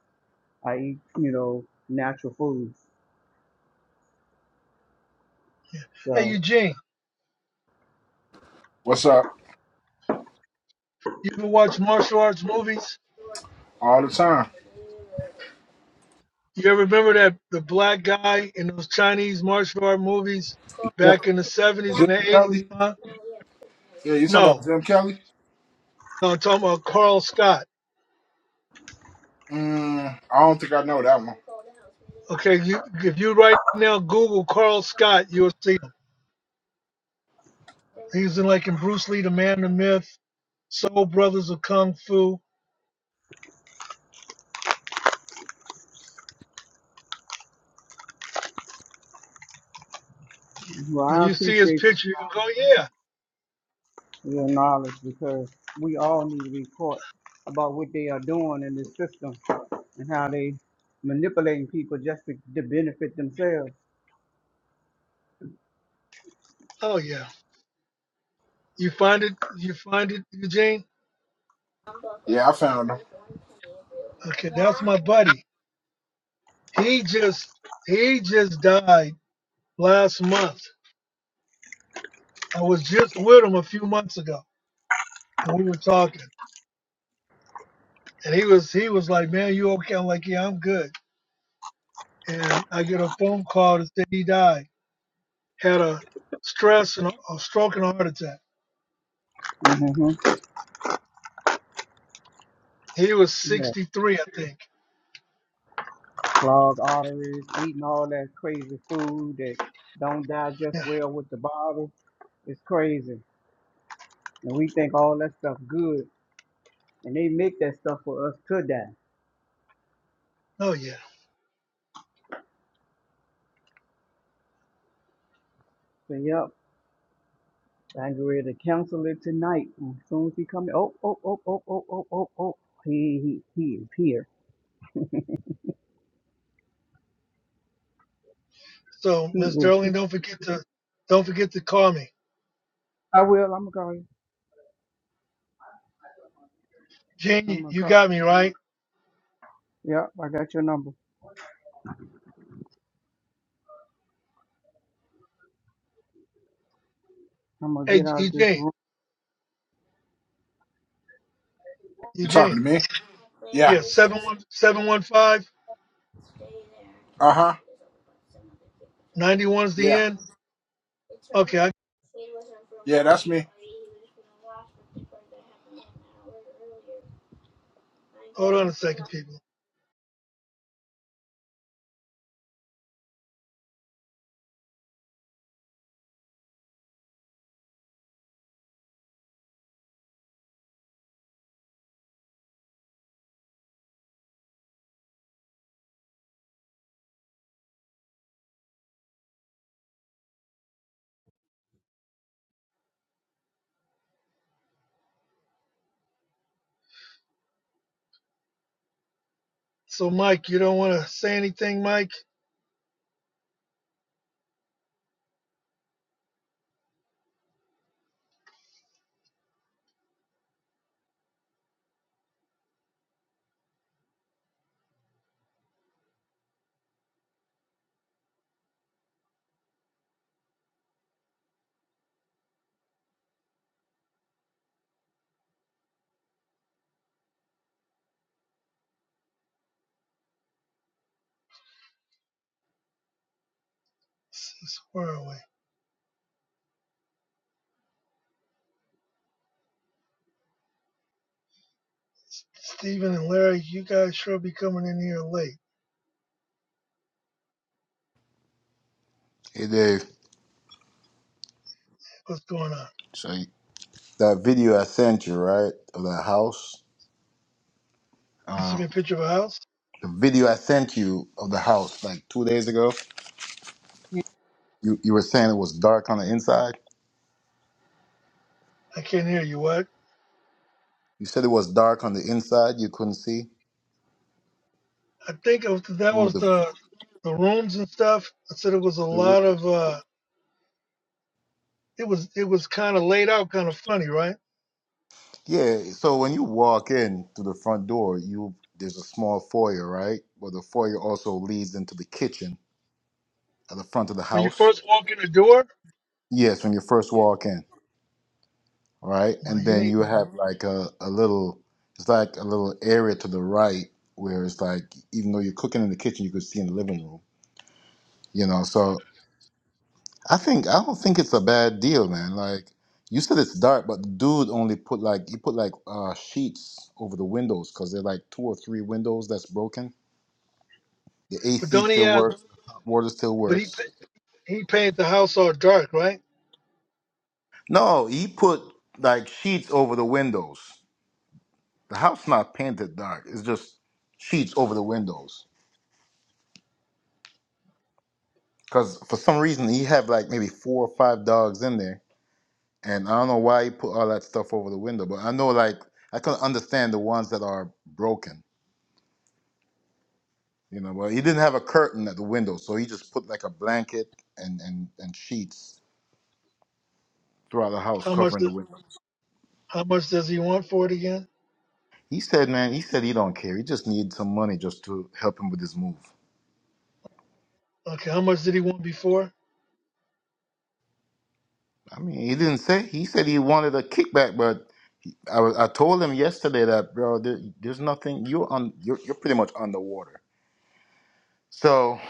S9: I eat, you know, natural foods.
S1: Hey,
S9: So,
S1: Eugene,
S10: What's up?
S1: you ever watch martial arts movies?
S10: All the time.
S1: You ever remember that the black guy in those Chinese martial art movies
S10: Yeah,
S1: back in the 70s
S10: Jim
S1: and the 80s?
S10: Kelly.
S1: Huh?
S10: Yeah, you talking
S1: No.
S10: about Jim Kelly?
S1: No, I'm talking about Carl Scott.
S10: Mm, I don't think I know that one.
S1: Okay, you, if you right now Google Carl Scott, you'll see him. He's in like in Bruce Lee, The Man, the Myth, Soul Brothers of Kung Fu.
S9: well,
S1: When
S9: I
S1: you see his
S9: appreciate
S1: picture, you can go, yeah,
S9: your knowledge because we all need to be taught about what they are doing in this system and how they manipulating people just to, to benefit themselves.
S1: oh yeah, You find it? You find it, Eugene?
S10: Yeah, I found him.
S1: Okay, that's my buddy. He just he just died last month. I was just with him a few months ago, and we were talking. And he was he was like, "Man, you okay?" I'm like, "Yeah, I'm good." And I get a phone call to say he died, had a stress and a, a stroke and a heart attack.
S9: hmm
S1: He was
S9: Yeah.
S1: 63, I think.
S9: Clogged arteries, eating all that crazy food that don't digest
S1: Yeah.
S9: well with the body. It's crazy. And we think all that stuff good And they make that stuff for us to die.
S1: Oh yeah.
S9: So yep, I'm getting ready to cancel it tonight. As soon as he come, oh, oh, oh, oh, oh, oh, oh, oh, he, he, he is here.
S1: So
S9: He
S1: Miss
S9: is here.
S1: Darling, don't forget to don't forget to call me.
S9: I will. I'm gonna call you. I'm
S1: Gene,
S9: gonna
S1: you
S9: call.
S1: got me right.
S9: Yep, I got your number. I'm gonna
S1: Hey,
S9: get out of this
S1: Eugene,
S9: room.
S10: You talking
S1: Eugene.
S10: to me? Yeah.
S1: Yeah, 715 715,
S10: Uh huh.
S1: the
S10: Yeah.
S1: end. Okay, I,
S10: Yeah, that's me.
S1: hold on a second, people. So, Mike, you don't want to say anything, Mike? Where are we? Stephen and Larry, you guys sure be coming in here late.
S4: Hey, Dave.
S1: What's going on?
S4: So that video I sent you, right, of that house.
S1: You sent
S4: Um.
S1: me a picture of a house?
S4: the video I sent you of the house like two days ago.
S1: Yeah.
S4: You you were saying it was dark on the inside.
S1: I can't hear you. What?
S4: You said it was dark on the inside. You couldn't see.
S1: I think of that
S4: Remember
S1: was
S4: the
S1: the the rooms and stuff. I said it was a
S4: the roof?
S1: lot of. uh It was it was kind of laid out, kind of funny, right?
S4: Yeah. So when you walk in through the front door, you there's a small foyer, right? But the foyer also leads into the kitchen at the front of the
S1: When you
S4: house.
S1: first walk in the door,
S4: Yes, when you first
S1: Yeah.
S4: walk in, right?
S1: well,
S4: And
S1: you
S4: then
S1: need,
S4: you have Mhm. like a, a little, it's like a little area to the right where it's like, even though you're cooking in the kitchen, you could see in the living room, you know? So I think I don't think it's a bad deal, man. Like you said, it's dark, but the dude only put like he put like uh sheets over the windows because they're like two or three windows that's broken. The
S1: but
S4: AC
S1: don't he
S4: still
S1: ask?
S4: works, the hot water still
S1: But he
S4: works.
S1: He paid the household dark, right?
S4: No, he put like sheets over the windows. The house not painted dark. It's just sheets over the windows. Cause for some reason he had like maybe four or five dogs in there, and I don't know why he put all that stuff over the window. But I know like I can understand the ones that are broken You know, well, he didn't have a curtain at the window, so he just put like a blanket and and and sheets throughout the house
S1: How much?
S4: covering the
S1: Does,
S4: window.
S1: how much does he want for it again?
S4: He said, man, he said he don't care. He just needs some money just to help him with his move.
S1: Okay, how much did he want before?
S4: I mean, he didn't say. He said he wanted a kickback, but I was, I told him yesterday that bro, there, there's nothing. You're on. You're, you're pretty much underwater. So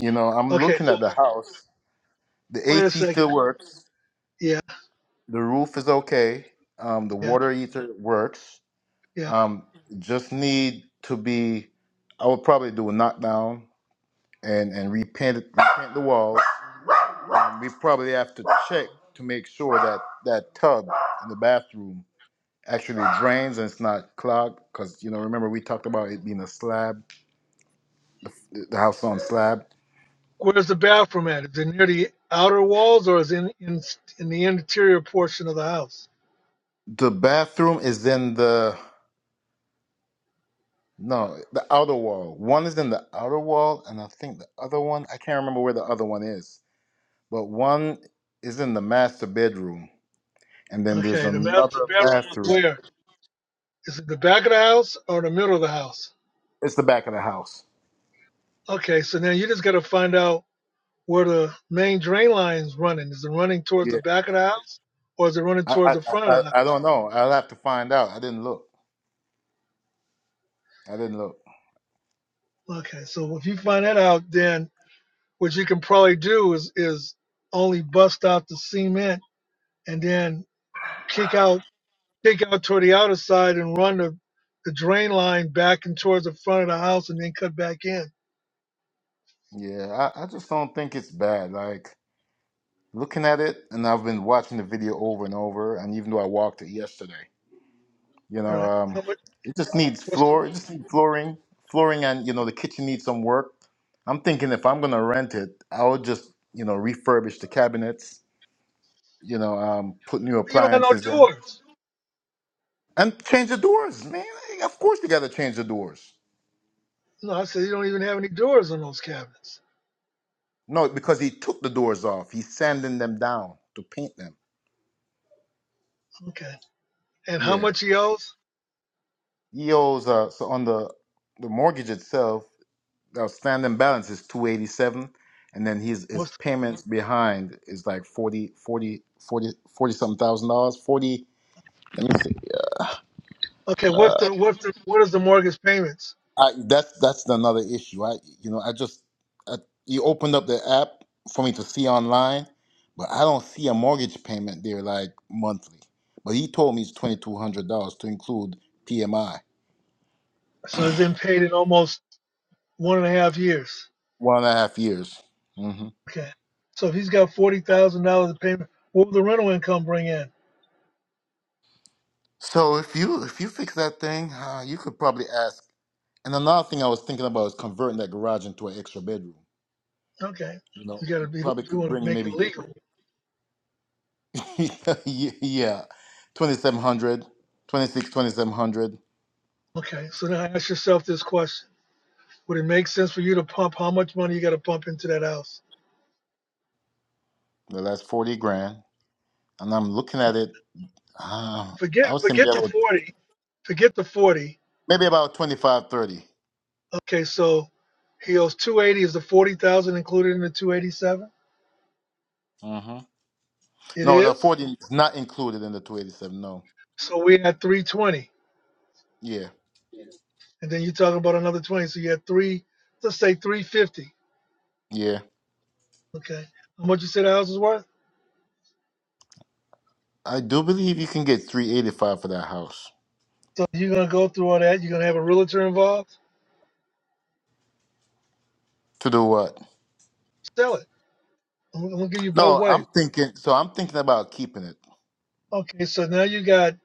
S4: you know, I'm
S1: Okay,
S4: looking
S1: so
S4: at the house. The
S1: wait a
S4: AC still
S1: second.
S4: works.
S1: Yeah,
S4: The roof is okay. Um, the
S1: yeah,
S4: water heater works.
S1: yeah.
S4: Um, just need to be. I would probably do a knockdown and and repaint it, repaint the walls. Um, we probably have to check to make sure that that tub in the bathroom actually drains and it's not clogged. Because you know, remember we talked about it being a slab, the house on slab.
S1: Where's the bathroom at? Is it near the outer walls or is it in in, in the interior portion of the house?
S4: The bathroom is in the no the outer wall. One is in the outer wall, and I think the other one I can't remember where the other one is. But one is in the master bedroom and then there's
S1: Okay, the master
S4: another
S1: bedroom is
S4: bathroom.
S1: where? Is it the back of the house or the middle of the house?
S4: It's the back of the house.
S1: Okay, so now you just got to find out where the main drain line is running. Is it running towards the
S4: Yeah,
S1: back of the house or is it running
S4: I I,
S1: towards the front
S4: I,
S1: of the house?
S4: I I don't know. I'll have to find out. I didn't look. I didn't look.
S1: Okay, so if you find that out, then what you can probably do is is only bust out the cement and then kick out kick out toward the outer side and run the, the drain line back and towards the front of the house and then cut back in.
S4: Yeah, I, I just don't think it's bad. Like looking at it, and I've been watching the video over and over, and even though I walked it yesterday, you
S1: All
S4: know,
S1: right.
S4: um,
S1: How much
S4: it just needs
S1: what's the
S4: floor. It just needs flooring, flooring, and you know, the kitchen needs some work. I'm thinking if I'm gonna rent it, I would just you know refurbish the cabinets, you know, um, put new
S1: you don't have no
S4: appliances in.
S1: doors.
S4: And change the doors, man. Like, Of course you gotta change the doors.
S1: No, I said you don't even have any doors on those cabinets.
S4: No, because he took the doors off. He's sanding them down to paint them.
S1: Okay. And how
S4: Yeah.
S1: much he owes?
S4: He owes uh so on the the mortgage itself, the outstanding balance is two eighty seven and then his his
S1: What's
S4: payments behind is like 40, forty forty forty something thousand dollars. Forty let me see.
S1: the, okay, what's the what's the what is the mortgage payments?
S4: I, that's that's another issue. I you know I just I, you opened up the app for me to see online, but I don't see a mortgage payment there like monthly. But he told me it's twenty two hundred dollars to include PMI,
S1: So it's been paid in almost one and a half years.
S4: one and a half years. hmm
S1: Okay. So if he's got forty thousand dollars in payment, what would the rental income bring in?
S4: So if you if you fix that thing, uh, you could probably ask. And another thing I was thinking about is converting that garage into an extra bedroom.
S1: Okay.
S4: You know,
S1: You
S4: it
S1: gotta be
S4: probably
S1: you
S4: could
S1: wanna
S4: bring you
S1: make it
S4: maybe
S1: legal.
S4: yeah, twenty seven hundred, twenty six, twenty seven hundred.
S1: Okay. So now ask yourself this question. Would it make sense for you to pump how much money you gotta pump into that house?
S4: Well, that's forty grand, and I'm looking at it. Uh,
S1: Forget
S4: I would say maybe
S1: forget the
S4: about,
S1: forty. Forget the forty.
S4: maybe about 25, 30.
S1: Okay, so he owes two eighty. Is the forty thousand included in the two eighty seven?
S4: hmm
S1: It
S4: No, the
S1: is.
S4: forty is not included in the two eighty seven. No.
S1: So we had three twenty.
S4: Yeah,
S1: And then you're talking about another twenty. So you had three let's say three fifty.
S4: yeah.
S1: Okay. How much you say the house is worth?
S4: I do believe you can get three eighty five for that house.
S1: So you're gonna go through all that. You're gonna have a realtor involved.
S4: To do what?
S1: Sell it. I'm, I'm gonna give you both
S4: No,
S1: ways.
S4: I'm thinking. So I'm thinking about keeping it.
S1: Okay, so now you got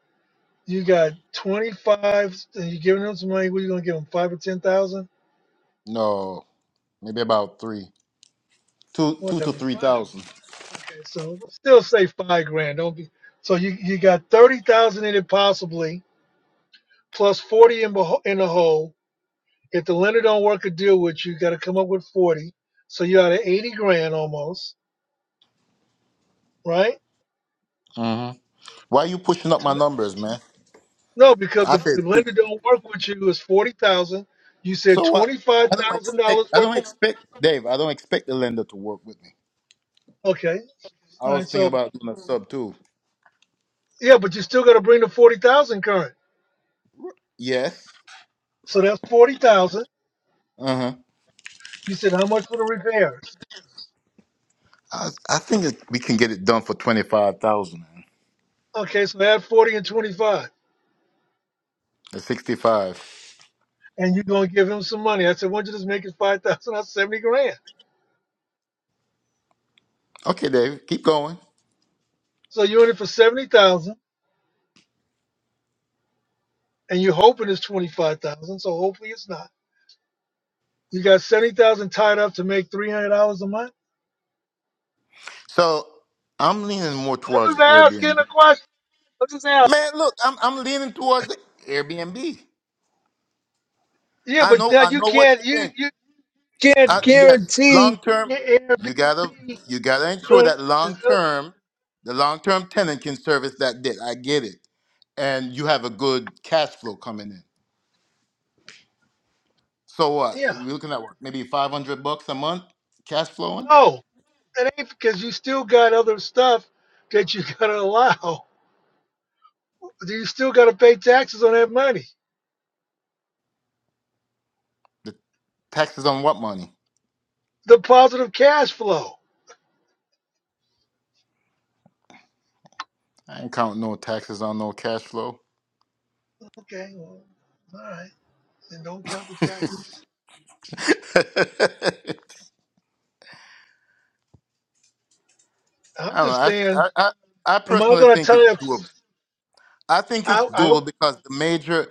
S1: you got 25, and you're giving them some money. What are you gonna give them? Five or ten thousand,
S4: No, maybe about three, two, two to
S1: whatever.
S4: three
S1: Fine.
S4: thousand.
S1: Okay, so still say five grand. Don't be. So you you got thirty thousand in it possibly, plus forty in beho- in the hole. If the lender don't work a deal with you, you got to come up with forty. So you're out of eighty grand almost, right?
S4: Mm-hmm. Why are you pushing up my numbers, man?
S1: No, because
S4: I
S1: if
S4: said
S1: the
S4: three.
S1: lender don't work with you, it's forty thousand. You said
S4: So what?
S1: twenty five
S4: I don't
S1: thousand
S4: expect.
S1: dollars
S4: I
S1: worth
S4: don't
S1: of
S4: expect Dave. I don't expect the lender to work with me.
S1: okay.
S4: I
S1: All
S4: was
S1: right,
S4: thinking
S1: so
S4: about doing a sub too.
S1: yeah, but you still gotta bring the forty thousand current.
S4: Yes.
S1: So that's forty thousand.
S4: Uh huh.
S1: You said how much for the repairs?
S4: I, I think that we can get it done for twenty five thousand.
S1: Okay, so add forty and twenty five.
S4: Sixty five.
S1: And you're gonna give him some money. I said, why don't you just make it five thousand, that's seventy grand.
S4: Okay, Dave. Keep going.
S1: So you're in it for seventy thousand and you're hoping it's twenty five thousand, so hopefully it's not. You got seventy thousand tied up to make three hundred dollars a month?
S4: So I'm leaning more
S1: I'm
S4: towards
S1: just
S4: the
S1: asking
S4: Airbnb.
S1: a question. I'm just asking.
S4: Man, look, I'm I'm leaning towards the Airbnb.
S1: Yeah,
S4: I
S1: but
S4: know
S1: now
S4: I
S1: you
S4: know what you
S1: can't you
S4: think.
S1: you can't
S4: I, yes, long
S1: guarantee
S4: term,
S1: your
S4: you gotta
S1: Airbnb is
S4: you gotta ensure
S1: good.
S4: that
S1: Is
S4: long
S1: good.
S4: term, the long term tenant can service that debt. I get it, and you have a good cash flow coming in. So what?
S1: Yeah,
S4: We're looking at what? Maybe 500 bucks a month cash flowing?
S1: no, it ain't because you still got other stuff that you gotta allow. You still gotta pay taxes on that money.
S4: The taxes on what money?
S1: The positive cash flow.
S4: I ain't counting no taxes on no cash flow.
S1: Okay, well, all right, then don't count the taxes.
S4: I
S1: I'm
S4: don't know.
S1: just
S4: I,
S1: saying,
S4: I, I I
S1: am I
S4: personally
S1: gonna
S4: think
S1: tell
S4: it's
S1: you?
S4: doable. I think it's
S1: I, I
S4: doable because the major,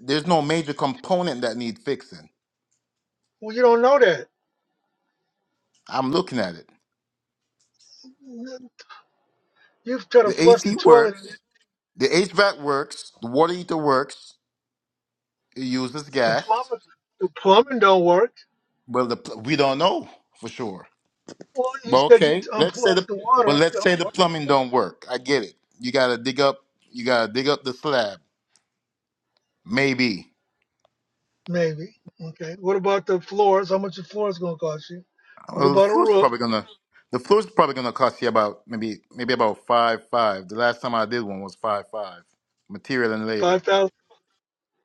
S4: there's no major component that need fixing.
S1: well, you don't know that.
S4: I'm looking at it.
S1: You've tried to
S4: The
S1: flush the
S4: AC
S1: toilet.
S4: works, the HVAC works, the water heater works, it uses
S1: The
S4: gas.
S1: plumbing, the plumbing don't work.
S4: Well, the, pl- we don't know for sure.
S1: Well, you
S4: Well,
S1: said you
S4: okay. Let's say
S1: unplugged
S4: the
S1: the
S4: but
S1: water.
S4: let's
S1: so
S4: say the plumbing don't work. I get it. You gotta dig up. You gotta dig up the slab. Maybe.
S1: Maybe. Okay. What about the floors? How much the floor is going to cost you? What
S4: Well, the
S1: about a
S4: floor's
S1: roof?
S4: probably gonna. The floor's probably gonna cost you about maybe maybe about five five. The last time I did one was five five. Material and
S1: Five
S4: labor.
S1: thousand.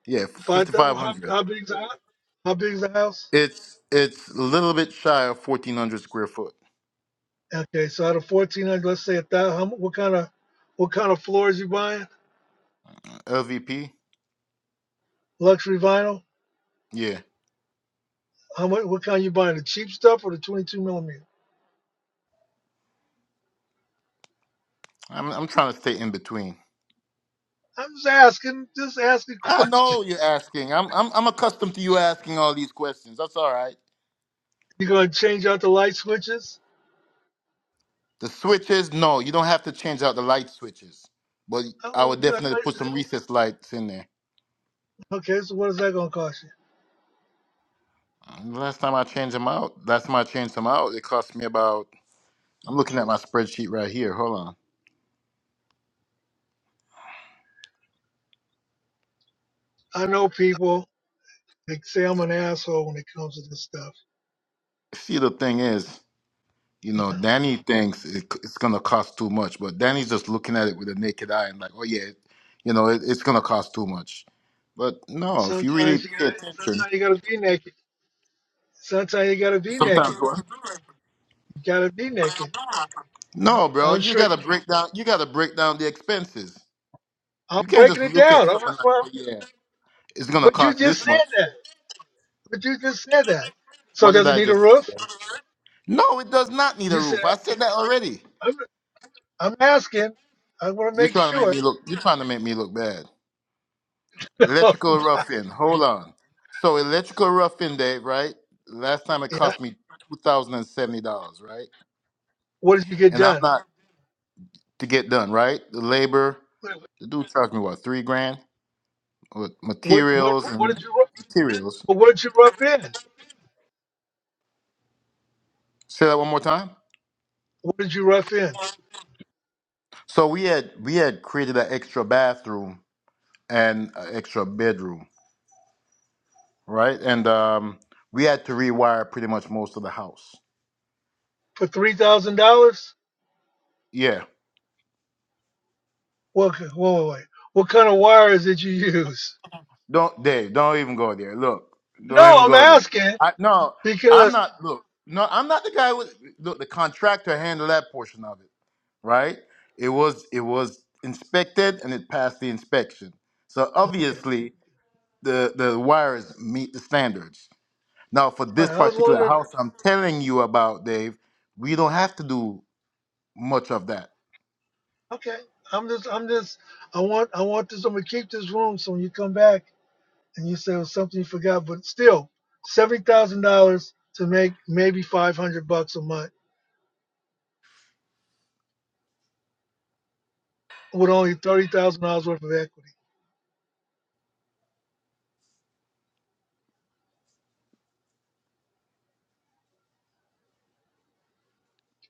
S4: Yeah,
S1: Five
S4: fifty
S1: thousand.
S4: five
S1: How,
S4: hundred.
S1: how big is the house? How big is the house?
S4: It's it's a little bit shy of fourteen hundred square foot.
S1: Okay. So out of fourteen hundred, let's say a thousand. How, mu- what kind of what kind of floors you buying?
S4: LVP.
S1: Luxury vinyl.
S4: Yeah.
S1: How much? What kind you buying? The cheap stuff or the twenty-two millimeter?
S4: I'm I'm trying to stay in between.
S1: I'm just asking. Just asking
S4: I know you're
S1: questions.
S4: asking. I'm I'm I'm accustomed to you asking all these questions. That's all right.
S1: You going to change out the light switches?
S4: The switches, no, you don't have to change out the light switches, but I
S1: Oh,
S4: would
S1: I
S4: definitely put some
S1: thought-
S4: recess lights in there.
S1: okay. So what is that going to cost you?
S4: Um, Last time I changed them out, last time I changed them out, it cost me about. I'm looking at my spreadsheet right here. Hold on.
S1: I know people. Like say I'm an asshole when it comes to this stuff.
S4: See, the thing is, you know, Danny thinks it, it's gonna cost too much, but Danny's just looking at it with a naked eye and like, oh yeah, you know, it, it's gonna cost too much. But no, if you really
S1: Sometimes you
S4: pay
S1: gotta
S4: attention,
S1: sometimes you gotta be naked. Sometimes you gotta be
S4: sometimes
S1: naked.
S4: what?
S1: You gotta be naked. I-
S4: No, bro,
S1: I'm
S4: you
S1: sure
S4: gotta
S1: you
S4: break down. You gotta break down the expenses.
S1: I'm
S4: You can't just
S1: breaking it
S4: look at
S1: down. I'm,
S4: something like,
S1: well,
S4: oh yeah, it's gonna
S1: but you
S4: cost
S1: just
S4: this
S1: said
S4: much.
S1: that. But you just said that. So
S4: What did
S1: does it
S4: I
S1: need a
S4: just say?
S1: roof?
S4: there? No, it does not need a
S1: You said
S4: roof. I said that already.
S1: I'm I'm asking. I wanna
S4: You're
S1: make
S4: trying to make
S1: sure.
S4: me look. You're trying to make me look bad. Electrical
S1: yeah.
S4: roughing. Hold on. So electrical roughing, Dave. Right. Last time it cost me two thousand and seventy dollars. Right.
S1: What did you get
S4: And I'm
S1: done?
S4: not to get done. Right. The labor. The dude charged me what three grand with
S1: What what
S4: materials
S1: what
S4: and
S1: did you
S4: materials.
S1: but what did you rough in?
S4: Say that one more time.
S1: What did you rough in?
S4: So we had we had created an extra bathroom and an extra bedroom, right? And um, we had to rewire pretty much most of the house.
S1: For three thousand dollars?
S4: Yeah.
S1: What? ki- Whoa, whoa, wait. What kind of wires did you use?
S4: Don't Dave, don't even go there. Look, don't
S1: No,
S4: even
S1: I'm
S4: go there.
S1: asking
S4: I no, I'm
S1: because
S4: not look, no, I'm not the guy with look, the contractor handled that portion of it, right? It was it was inspected and it passed the inspection. So
S1: okay.
S4: obviously the the wires meet the standards. Now for
S1: all
S4: this
S1: right, I was
S4: particular
S1: wondering.
S4: house I'm telling you about, Dave, we don't have to do much of that
S1: Okay, I'm just, I'm just, I want, I want this. I'm gonna keep this room so when you come back and you say it was something you forgot, but still, seventy thousand dollars to make maybe five hundred bucks a month with only thirty thousand dollars worth of equity.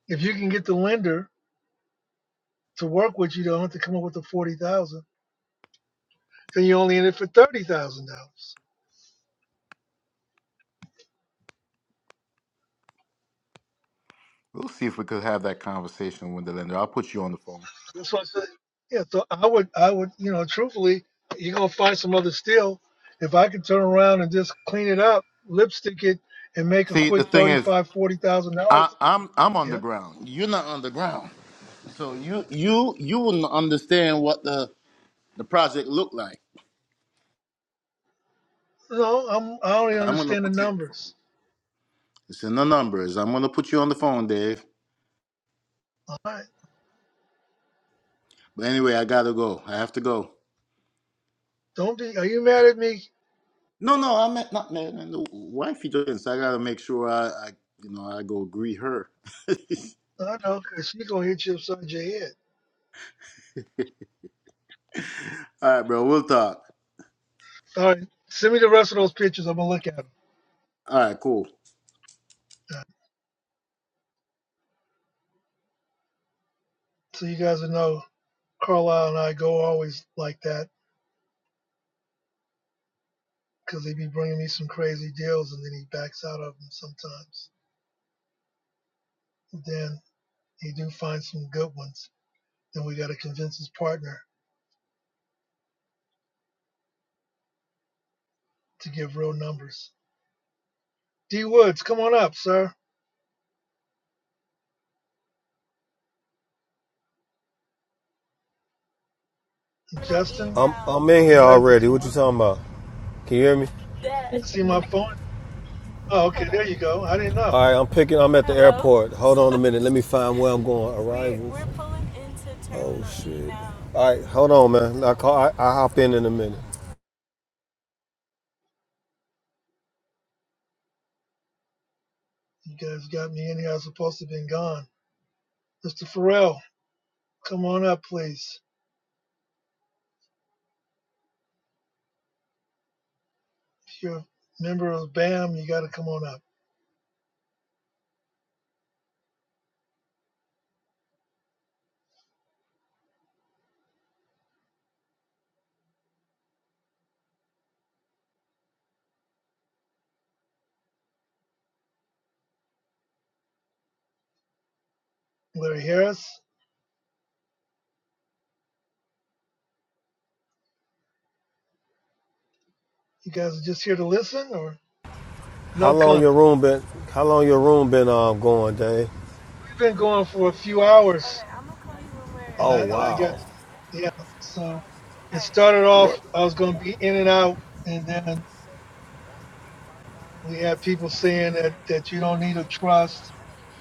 S1: If you can get the lender to work with you, don't have to come up with the forty thousand. Then you're only in it for thirty thousand dollars.
S4: We'll see if we could have that conversation with the lender. I'll put you on the phone.
S1: That's what I said. Yeah, so I would, I would, you know, truthfully, you're gonna find some other steel. If I could turn around and just clean it up, lipstick it, and make a
S4: See, the
S1: quick
S4: thing is,
S1: thirty-five, forty thousand
S4: I,
S1: dollars,
S4: I'm I'm on the
S1: yeah.
S4: ground. You're not on the ground, so you you you wouldn't understand what the the project looked like.
S1: No, I'm, I only
S4: I'm gonna
S1: understand the
S4: put you.
S1: numbers.
S4: It's in the numbers. I'm gonna put you on the phone, Dave.
S1: All right,
S4: But anyway, I gotta go. I have to go.
S1: don't be. Are you mad at me?
S4: No, no, I meant not man. and The wife you just. I gotta make sure I, I you know I go agree her.
S1: I know, cause she gonna hit you upside your head.
S4: All right, bro. We'll talk.
S1: All right, send me the rest of those pictures. I'm gonna look at them.
S4: All right, cool.
S1: So you guys will know, Carlisle and I go always like that, cause he be bringing me some crazy deals, and then he backs out of them sometimes. then he do find some good ones. Then we got to convince his partner to give real numbers. D Woods, come on up, sir. And Justin,
S11: I'm I'm
S1: you
S11: in
S1: were
S11: here
S1: invited to
S11: already.
S1: come
S11: What you
S1: up.
S11: talking about? Can you hear me?
S1: I see my phone. Oh, okay, there you go. I didn't know.
S11: All right, I'm picking. I'm at the airport. Hold on a minute. Let me find where I'm going. Arrivals. We're, Oh shit. All right, hold on, man. I call. I, I hop in in a minute.
S1: You guys got me in here. I was supposed to have been gone. Mr. Farrell, come on up, please. If you're a member of BAM, you got to come on up. Larry Harris, you guys are just here to listen or
S11: How
S1: no
S11: long your
S1: comment?
S11: room been? How long your room been um going, Dave? Okay,
S1: We've been going for a few hours. and
S11: Oh
S1: I and I
S11: wow.
S1: got yeah. So it started off
S11: What?
S1: I was going to be in and out, and then we had people saying that that you don't need a trust.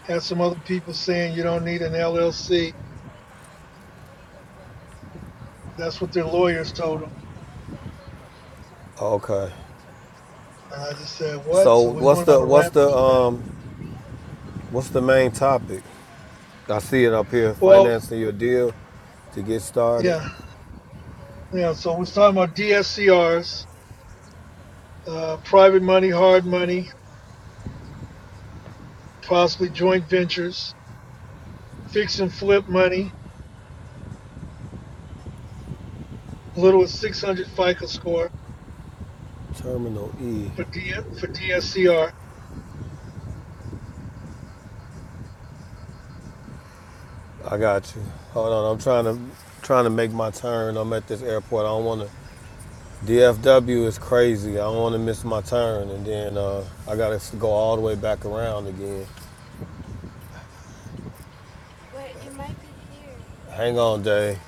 S1: Had some other people saying you don't need an LLC. That's what their lawyers told them.
S11: Okay.
S1: And I just said what?
S11: So
S1: So we
S11: what's
S1: went on
S11: the
S1: a
S11: what's
S1: rampage
S11: the
S1: on that.
S11: um what's the main topic? I see it up here.
S1: Well,
S11: Financing your deal to get started.
S1: yeah, yeah. So we're talking about DSCRs, uh, private money, hard money, possibly joint ventures, fix and flip money, a little as 600 FICO score
S11: Terminal E.
S1: for D, for DSCR
S11: I got you. Hold on, I'm trying to trying to make my turn. I'm at this airport. I don't want to. DFW is crazy. I don't want to miss my turn, and then uh, I gotta go all the way back around again. Hang on, Dave.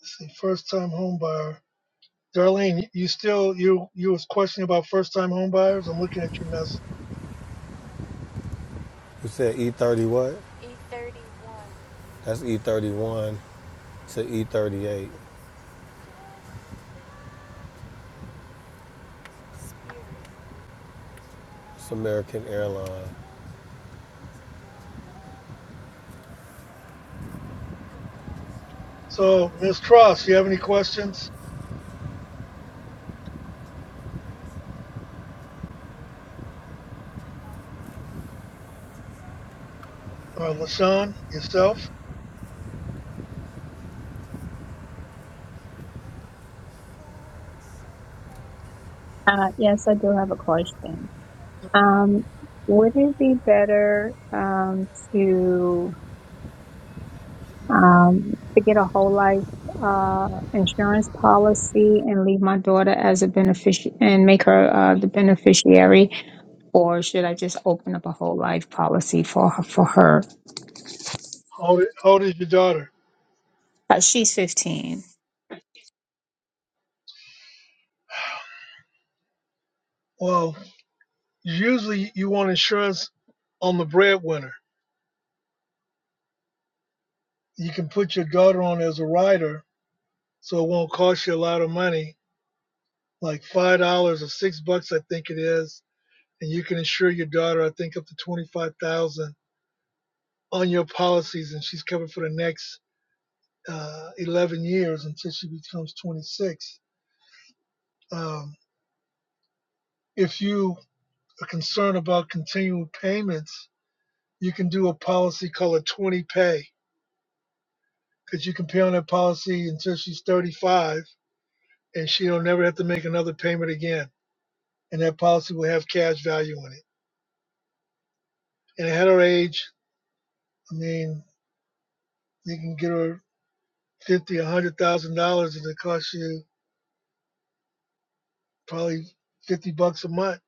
S1: Let's see, first time home buyer. Darlene, you still you you was questioning about first time home buyers. I'm looking at your mess.
S11: You said E30 what? That's E31 to E38. It's American Airlines.
S1: So Miss Cross, you have any questions? Or LaShawn, yourself?
S3: uh, yes, I do have a question. Um, would it be better um, to um, to get a whole life uh, insurance policy and leave my daughter as a beneficiary and make her uh, the beneficiary, or should I just open up a whole life policy for her, for her?
S1: How old, how old is your daughter?
S3: Uh, she's fifteen.
S1: Well, usually you want insurance on the breadwinner. You can put your daughter on as a rider, so it won't cost you a lot of money, like five dollars or six bucks, I think it is. And you can insure your daughter, I think, up to twenty-five thousand on your policies, and she's covered for the next uh, 11 years until she becomes 26. Um, if you are concerned about continual payments, you can do a policy called a 20 pay because you can pay on that policy until she's 35 and she'll never have to make another payment again. And that policy will have cash value in it. And at her age, I mean, you can get her fifty, a hundred thousand dollars, and it costs you probably fifty bucks a month.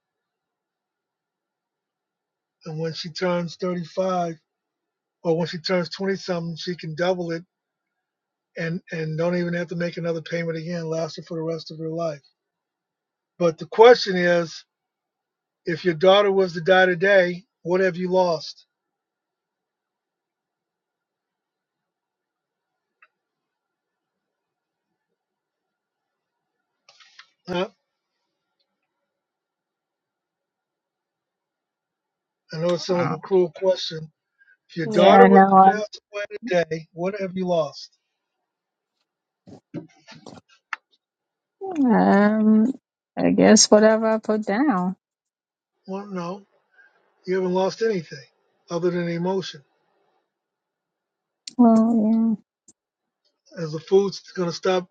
S1: And when she turns thirty-five, or when she turns twenty-something, she can double it and and don't even have to make another payment again, lasting for the rest of her life. But the question is, if your daughter was to die today, what have you lost? Huh? I know it sounds
S3: Uh,
S1: like a cruel question. If your daughter
S3: yeah,
S1: was to
S3: no,
S1: pass away today, what have you lost?
S3: I, um, I guess whatever I put down.
S1: Well, no, you haven't lost anything other than emotion.
S3: Well,
S1: Is the food going to stop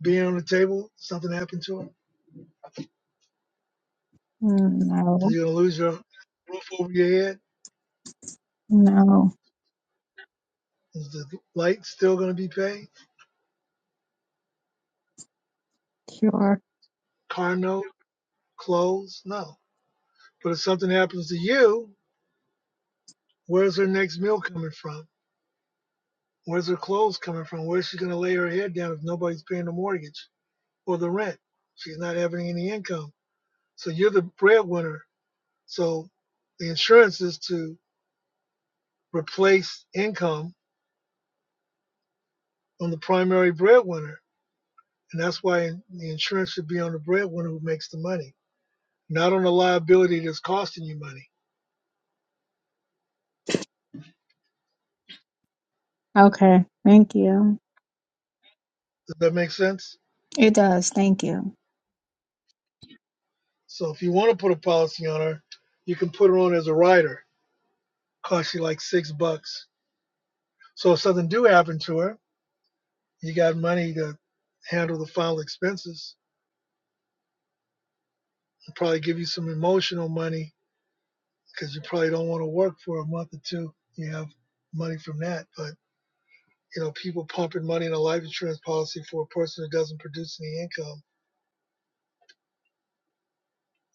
S1: being on the table? Something happened to her?
S3: yeah, mm,
S1: Are
S3: no.
S1: you going to lose your roof over your head?
S3: No,
S1: Is the light still going to be paid?
S3: sure.
S1: Car note? Clothes? No But if something happens to you, where's her next meal coming from? Where's her clothes coming from? Where's she going to lay her head down if nobody's paying the mortgage or the rent? She's not having any income. So you're the breadwinner. So the insurance is to replace income on the primary breadwinner. And that's why the insurance should be on the breadwinner who makes the money, not on the liability that's costing you money.
S3: Okay, thank you.
S1: Does that make sense?
S3: It does, thank you.
S1: So if you want to put a policy on her, you can put her on as a rider cost you like six bucks. So if something do happen to her, you got money to handle the final expenses. It'll probably give you some emotional money because you probably don't want to work for a month or two. You have money from that, but you know people pumping money in a life insurance policy for a person that doesn't produce any income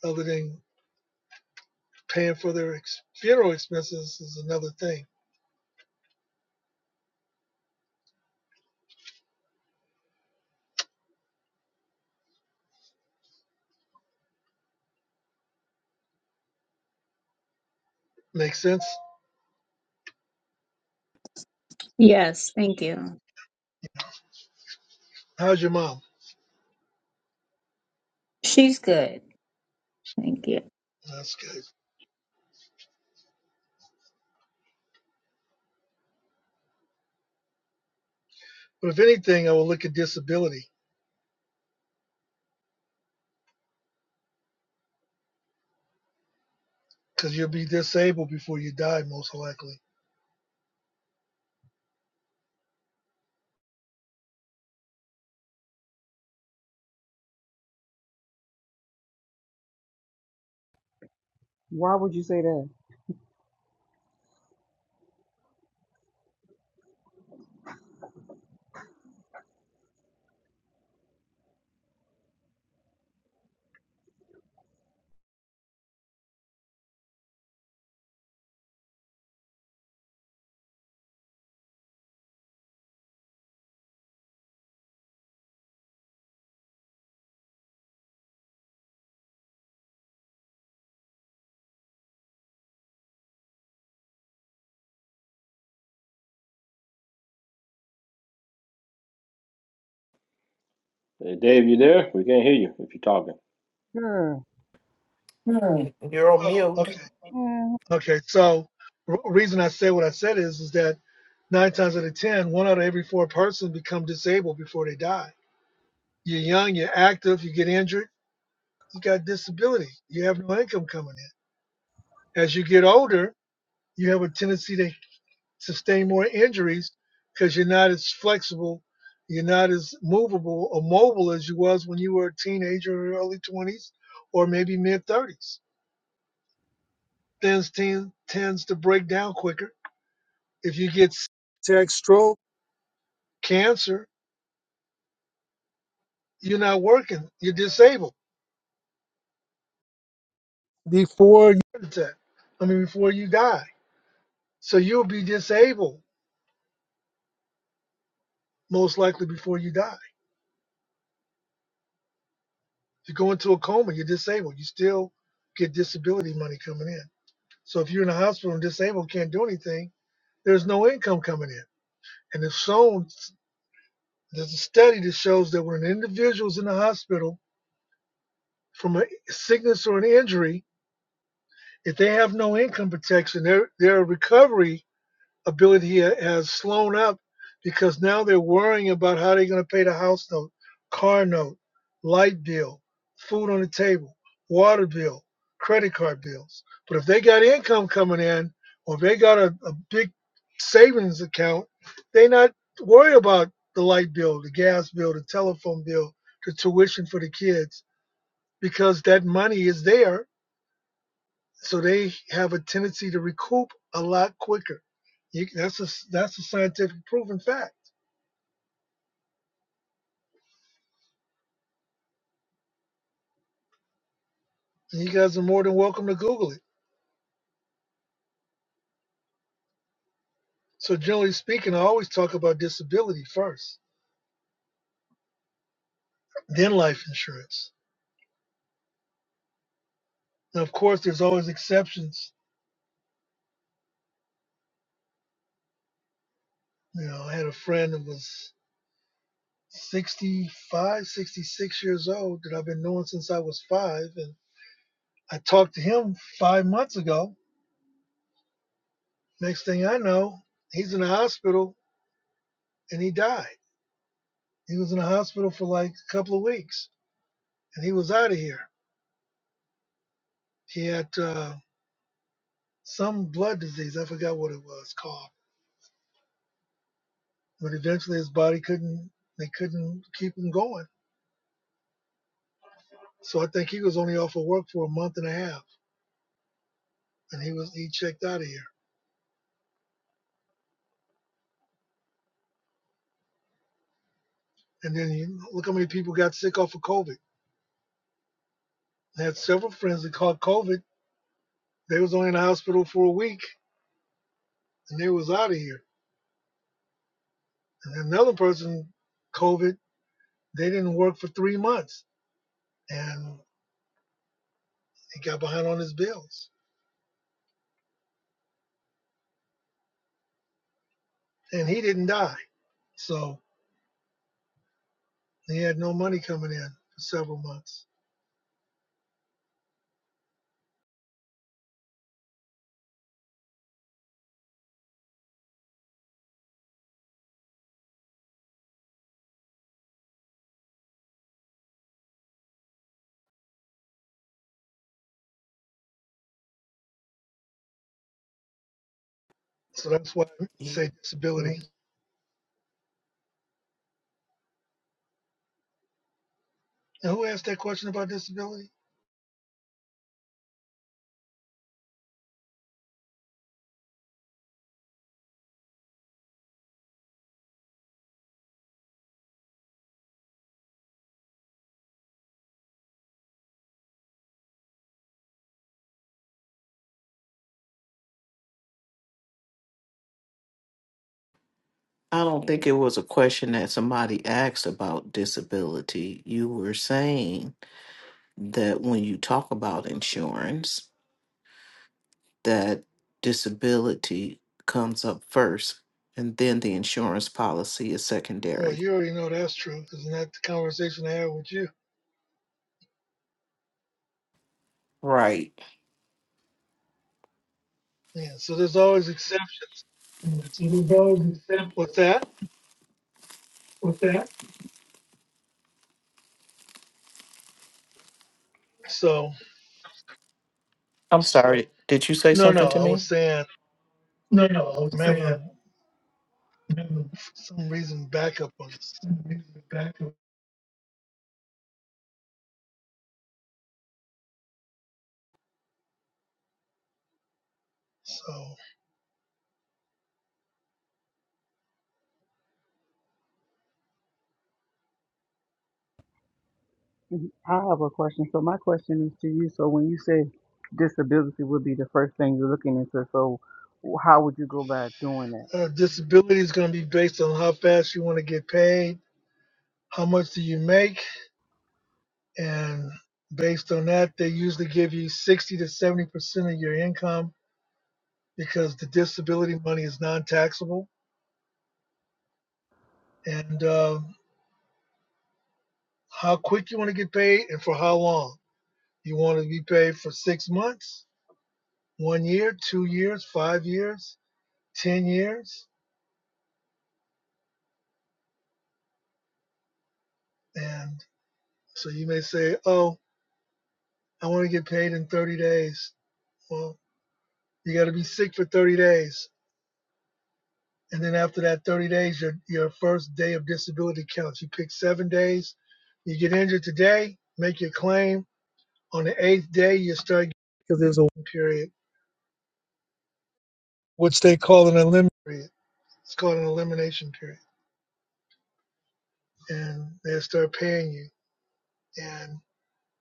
S1: other than paying for their ex- funeral expenses is another thing. Makes sense.
S3: Yes, thank you.
S1: How's your mom?
S3: She's good. Thank you.
S1: That's good. But if anything, I will look at disability because you'll be disabled before you die, most likely
S9: Why would you say that?
S6: Hey, Dave, you there? We can't hear you if you're talking.
S9: Sure.
S8: Hmm, You're on
S1: Oh,
S8: mute.
S1: okay,
S9: Yeah.
S1: okay. So, r- reason I said what I said is, is that nine times out of ten, one out of every four person become disabled before they die. You're young, you're active, you get injured, you got disability, you have no income coming in. As you get older, you have a tendency to sustain more injuries because you're not as flexible, you're not as movable or mobile as you was when you were a teenager or early 20s, or maybe mid 30s. Things teen, tends to break down quicker If you get s- attack, stroke cancer, you're not working. You're disabled. before you attack. I mean, before you die. So you'll be disabled most likely before you die. If you go into a coma, you're disabled. You still get disability money coming in. So if you're in a hospital and disabled, can't do anything, there's no income coming in. And if shown, there's a study that shows that when an individual's in the hospital from a sickness or an injury, if they have no income protection, their, their recovery ability has slowed up because now they're worrying about how they're going to pay the house note, car note, light bill, food on the table, water bill, credit card bills. But if they got income coming in or if they got a, a big savings account, they not worry about the light bill, the gas bill, the telephone bill, the tuition for the kids because that money is there so they have a tendency to recoup a lot quicker. You, that's a that's a scientific proven fact. And you guys are more than welcome to Google it. So generally speaking, I always talk about disability first, then life insurance. And of course, there's always exceptions. You know, I had a friend that was 65, 66 years old that I've been knowing since I was five, and I talked to him five months ago. Next thing I know, he's in the hospital and he died He was in the hospital for like a couple of weeks, and he was out of here. He had uh, some blood disease. I forgot what it was called. But eventually, his body couldn't. They couldn't keep him going. So I think he was only off of work for a month and a half, and he was he checked out of here. And then you look how many people got sick off of COVID. I had several friends that caught COVID. They was only in the hospital for a week, and they was out of here. And another person, COVID, they didn't work for three months, and he got behind on his bills. and he didn't die. So he had no money coming in for several months. So that's why I say disability. And who asked that question about disability?
S8: I don't think it was a question that somebody asked about disability. You were saying that when you talk about insurance, that disability comes up first and then the insurance policy is
S1: Well,
S8: secondary.
S1: you already know that's true. Isn't that the conversation I had with you?
S8: Right.
S1: Yeah. So there's always exceptions
S8: Even those except
S1: with that.
S8: with that.
S1: So
S8: I'm sorry. Did you say
S1: no,
S8: something
S1: no,
S8: to
S1: I was
S8: me?
S1: saying
S8: No,
S1: I'm having
S8: no.
S1: some reason backup on this. So
S9: I have a question. So my question is to you. So when you say disability would be the first thing you're looking into, so how would you go about doing that?
S1: uh, disability is going to be based on how fast you want to get paid, how much do you make, and based on that, they usually give you 60 to 70 percent of your income because the disability money is non-taxable. And um, how quick you want to get paid, and for how long you want to be paid for six months, one year, two years, five years, ten years, and so you may say, "Oh, I want to get paid in 30 days." Well, you got to be sick for 30 days And then after that 30 days, your, your first day of disability counts. You pick seven days. You get injured today, make your claim. On the eighth day, you start because there's a period, which they call an elimination period. It's called an elimination period. And they start paying you. And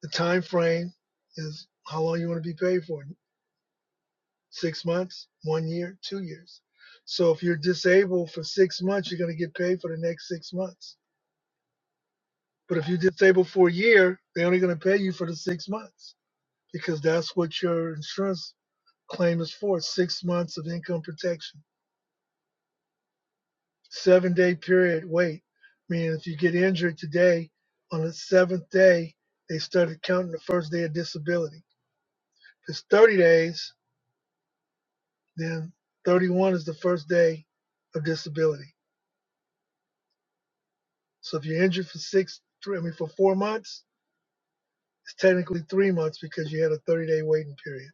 S1: the time frame is how long you want to be paid for. Six months, one year, two years. So if you're disabled for six months, you're going to get paid for the next six months But if you disable for a year, they're only going to pay you for the six months because that's what your insurance claim is for six months of income protection. Seven day period wait, meaning if you get injured today, on the seventh day, they started counting the first day of disability. If it's 30 days, then 31 is the first day of disability. So if you're injured for six, three, I mean, for four months, it's technically three months because you had a 30 day waiting period.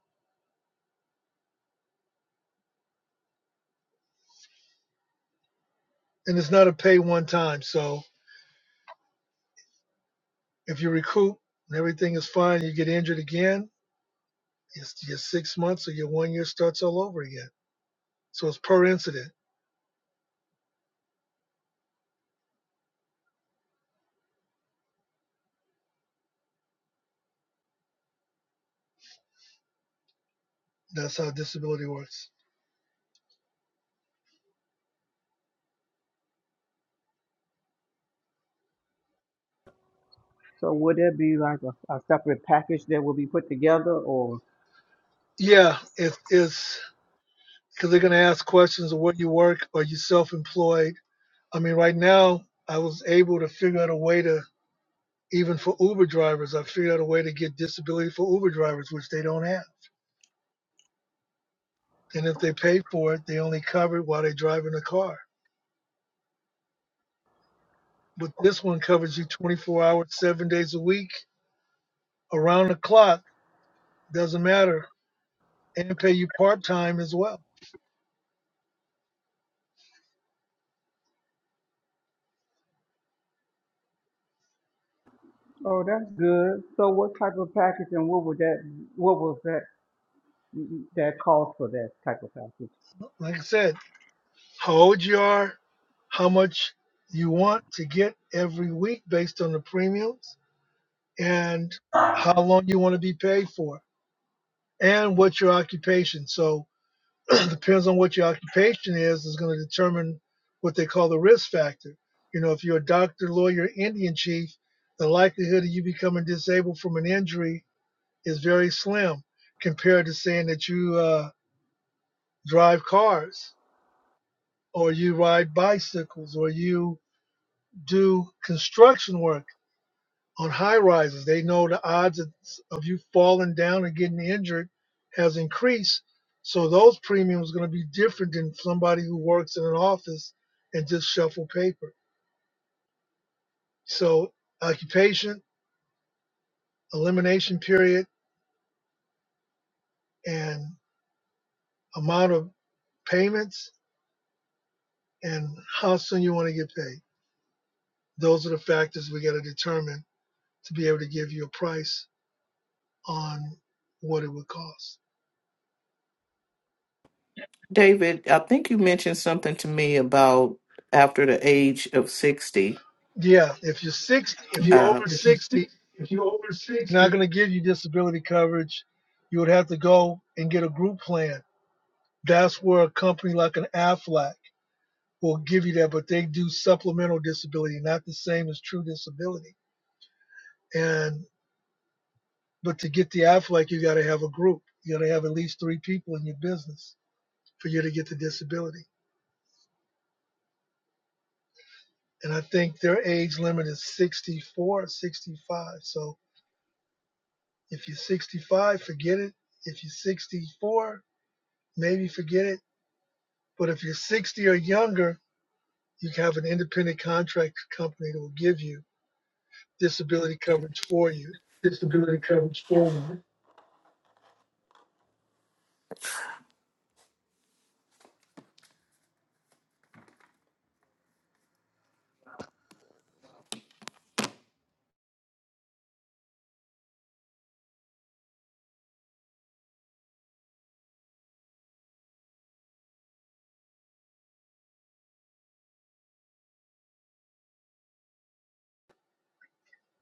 S1: And it's not a pay one time. So If you recoup and everything is fine, you get injured again, it's your six months or your one year starts all over again. So it's per incident. That's how disability works.
S9: So would it be like a, a separate package that will be put together, or
S1: Yeah, it's it's because they're gonna ask questions of where you work. Are you self-employed? I mean, right now I was able to figure out a way to even for Uber drivers. I figured out a way to get disability for Uber drivers, which they don't have. And if they pay for it, they only cover it while they're driving the car. But this one covers you 24 hours, seven days a week, around the clock Doesn't matter. And pay you part time as well.
S9: Oh, that's good. So what type of package and what would that, what was that, that cost for that type of package?
S1: Like I said, how old you are, how much you want to get every week based on the premiums, and how long you want to be paid for, and what your occupation. So it depends on what your occupation is is going to determine what they call the risk factor. You know, if you're a doctor, lawyer, Indian chief, the likelihood of you becoming disabled from an injury is very slim compared to saying that you uh, drive cars or you ride bicycles or you do construction work on high rises. They know the odds of of you falling down and getting injured has increased. So those premiums are going to be different than somebody who works in an office and just shuffle paper. So occupation, elimination period, and amount of payments and how soon you want to get paid. Those are the factors we got to determine to be able to give you a price on what it would cost.
S8: David, I think you mentioned something to me about after the age of 60.
S1: Yeah, if you're 60, if you're
S8: Yeah, Uh,
S1: over
S8: if you're
S1: 60,
S8: six, if you're over
S1: they're not
S8: sixty,
S1: going to give you disability coverage. You would have to go and get a group plan. That's where a company like an AFLAC will give you that, but they do supplemental disability, not the same as true disability. And but to get the AFLAC, you got to have a group. You got to have at least three people in your business for you to get the disability. And I think their age limit is 64, 65. So If you're 65, forget it. If you're 64, maybe forget it. But if you're 60 or younger, you can have an independent contract company that will give you disability coverage for you.
S8: disability coverage forward.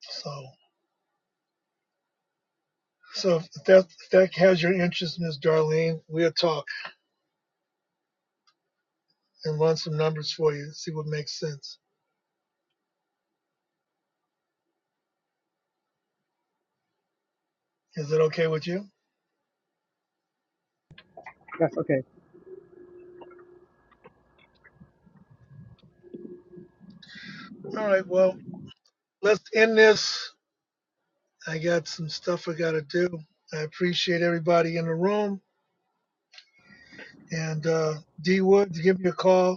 S1: So, so if that if that has your interest, Ms. Darlene, we'll talk and run some numbers for you, see what makes sense. Is it okay with you?
S9: That's okay.
S1: All right. Well, let's end this. I got some stuff I got to do. I appreciate everybody in the room. And uh, D Wood, give me a call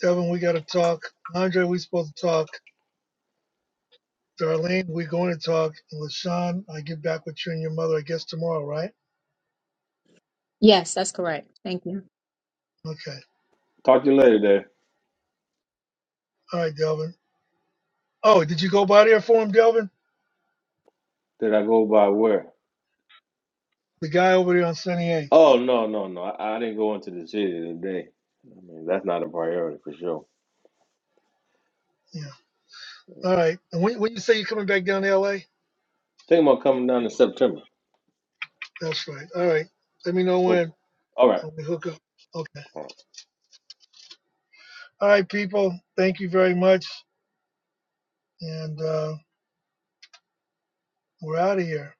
S1: Devin, we got to talk. Andre, we supposed to talk. Darlene, we going to talk. And LaShawn, I get back with you and your mother, I guess, tomorrow, right?
S3: Yes, that's correct. Thank you.
S1: Okay.
S6: Talk to you later there.
S1: All right, Delvin. Oh, did you go by there for him, Delvin?
S6: Did I go by where?
S1: The guy over there on Sunny 8th.
S6: Oh no, no, no. I, I didn't go into the city today. I mean that's not a priority for sure.
S1: Yeah. All right. And when, when you say you're coming back down to LA?
S6: Think about coming down in September.
S1: That's right. All right. Let me know
S6: Okay.
S1: when
S6: All right.
S1: and we hook up. Okay.
S6: All right.
S1: All right, people. Thank you very much. And uh, we're out of here.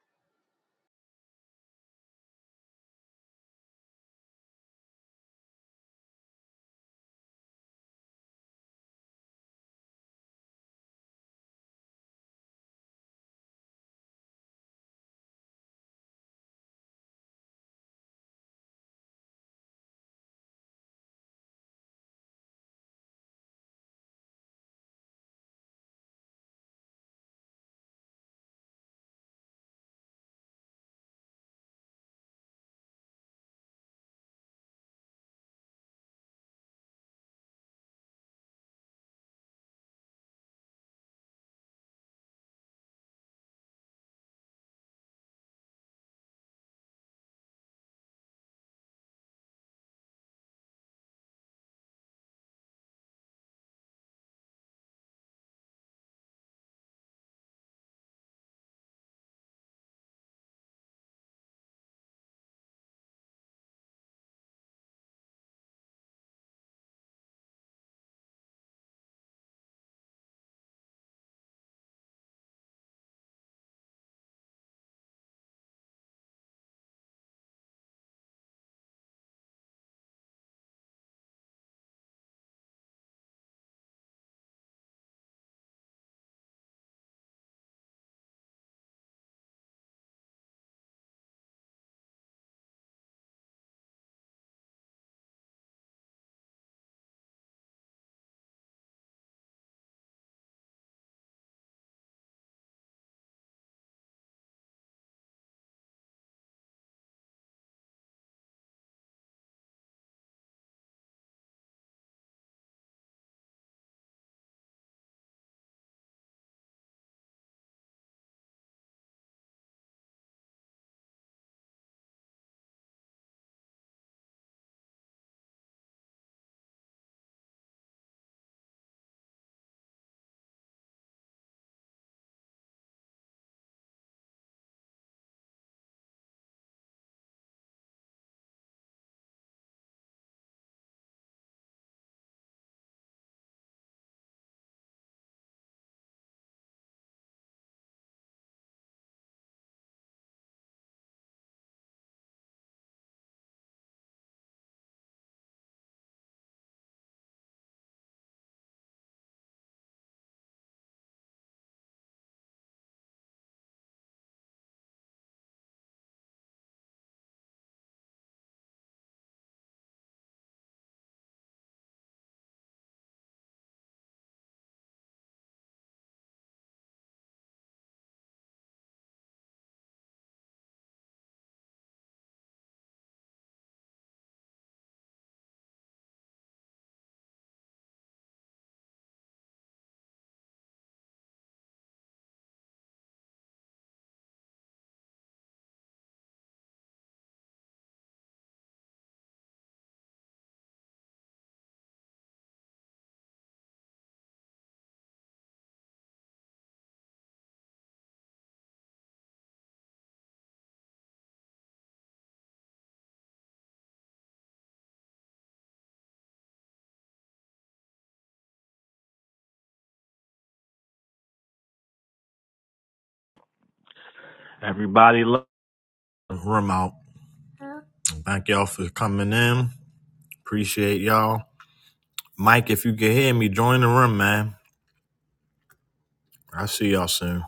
S2: Everybody love. Room out. Thank y'all for coming in. Appreciate y'all. Mike, if you can hear me, join the room, man. I'll see y'all soon.